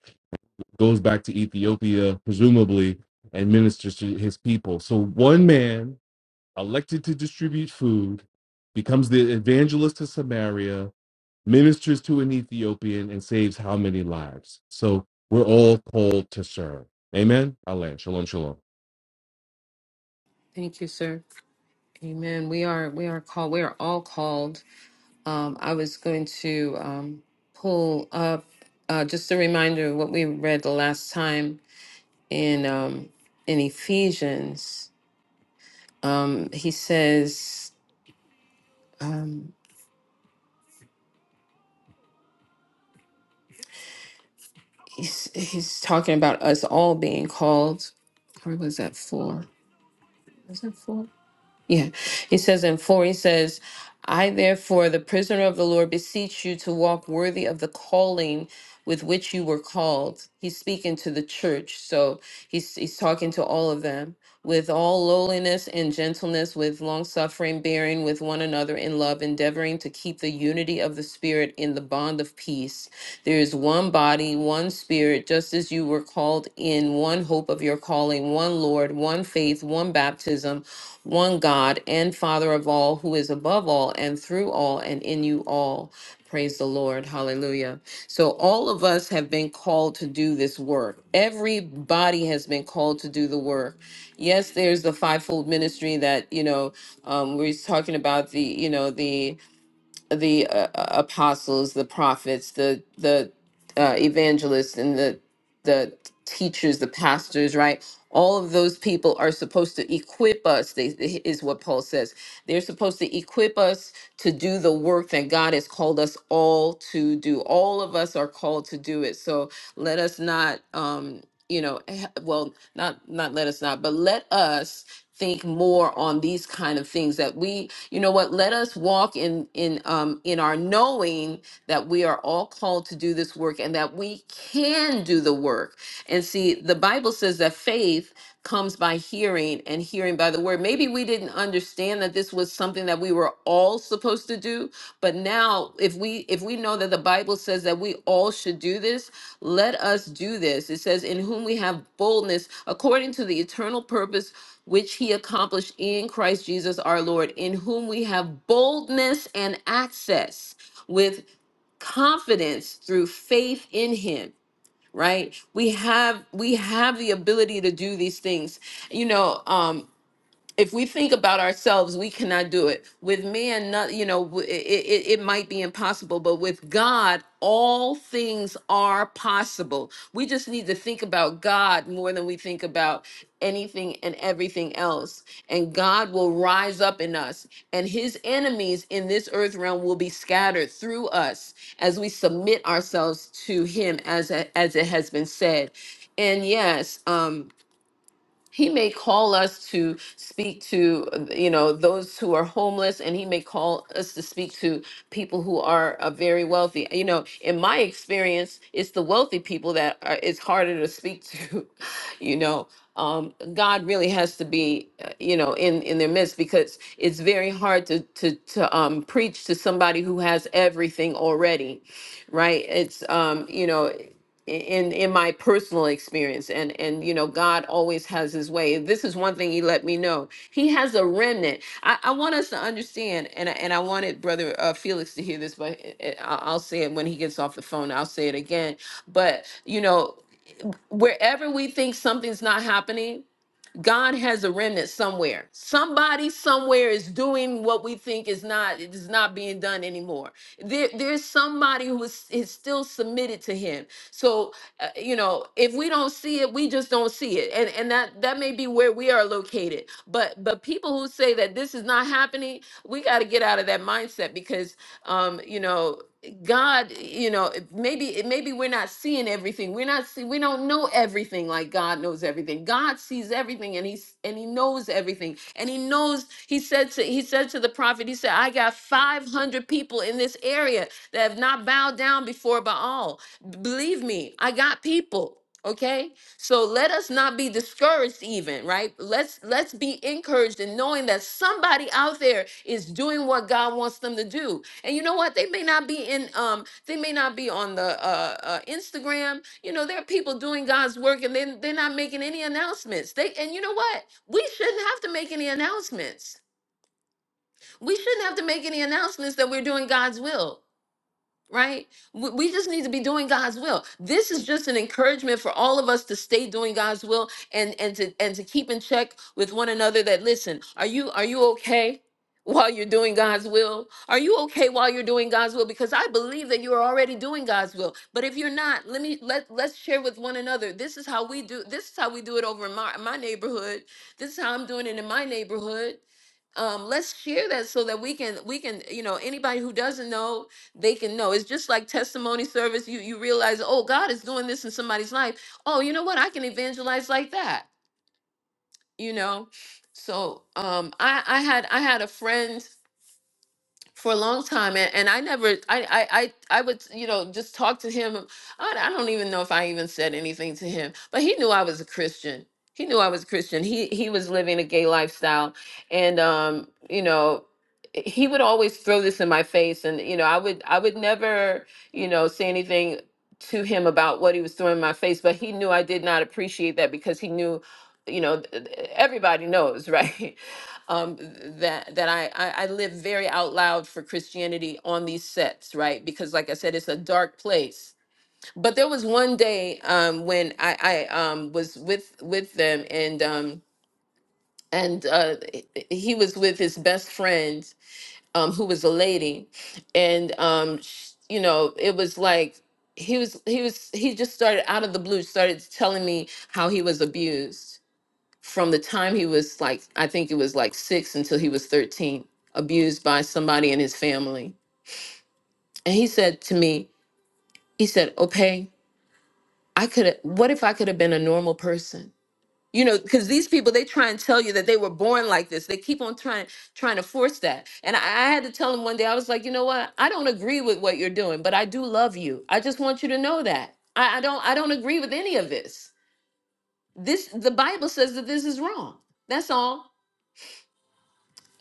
Speaker 6: goes back to Ethiopia presumably and ministers to his people so one man elected to distribute food, becomes the evangelist to Samaria, ministers to an Ethiopian, and saves how many lives? So we're all called to serve. Amen. Alan, shalom, shalom.
Speaker 1: Thank you, sir. Amen. We are we are called. We are all called Um, I was going to um, pull up uh, just a reminder of what we read the last time in um, in Ephesians. Um, he says um, he's he's talking about us all being called. Or was that four? Was that four? Yeah. He says in four, he says, I therefore, the prisoner of the Lord, beseech you to walk worthy of the calling with which you were called. He's speaking to the church. So he's he's talking to all of them with all lowliness and gentleness, with long suffering, bearing with one another in love, endeavoring to keep the unity of the spirit in the bond of peace. There is one body, one spirit, just as you were called in one hope of your calling, one Lord, one faith, one baptism, one God and Father of all, who is above all and through all and in you all. Praise the Lord. Hallelujah. So, all of us have been called to do this work. Everybody has been called to do the work. Yes, there's the fivefold ministry that, you know, um, we're talking about the, you know, the, the uh, uh, apostles, the prophets, the the uh, evangelists, and the the teachers, the pastors, right? All of those people are supposed to equip us. They, they- is what Paul says. They're supposed to equip us to do the work that God has called us all to do. All of us are called to do it. So let us not. Um, you know eh, well not not let us not but let us think more on these kind of things that we you know what let us walk in in um in our knowing that we are all called to do this work and that we can do the work and see the bible says that faith comes by hearing and hearing by the word. Maybe we didn't understand that this was something that we were all supposed to do, but now if we if we know that the Bible says that we all should do this, let us do this. It says in whom we have boldness according to the eternal purpose which he accomplished in Christ Jesus our Lord, in whom we have boldness and access with confidence through faith in him right we have we have the ability to do these things you know um if we think about ourselves, we cannot do it. With man, not, you know, w- it, it, it might be impossible, but with God, all things are possible. We just need to think about God more than we think about anything and everything else. And God will rise up in us, and his enemies in this earth realm will be scattered through us as we submit ourselves to him, as, as it has been said. And yes, um, he may call us to speak to uh, you know those who are homeless and he may call us to speak to people who are uh, very wealthy you know in my experience it's the wealthy people that are, it's harder to speak to you know um, god really has to be uh, you know in in their midst because it's very hard to to to um, preach to somebody who has everything already right it's um you know in in my personal experience and and you know god always has his way this is one thing he let me know he has a remnant i, I want us to understand and I, and i wanted brother uh, felix to hear this but i- I- i I'll say it when he gets off the phone i'll say it again but you know wherever we think something's not happening God has a remnant somewhere. Somebody somewhere is doing what we think is not it is not being done anymore. There, there's somebody who is, is still submitted to Him. So uh, you know, if we don't see it, we just don't see it, and and that that may be where we are located. But but people who say that this is not happening, we got to get out of that mindset because um, you know God, you know, it- maybe it- maybe we're not seeing everything. We're not see, we don't know everything like God knows everything. God sees everything and he's and he knows everything. And he knows he said to he said to the prophet, he said, I got 500 people in this area that have not bowed down before Baal. B- Believe me, I got people. Okay? So let us not be discouraged even, right? Let's let's be encouraged in knowing that somebody out there is doing what God wants them to do. And you know what? They may not be in um they may not be on the uh, uh Instagram. You know, there are people doing God's work and then they're not making any announcements. They and you know what? We shouldn't have to make any announcements. We shouldn't have to make any announcements that we're doing God's will right? We we just need to be doing God's will. This is just an encouragement for all of us to stay doing God's will and and to and to keep in check with one another that listen, are you are you okay? While you're doing God's will, are you okay while you're doing God's will? Because I believe that you are already doing God's will. But if you're not, let me let let's share with one another. This is how we do. This is how we do it over in my my neighborhood. This is how I'm doing it in my neighborhood um let's share that so that we can we can you know anybody who doesn't know they can know it's just like testimony service you you realize oh god is doing this in somebody's life oh you know what i can evangelize like that you know so um i i had i had a friend for a long time and, and i never I, I i i would you know just talk to him I, I don't even know if i even said anything to him but he knew i was a christian he knew i was a christian he he was living a gay lifestyle and um you know he would always throw this in my face and you know i would i would never you know say anything to him about what he was throwing in my face but he knew i did not appreciate that because he knew you know th- th- everybody knows right um, that that I, I I live very out loud for Christianity on these sets, right? Because like I said, it's a dark place. But there was one day um, when I, I um, was with with them, and um, and uh, h- he was with his best friend, um, who was a lady, and um, sh- you know, it was like he was he was he just started out of the blue started telling me how he was abused from the time he was like I think it was like 6 until he was 13 abused by somebody in his family. And he said to me, he said, "Okay, I could have, what if I could have been a normal person?" You know, cuz these people they try and tell you that they were born like this. They keep on trying trying to force that. And I, I had to tell him one day I was like, "You know what? I don't agree with what you're doing, but I do love you. I just want you to know that. I, I don't I don't agree with any of this. This the Bible says that this is wrong. That's all.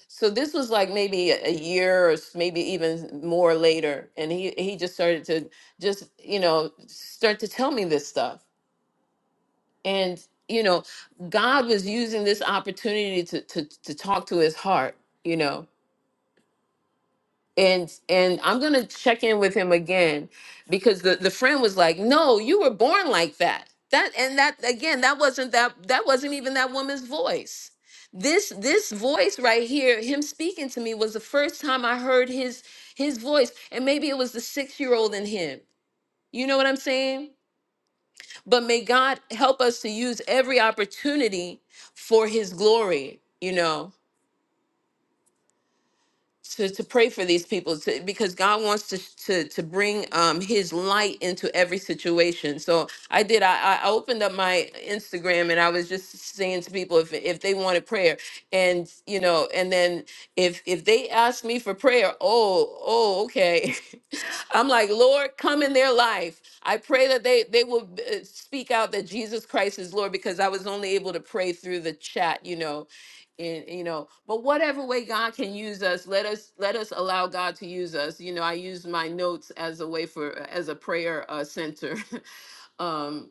Speaker 1: So this was like maybe a a year or s- maybe even more later, and he he just started to just you know start to tell me this stuff, and you know God was using this opportunity to to to talk to his heart, you know, and and i'm gonna check in with him again because the the friend was like no you were born like that that and that again that wasn't that that wasn't even that woman's voice this this voice right here him speaking to me was the first time i heard his his voice and maybe it was the six year old in him you know what i'm saying but may god help us to use every opportunity for his glory you know to to pray for these people to, because God wants to to to bring um His light into every situation. So I did. I I opened up my Instagram and I was just saying to people if if they wanted prayer, and you know, and then if if they asked me for prayer, oh oh okay, I'm like Lord, come in their life. I pray that they they will uh, speak out that Jesus Christ is Lord because I was only able to pray through the chat, you know, and you know but whatever way god can use us let us let us allow god to use us you know i use my notes as a way for as a prayer uh, center um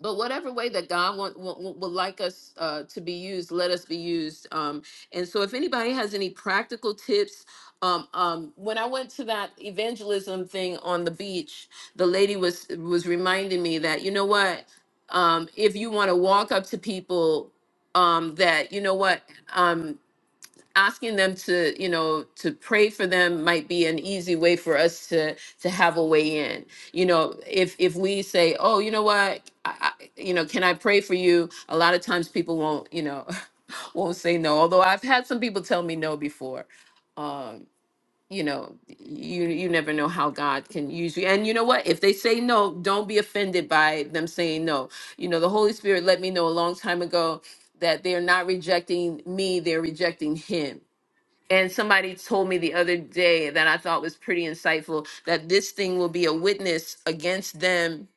Speaker 1: but whatever way that God want, want, want- would like us uh, to be used, let us be used. Um, and so, if anybody has any practical tips, um, um, when I went to that evangelism thing on the beach, the lady was was reminding me that you know what, um, if you want to walk up to people, um, that you know what. Um, asking them to you know to pray for them might be an easy way for us to to have a way in you know if if we say oh you know what I, I, you know can i pray for you a lot of times people won't you know won't say no although i've had some people tell me no before um you know you you never know how god can use you and you know what if they say no don't be offended by them saying no you know the holy spirit let me know a long time ago that they're not rejecting me they're rejecting him and somebody told me the other day that I thought was pretty insightful that this thing will be a witness against them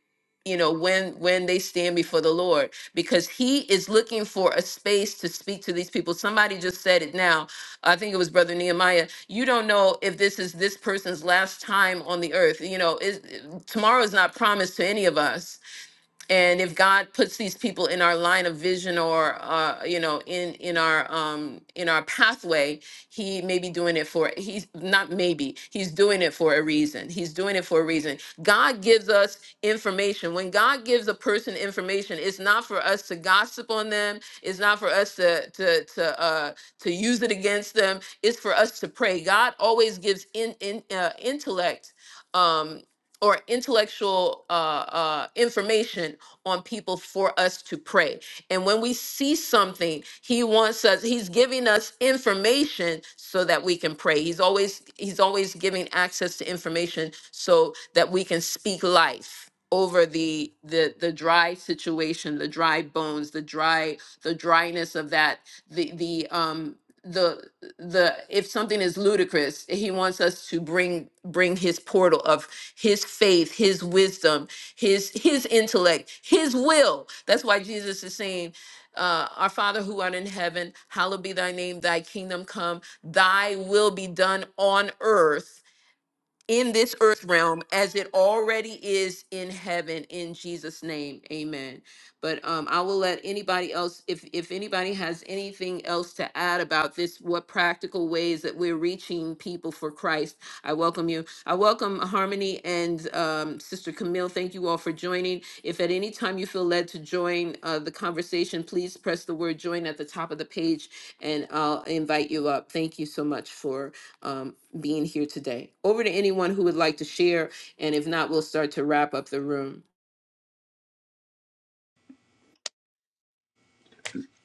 Speaker 1: you know when when they stand before the lord because he is looking for a space to speak to these people somebody just said it now i think it was brother nehemiah you don't know if this is this person's last time on the earth you know is tomorrow is not promised to any of us and if god puts these people in our line of vision or uh, you know in in our um in our pathway he may be doing it for he's not maybe he's doing it for a reason he's doing it for a reason god gives us information when god gives a person information it's not for us to gossip on them it's not for us to to to uh to use it against them it's for us to pray god always gives in in uh, intellect um or intellectual uh, uh, information on people for us to pray. And when we see something, he wants us. He's giving us information so that we can pray. He's always he's always giving access to information so that we can speak life over the the the dry situation, the dry bones, the dry the dryness of that the the um the the if something is ludicrous he wants us to bring bring his portal of his faith, his wisdom, his his intellect, his will. That's why Jesus is saying, uh, our Father who art in heaven, hallowed be thy name, thy kingdom come, thy will be done on earth in this earth realm as it already is in heaven in Jesus name amen but um I will let anybody else if if anybody has anything else to add about this what practical ways that we're reaching people for Christ I welcome you I welcome Harmony and um Sister Camille thank you all for joining if at any time you feel led to join uh, the conversation please press the word join at the top of the page and I'll invite you up thank you so much for um, being here today. Over to anyone who would like to share, and if not, we'll start to wrap up the room.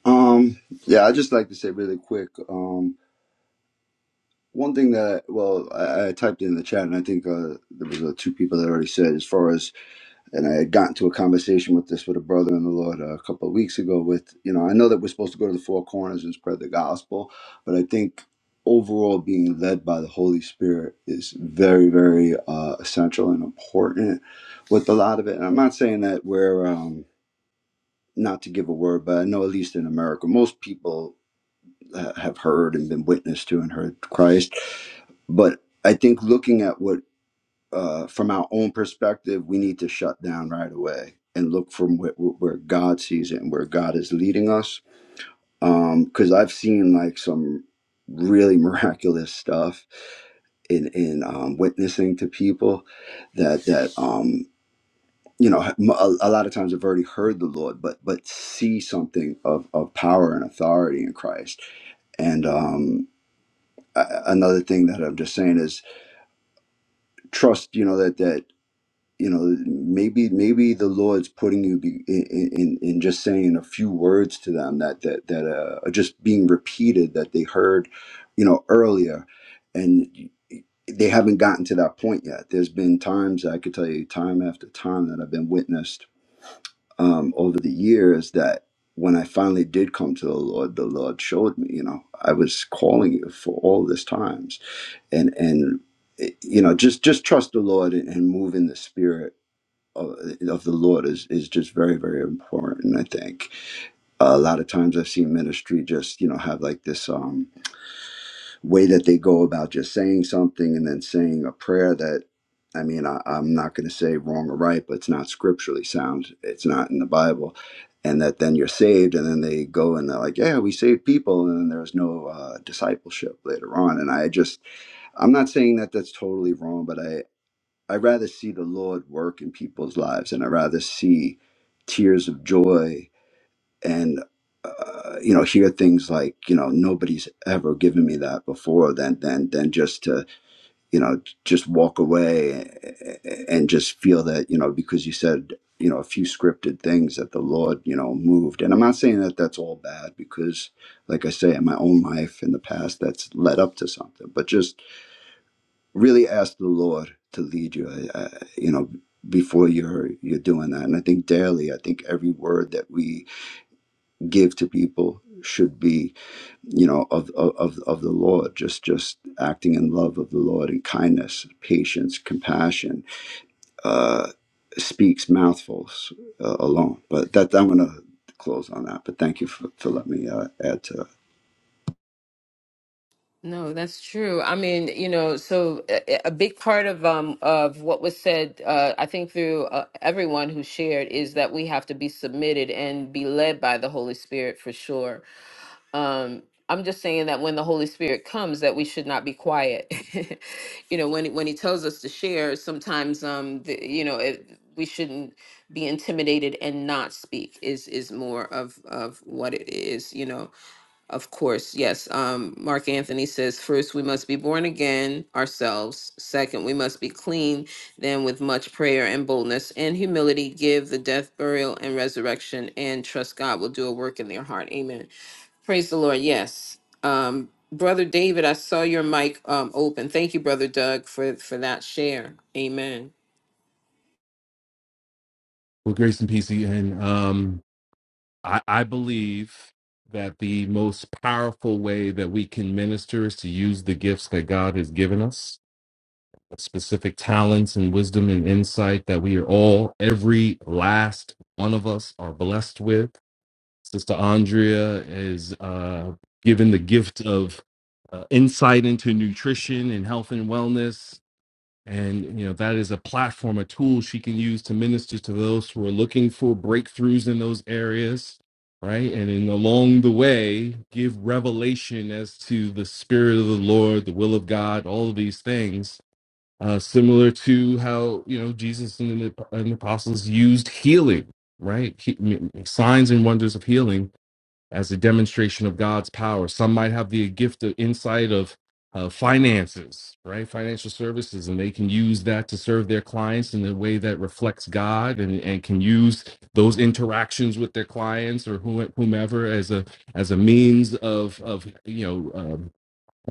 Speaker 7: Um, yeah, I just like to say really quick. Um, one thing that well, I, I typed in the chat, and I think uh, there was uh, two people that already said as far as, and I had gotten to a conversation with this with a brother in the Lord uh, a couple of weeks ago. With you know, I know that we're supposed to go to the four corners and spread the gospel, but I think overall being led by the Holy Spirit is very, very uh, essential and important with a lot of it. And I'm not saying that we're um, not to give a word, but I know at least in America, most people. uh, have heard and been witness to and heard Christ. But I think looking at what, uh, from our own perspective, we need to shut down right away and look from where, where God sees it and where God is leading us. Because I've seen like some really miraculous stuff in in um, witnessing to people that that um you know m- a, a lot of times have already heard the lord but but see something of of power and authority in christ and um a- another thing that I'm just saying is trust. You know that that you know maybe maybe the Lord's putting you be, in, in in just saying a few words to them that that that uh, are just being repeated that they heard, you know, earlier, and they haven't gotten to that point yet. There's been times I could tell you time after time that I've been witnessed um, over the years that. When I finally did come to the Lord, the Lord showed me, you know, I was calling you for all this time and and eh, you know just just trust the lord and and move in the spirit of, of the lord is is just very very important i think a lot of times i've seen ministry just you know have like this um way that they go about just saying something and then saying a prayer that I mean, I, I'm not going to say wrong or right, but it's not scripturally sound. It's not in the Bible. And that then you're saved, and then they go and they're like, yeah, we saved people. And then there's no uh, discipleship later on. And I just, I'm not saying that that's totally wrong, but I I rather see the Lord work in people's lives, and I rather see tears of joy and uh, you know hear things like you know nobody's ever given me that before then then then just to you know just walk away and just feel that you know because you said you know a few scripted things that the lord you know moved and i'm not saying that that's all bad because like i say in my own life in the past that's led up to something but just really ask the lord to lead you uh, you know before you're you're doing that and i think daily i think every word that we give to people should be you know of of of the lord just just acting in love of the lord and kindness patience compassion uh speaks mouthfuls uh, alone but that i'm gonna close on that but thank you for, for letting me uh, add to
Speaker 1: No, that's true. I mean, you know, so a, a big part of um of what was said, uh, I think through uh, everyone who shared, is that we have to be submitted and be led by the Holy Spirit for sure. um i'm just saying that when the holy spirit comes that we should not be quiet you know when when he tells us to share sometimes um the, you know it, we shouldn't be intimidated and not speak is is more of of what it is you know of course, yes. Um, Mark Anthony says, first, we must be born again ourselves. Second, we must be clean. Then, with much prayer and boldness and humility, give the death, burial, and resurrection, and trust God will do a work in their heart. Amen. Praise the Lord. Yes. Um, Brother David, I saw your mic um, open. Thank you, Brother Doug, for, for that share. Amen.
Speaker 6: Well, grace and peace. And um, I, I believe that the most powerful way that we can minister is to use the gifts that God has given us, specific talents and wisdom and insight that we are all, every last one of us, are blessed with Sister Andrea is uh, given the gift of uh, insight into nutrition and health and wellness. And, you know, that is a platform, a tool she can use to minister to those who are looking for breakthroughs in those areas, right? And in along the way, give revelation as to the spirit of the Lord, the will of God, all of these things, uh, similar to how, you know, Jesus and the, and the apostles used healing, right? He, signs and wonders of healing as a demonstration of God's power. Some might have the gift of insight of uh, finances, right? Financial services, and they can use that to serve their clients in a way that reflects God, and, and can use those interactions with their clients or who- whomever as a as a means of of you know um,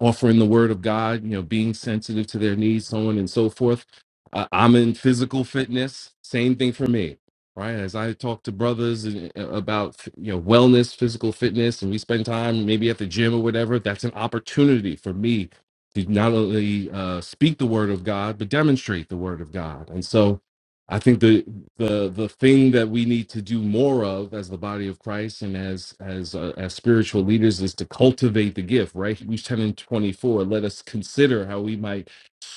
Speaker 6: offering the word of God, you know, being sensitive to their needs, so on and so forth. Uh, I'm in physical fitness. Same thing for me, right? As I talk to brothers and- uh, about, you know, wellness, physical fitness, and we spend time maybe at the gym or whatever, that's an opportunity for me to not only uh, speak the word of God, but demonstrate the word of God. And so, I think the the the thing that we need to do more of as the body of Christ and as as uh, as spiritual leaders is to cultivate the gift. Right, Hebrews ten and twenty four. Let us consider how we might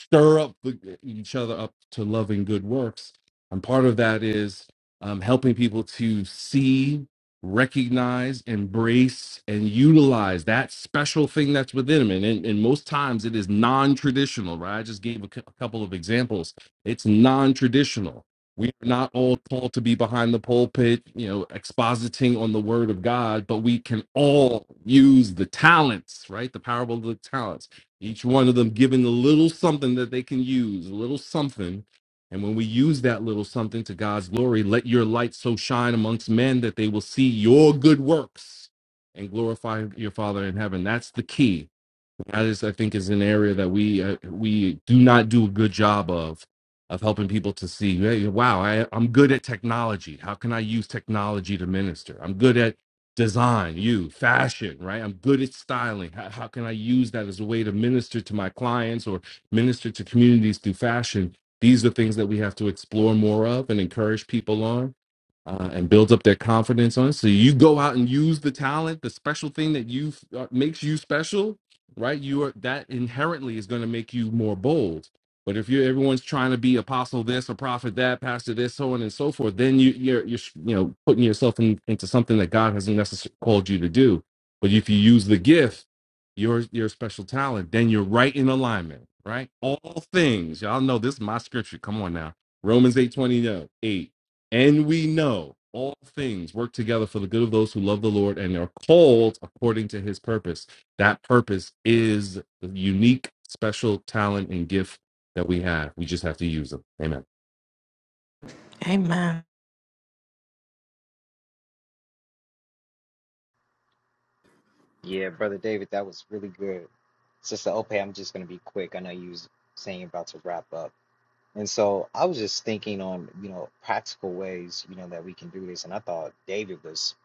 Speaker 6: stir up the- e, each other up to love and good works. And part of that is um, helping people to see, recognize, embrace, and utilize that special thing that's within them. And, and, and most times it is non traditional, right? I just gave a cou- a couple of examples. It's non traditional. We are not all called to be behind the pulpit, you know, expositing on the word of God, but we can all use the talents, right? The parable of the talents each one of them giving a little something that they can use, a little something. And when we use that little something to God's glory, let your light so shine amongst men that they will see your good works and glorify your Father in heaven. That's the key that is, I think, is an area that we uh, we do not do a good job of of helping people to see. Hey, wow, I, I'm good at technology. How can I use technology to minister? I'm good at design, you fashion, right? I'm good at styling. How, how can I use that as a way to minister to my clients or minister to communities through fashion? These are things that we have to explore more of and encourage people on uh, and build up their confidence on. So you go out and use the talent, the special thing that you uh, makes you special, right? You are that inherently is going to make you more bold. But if you're everyone's trying to be apostle this, a prophet that, pastor this, so on and so forth, then you you're you're you know putting yourself in, into something that God hasn't necessarily called you to do. But if you use the gift, your your special talent, then you're right in alignment, right? All things, y'all know this is my scripture. Come on now, Romans eight twenty uh, eight, and we know all things work together for the good of those who love the Lord and are called according to His purpose. That purpose is the unique, special talent and gift that we have. We just have to use them. Amen.
Speaker 2: Amen.
Speaker 4: Yeah, brother David, that was really good. Sister Ope, I'm just gonna be quick. I know you was saying you're about to wrap up. And so I was just thinking on, you know, practical ways, you know, that we can do this. And I thought David was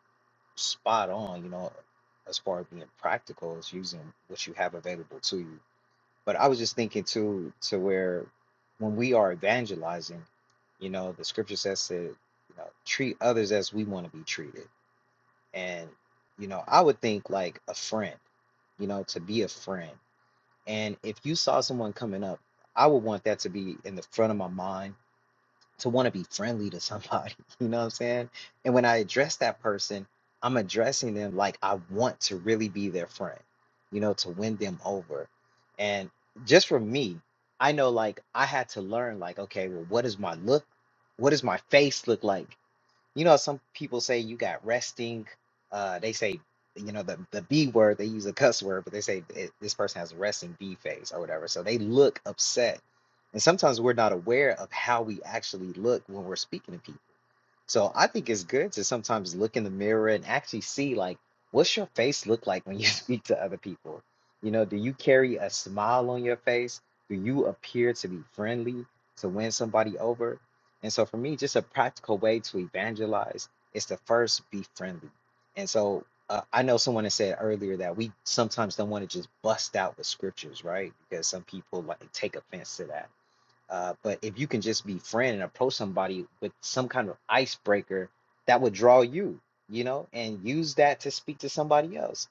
Speaker 4: spot on, you know, as far as being practical, is using what you have available to you. But I was just thinking too, to where when we are evangelizing, you know, the scripture says to, you know, treat others as we want to be treated and, you know, I would think like a friend, you know, to be a friend. And if you saw someone coming up, I would want that to be in the front of my mind to want to be friendly to somebody, you know what I'm saying? And when I address that person, I'm addressing them like I want to really be their friend, you know, to win them over. And just for me, I know like I had to learn like, okay, well, what is my look? What does my face look like? You know, some people say you got resting. Uh, they say, you know, the, the B word, they use a cuss word, but they say "Eh, this person has a resting B face or whatever. So they look upset. And sometimes we're not aware of how we actually look when we're speaking to people. So I think it's good to sometimes look in the mirror and actually see like what's your face look like when you speak to other people? You know, do you carry a smile on your face? Do you appear to be friendly to win somebody over? And so for me, just a practical way to evangelize is to first be friendly. And so uh, I know someone had said earlier that we sometimes don't want to just bust out with scriptures, right? Because some people like take offense to that. Uh, but if you can just be friend and approach somebody with some kind of icebreaker that would draw you, you know, and use that to speak to somebody else.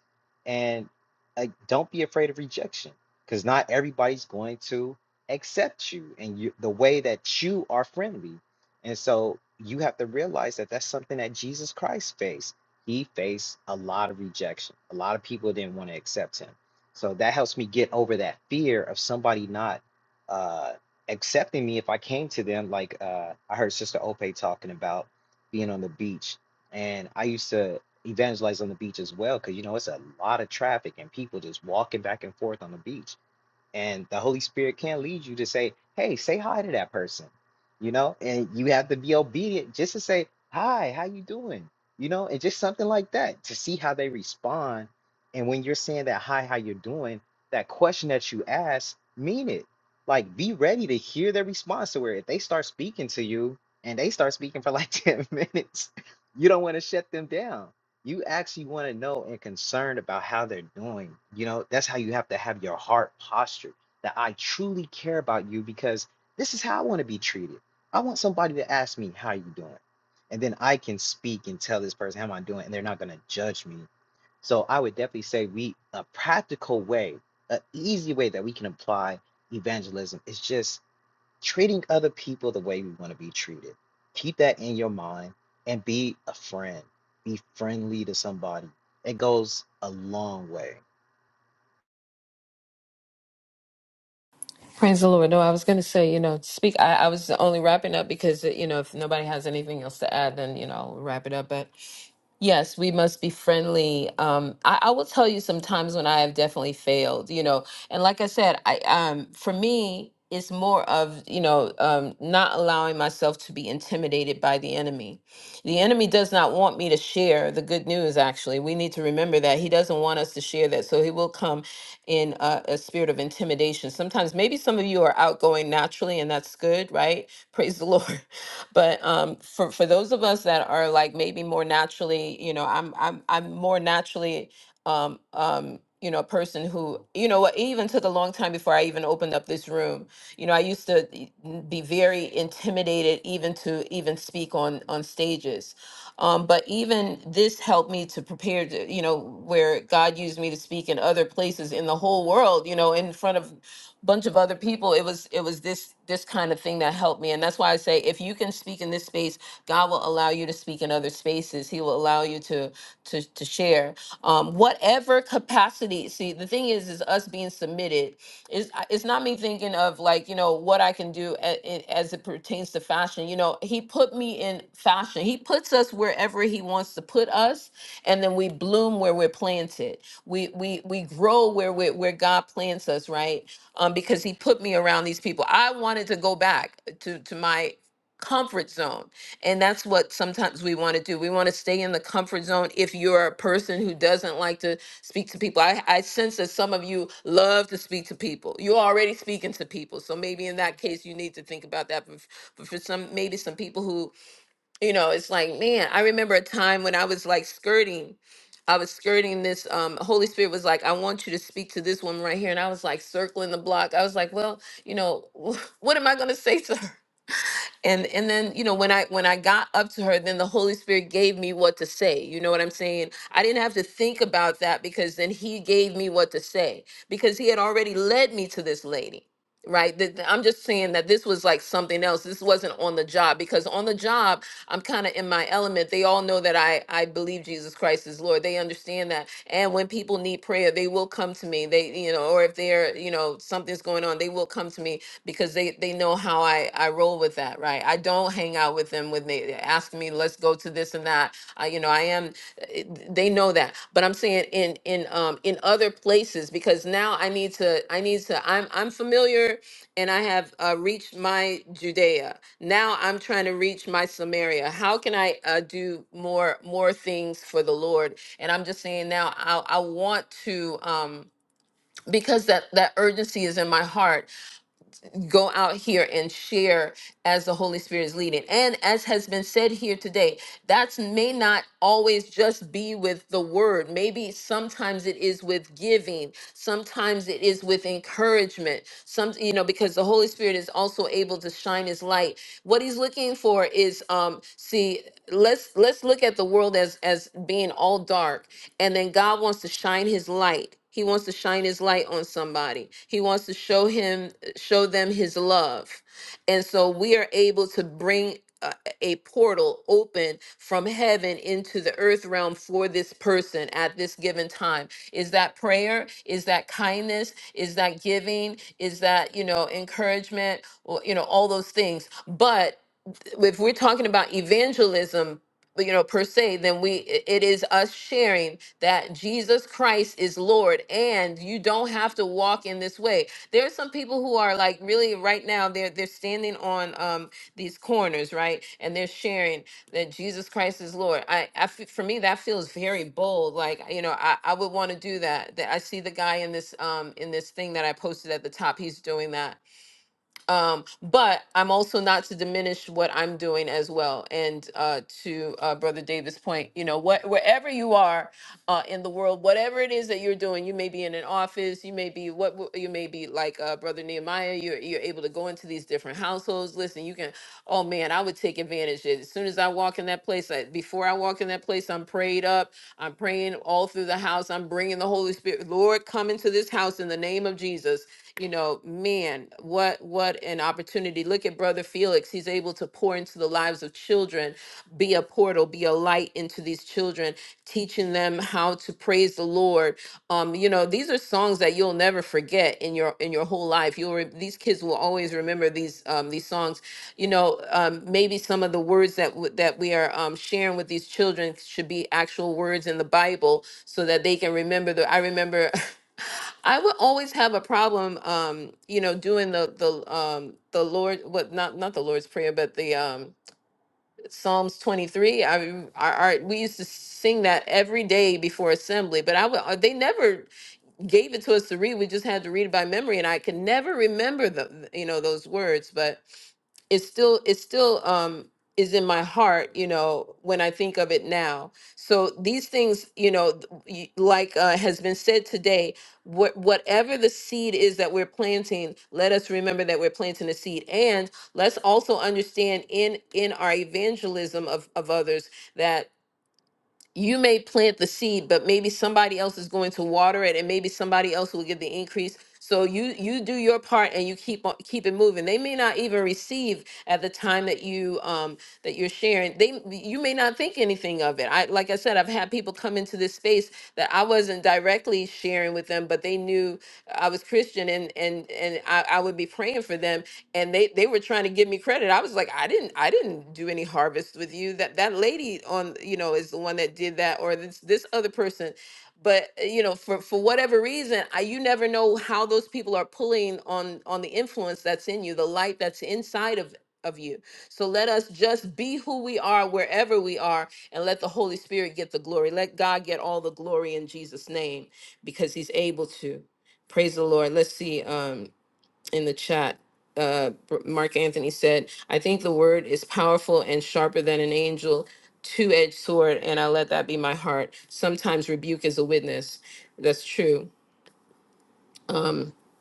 Speaker 4: And like, don't be afraid of rejection because not everybody's going to accept you and you, the way that you are friendly. And so you have to realize that that's something that Jesus Christ faced. He faced a lot of rejection, a lot of people didn't want to accept him. So that helps me get over that fear of somebody not. Uh, accepting me if I came to them. Like uh, I heard Sister Ope talking about being on the beach, and I used to evangelize on the beach as well because you know it's a lot of traffic and people just walking back and forth on the beach and the Holy Spirit can lead you to say, "Hey, say hi to that person," you know, and you have to be obedient just to say, "Hi, how you doing?" You know, and just something like that to see how they respond. And when you're saying that, "Hi, how you doing?" That question that you ask, mean it. Like, be ready to hear their response to where if they start speaking to you and they start speaking for like 10 minutes, you don't want to shut them down you actually want to know and concerned about how they're doing. You know, that's how you have to have your heart postured that I truly care about you because this is how I want to be treated. I want somebody to ask me, How you doing? And then I can speak and tell this person how am I doing, and they're not gonna judge me. So I would definitely say we a practical way, a easy way that we can apply evangelism is just treating other people the way we want to be treated. Keep that in your mind and be a friend. Be friendly to somebody. It goes a long way.
Speaker 1: Praise the Lord. No, I was going to say, you know, speak. I, I was only wrapping up because, you know, if nobody has anything else to add, then, you know, I'll wrap it up. But yes, we must be friendly. Um, I, I will tell you some times when I have definitely failed, you know, and like I said, I um, for me, it's more of, you know, um, not allowing myself to be intimidated by the enemy. The enemy does not want me to share the good news, actually. We need to remember that. He doesn't want us to share that. So he will come in a, a spirit of intimidation. Sometimes maybe some of you are outgoing naturally, and that's good, right? Praise the Lord. But um, for for those of us that are like maybe more naturally, you know, I'm I'm I'm more naturally. Um, um, you know, a person who, you know, what it even took a long time before I even opened up this room you know i used to e- n- be very intimidated even to even speak on on stages um, but even this helped me to prepare to, you know, where God used me to speak in other places in the whole world, you know, in front of a bunch of other people. It was it was this this kind of thing that helped me. And that's why I say if you can speak in this space, God will allow you to speak in other spaces. He will allow you to to to share. Um, what whatever capacity. See, the thing is, is us being submitted is it's not me thinking of like you know what I can do a- a- as it pertains to fashion. You know, he put me in fashion. He puts us wherever he wants to put us, and then we bloom where we're planted. We we we grow where we where God plants us, right? Um, because he put me around these people. I wanted to go back to to my comfort zone and that's what sometimes we want to do. We want to stay in the comfort zone. If you're a person who doesn't like to speak to people, I, I sense that some of you love to speak to people. You're already speaking to people. So maybe in that case, you need to think about that. But, f- but for some, maybe some people who, you know, it's like, man, I remember a time when I was like skirting. I was skirting this. Um, Holy Spirit was like, I want you to speak to this woman right here. And I was like circling the block. I was like, well, you know, what am I going to say to her? and and then you know when i when i got up to her then the holy spirit gave me what to say you know what i'm saying i didn't have to think about that because then he gave me what to say because he had already led me to this lady right That- that- i'm just saying that this was like something else this wasn't on the job because on the job i'm kind of in my element they all know that i i believe jesus christ is lord they understand that and when people need prayer they will come to me they you know or if they're you know something's going on they will come come to me because they they know how I I roll with that, right? I don't hang out with them when they ask me, let's go to this and that. I, you know, I am. it- They know that, but I'm saying in in um in other places because now I need to I need to I'm I'm familiar and I have uh, reached my Judea. Now I'm trying to reach my Samaria. How can I uh, do more more things for the Lord? And I'm just saying now I I want to um because that that urgency is in my heart go out here and share as the Holy Spirit is leading. And as has been said here today, that may not always just be with the word. Maybe sometimes it is with giving, sometimes it is with encouragement. Some, you know, because the Holy Spirit is also able to shine his light. What he's looking for is um see, let's let's look at the world as as being all dark and then God wants to shine his light he wants to shine his light on somebody. He wants to show him show them his love. And so we are able to bring a, a portal open from heaven into the earth realm for this person at this given time. Is that prayer? Is that kindness? Is that giving? Is that, you know, encouragement or you know all those things. But if we're talking about evangelism you know per se then we i- it is us sharing that jesus christ is lord and you don't have to walk in this way there are some people who are like really right now they're they're standing on um these corners right and they're sharing that jesus christ is lord i, I f- for me that feels very bold like you know i, I would want to do that that i see the guy in this um in this thing that i posted at the top he's doing that um but i'm also not to diminish what i'm doing as well and uh to uh brother davis point you know what wherever you are uh in the world whatever it is that you're doing you may be in an office you may be what w- you may be like uh brother nehemiah you're you're able to go into these different households listen you can Oh man, I would take advantage of it. As soon as I walk in that place, I, before I walk in that place, I'm prayed up. I'm praying all through the house. I'm bringing the Holy Spirit. Lord, come into this house in the name of Jesus. You know, man, what what an opportunity. Look at Brother Felix. He's able to pour into the lives of children, be a portal, be a light into these children, teaching them how to praise the Lord. Um, you know, these are songs that you'll never forget in your in your whole life. You'll re- these kids will always remember these um, these songs you know, um, maybe some of the words that w- that we are um, sharing with these children should be actual words in the Bible, so that they can remember. The I remember, I would always have a problem, um, you know, doing the the um, the Lord, what not not the Lord's prayer, but the um, Psalms twenty three. I, rem- I, I we used to sing that every day before assembly, but I would uh, they never gave it to us to read. We just had to read it by memory, and I could never remember the you know those words, but it's still it's still um is in my heart you know when i think of it now so these things you know th- y- like uh, has been said today what whatever the seed is that we're planting let us remember that we're planting a seed and let's also understand in in our evangelism of of others you may plant the seed but maybe somebody else is going to water it and maybe somebody else will get the increase so you you do your part and you keep on keep it moving they may not even receive at the time that you um that you're sharing they you may not think anything of it i like i said i've had people come in come into this space that I wasn't directly sharing with them, but they knew I was Christian and and and I, I would be praying for them and they they were trying to give me credit. I was like, I didn't I didn't do any harvest with you. That that lady on you know is the one that did that or this this other person. But uh, you know, for for whatever reason, I you never know how those people are pulling on on the influence that's in you, the light that's inside of of you. So let us just be who we are wherever we are and let the Holy Spirit get the glory. Let God get all the glory in Jesus' name because he's able to. Praise the Lord. Let's see um, in the chat. Uh, Mark Anthony said, I think the word is powerful and sharper than an angel, two edged sword, and I let that be my heart. Sometimes rebuke is a witness. That's true.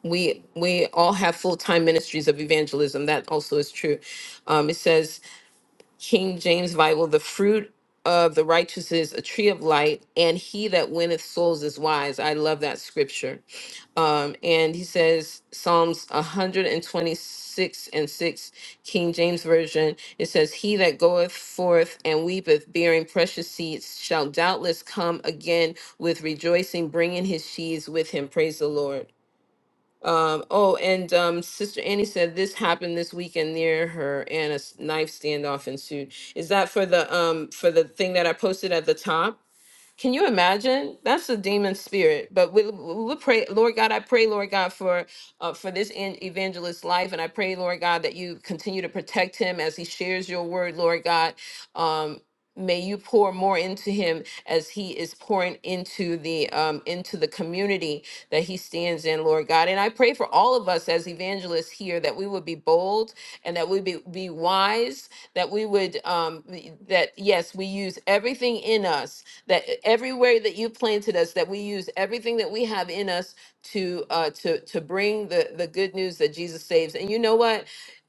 Speaker 1: We we all have full time ministries of evangelism. That also is true. Um, it says King James Bible, the fruit of the righteous is a tree of light, and he that winneth souls is wise. I love that scripture. Um, and he says, Psalms 126 and 6, King James Version, it says, He that goeth forth and weepeth, bearing precious seeds, shall doubtless come again with rejoicing, bringing his sheaves with him. Praise the Lord. Um, oh, and um, Sister Annie said this happened this weekend near her, and a s- knife standoff ensued. Is that for the um for the thing that I posted at the top? Can you imagine? That's a demon spirit. But we we pray, Lord God. I pray, Lord God, for uh, for this en- evangelist's life, and I pray, Lord God, that you continue to protect him as he shares your word, Lord God. Um, may you pour more into him as he is pouring into the um, into the community that he stands in, Lord God. And I pray for all of us as evangelists here that we would be bold and that we be, be wise, that we would um, be- that yes, we use everything in us that everywhere that you planted us, that we use everything that we have in us to uh, to to bring the the good news that Jesus saves. And you know what?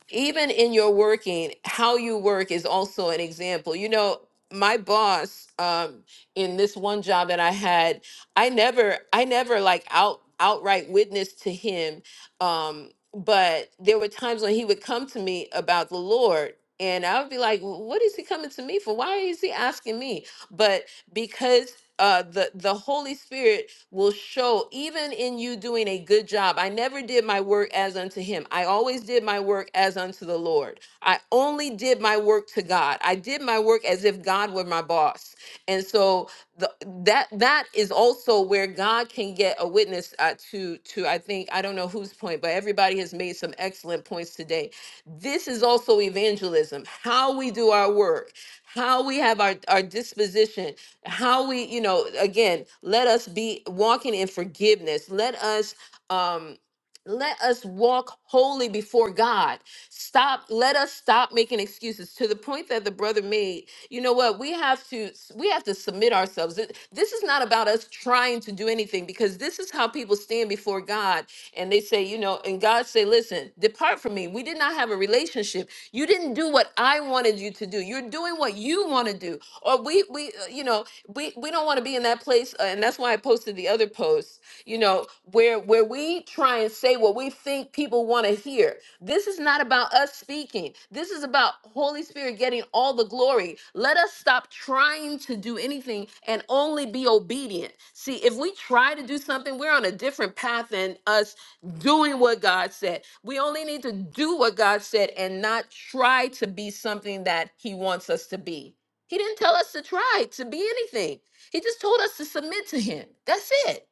Speaker 1: Even in your working, how you work is also an example. You know, my boss um, in this one job that I had, I never I never like out outright witness to him. Um, but there were times when he would come to me about the Lord. And I would be like, "Wh- what is he coming to me for? Why is he asking me? But because uh, the the Holy Spirit will show even in you doing a good job. I never did my work as unto Him. I always did my work as unto the Lord. I only did my work to God. I did my work as if God were my boss. And so the, that that is also where God can get a witness uh, to to I think I don't know whose point, but everybody has made some excellent points today. This is also evangelism. How we do our work how we have our, our disposition, how we, you know, again, let us be walking in forgiveness. Let us, um, let us walk holy before God. Stop, let us stop making excuses to the point that the brother made. You know what? We have to we have to submit ourselves. Th- This is not about us trying to do anything because this is how people stand before God and they say, you know, and God say, "Listen, depart from me. We did not have a relationship. You didn't do what I wanted you to do. You're doing what you want to do." Or we we uh, you know, we we don't want to be in that place uh, and that's why I posted the other post you know, where where where we try and say what we think people want to hear. This is not about us speaking. This is about Holy Spirit getting all the glory. Let us stop trying to do anything and only be obedient. See, if we try to do something, we're on a different path than us doing what God said. We only need to do what God said and not try to be something that He wants us to be. He didn't tell us to try to be anything. He just told us to submit to him. That's it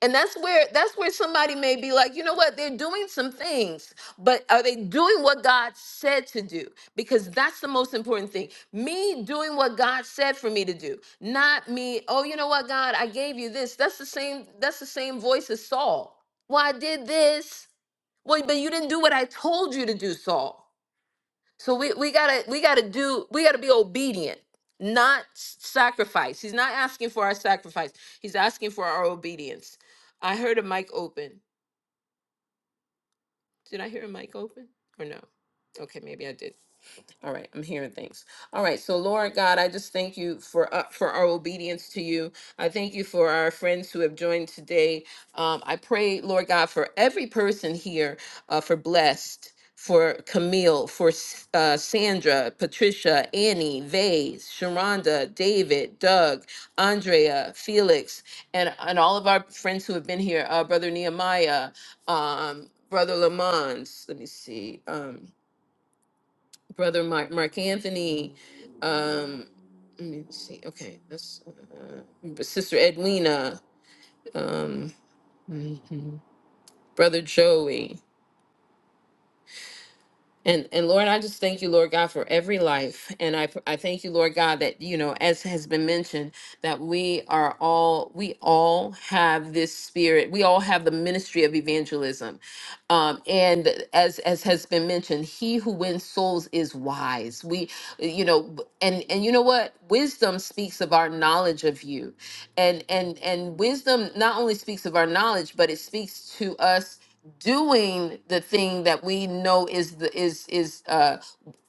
Speaker 1: and that's where that's where somebody may be like you know what they're doing some things but are they doing what god said to do because that's the most important thing me doing what god said for me to do not me oh you know what god i gave you this that's the same that's the same voice as saul well i did this well but you didn't do what i told you to do saul so we, we gotta we gotta do we gotta be obedient, not s- sacrifice. He's not asking for our sacrifice. He's asking for our obedience. I heard a mic open. Did I hear a mic open or no? Okay, maybe I did. All right, I'm hearing things. All right, so Lord God, I just thank you for uh, for our obedience to you. I thank you for our friends who have joined today. Um, I pray, Lord God, for every person here, uh, for blessed, for Camille, for S- uh, Sandra, Patricia, Annie, Vase, Sharonda, David, Doug, Andrea, Felix, and and all of our friends who have been here. Uh, Brother Nehemiah, um, Brother Lamont. Let me see. Um, Brother Mark, Mark Anthony, um, let me see. Okay, that's uh, Sister Edwina, um, mhm, Brother Joey, and and Lord, I just thank you, Lord God, for every life, and I I thank you, Lord God, that you know, as has been mentioned, that we are all we all have this spirit, we all have the ministry of evangelism, Um, and as as has been mentioned, he who wins souls is wise. We, you know, and and you know what? Wisdom speaks of our knowledge of you, and and and wisdom not only speaks of our knowledge, but it speaks to us doing the thing that we know is the is is uh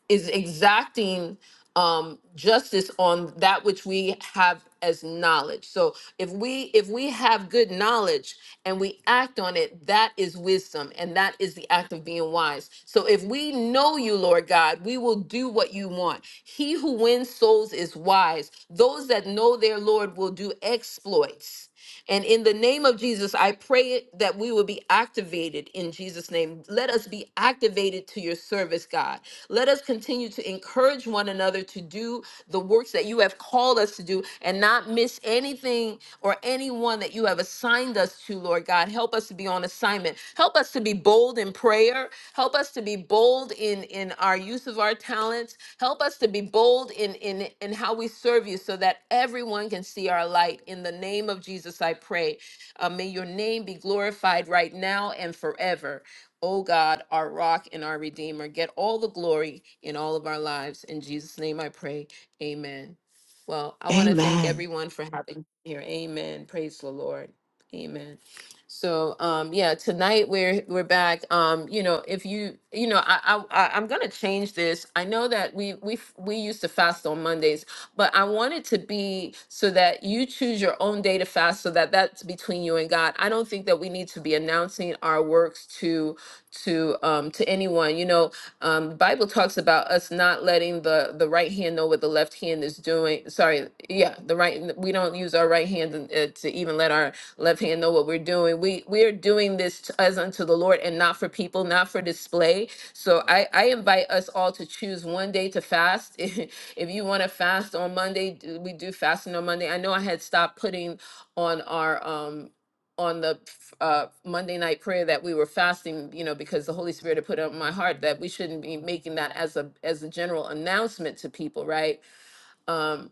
Speaker 1: is exacting um justice on that which we have as knowledge so if we if we have good knowledge and we act on it that is wisdom and that is the act of being wise so if we know you lord god we will do what you want he who wins souls is wise those that know their lord will do exploits and in the name of Jesus, I pray it that we will be activated in Jesus' name. Let us be activated to your service, God. Let us continue to encourage one another to do the works that you have called us to do and not miss anything or anyone that you have assigned us to, Lord God. Help us to be on assignment. Help us to be bold in prayer. Help us to be bold in, in our use of our talents. Help us to be bold in, in, in how we serve you so that everyone can see our light. In the name of Jesus, I pray. Uh, may your name be glorified right now and forever. Oh God, our rock and our redeemer, get all the glory in all of our lives. In Jesus' name I pray. Amen. Well, I want to thank
Speaker 2: Amen.
Speaker 1: everyone for having me here. Amen. Praise the Lord. Amen. So um yeah, tonight we're we're back. Um, you know, if you you know, I I I- I'm gonna change this. I know that we we f- we used to fast on Mondays, but I want it to be so that you choose your own day to fast, so that that's between you and God. I don't think that we need to be announcing our works to to um to anyone. You know, um, Bible talks about us not letting the the right hand know what the left hand is doing. Sorry, yeah, the right. We don't use our right hand uh, to even let our left hand know what we're doing. We we are doing this t- as unto the Lord and not for people, not for display. So I I invite us all to choose one day to fast. if you want to fast on Monday, do- we do fasting on Monday. I know I had stopped putting on our um on the f- uh, Monday night prayer that we were fasting, you know, because the Holy Spirit had put it on my heart that we shouldn't be making that as a as a general announcement to people, right? Um,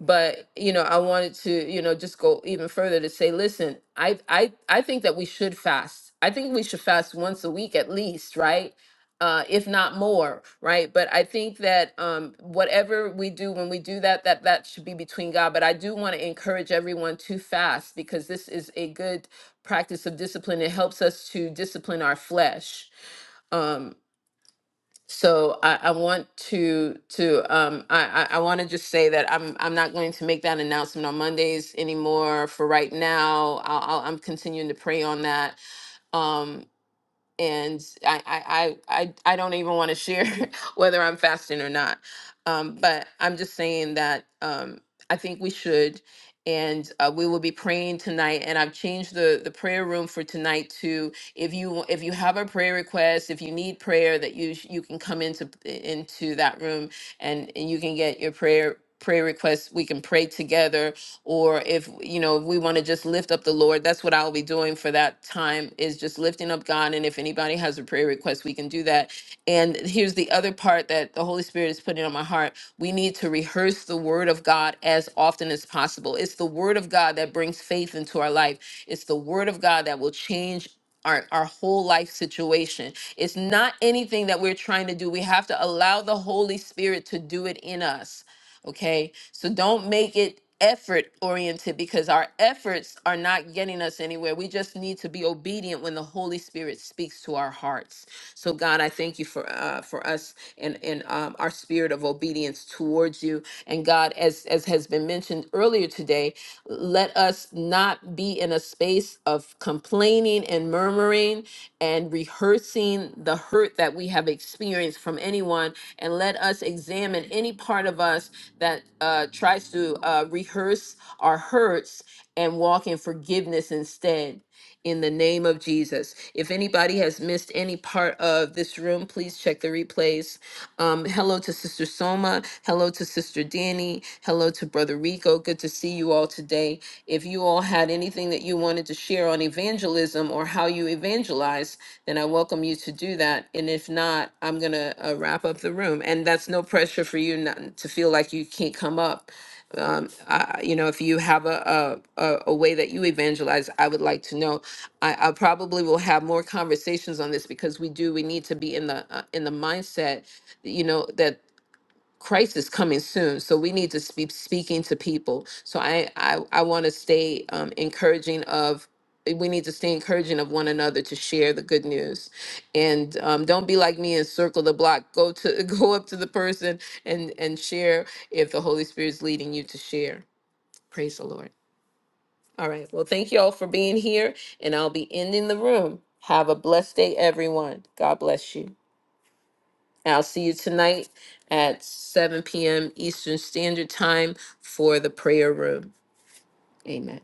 Speaker 1: but you know, I wanted to you know just go even further to say, listen, I I I think that we should fast. I think we should fast once a week at least, right? Uh, if not more, right? But I think that um, whatever we do when we do that, that that should be between God. But I do want to encourage everyone to fast because this is a good practice of discipline. It helps us to discipline our flesh Um, so I, I want to to um I, I want to just say that I'm I'm not going to make that announcement on Mondays anymore for right now. I'll, I'll I'm continuing to pray on that. Um and I I I I, I don't even want to share whether I'm fasting or not. Um, but I'm just saying that um, I think we should, and uh, we will be praying tonight. And I've changed the the prayer room for tonight to if you if you have a prayer request, if you need prayer, that you sh- you can come into into that room and and you can get your prayer prayer requests we can pray together or if you know if we want to just lift up the lord that's what i'll be doing for that time is just lifting up god and if anybody has a prayer request we can do that and here's the other part that the holy spirit is putting on my heart we need to rehearse the word of god as often as possible it's the word of god that brings faith into our life it's the word of god that will change our, our whole life situation. It's not anything that we're trying to do. We have to allow the Holy Spirit to do it in us Okay. So don't make it effort oriented because our efforts are not getting us anywhere. We just need to be obedient when the Holy Spirit speaks to our hearts. So God, I thank you for uh, for us and and um, our spirit of obedience towards you. And God, as as has been mentioned earlier today, let us not be in a space of complaining and murmuring and rehearsing the hurt that we have experienced from anyone. And let us examine any part of us that uh, tries to uh, rehearse our hurts and walk in forgiveness instead. In the name of Jesus. If anybody has missed any part of this room, please check the replays um, hello to Sister Soma. Hello to Sister Danny. Hello to Brother Rico. Good to see you all today. If you all had anything that you wanted to share on evangelism or how you evangelize, then I welcome you to do that. And if not, I'm going to uh, wrap up the room. And that's no pressure for you not to feel like you can't come up um, I, you know, if you have a, a a a way that you evangelize, I would like to know. I, I probably will have more conversations on this because we do. We need to be in the uh, in the mindset, you know, that Christ is coming soon, so we need to be speaking to people. So I I, I want to stay um, encouraging of eh, we need to stay encouraging of one another to share the good news, and um, don't be like me and circle the block. Go to go up to the person and and share if the Holy Spirit's leading you to share. Praise the Lord. All right. Well, thank you all for being here, and I'll be ending the room. Have a blessed day, everyone. God bless you. I'll see you tonight at 7 p.m. Eastern Standard Time for the prayer room. Amen.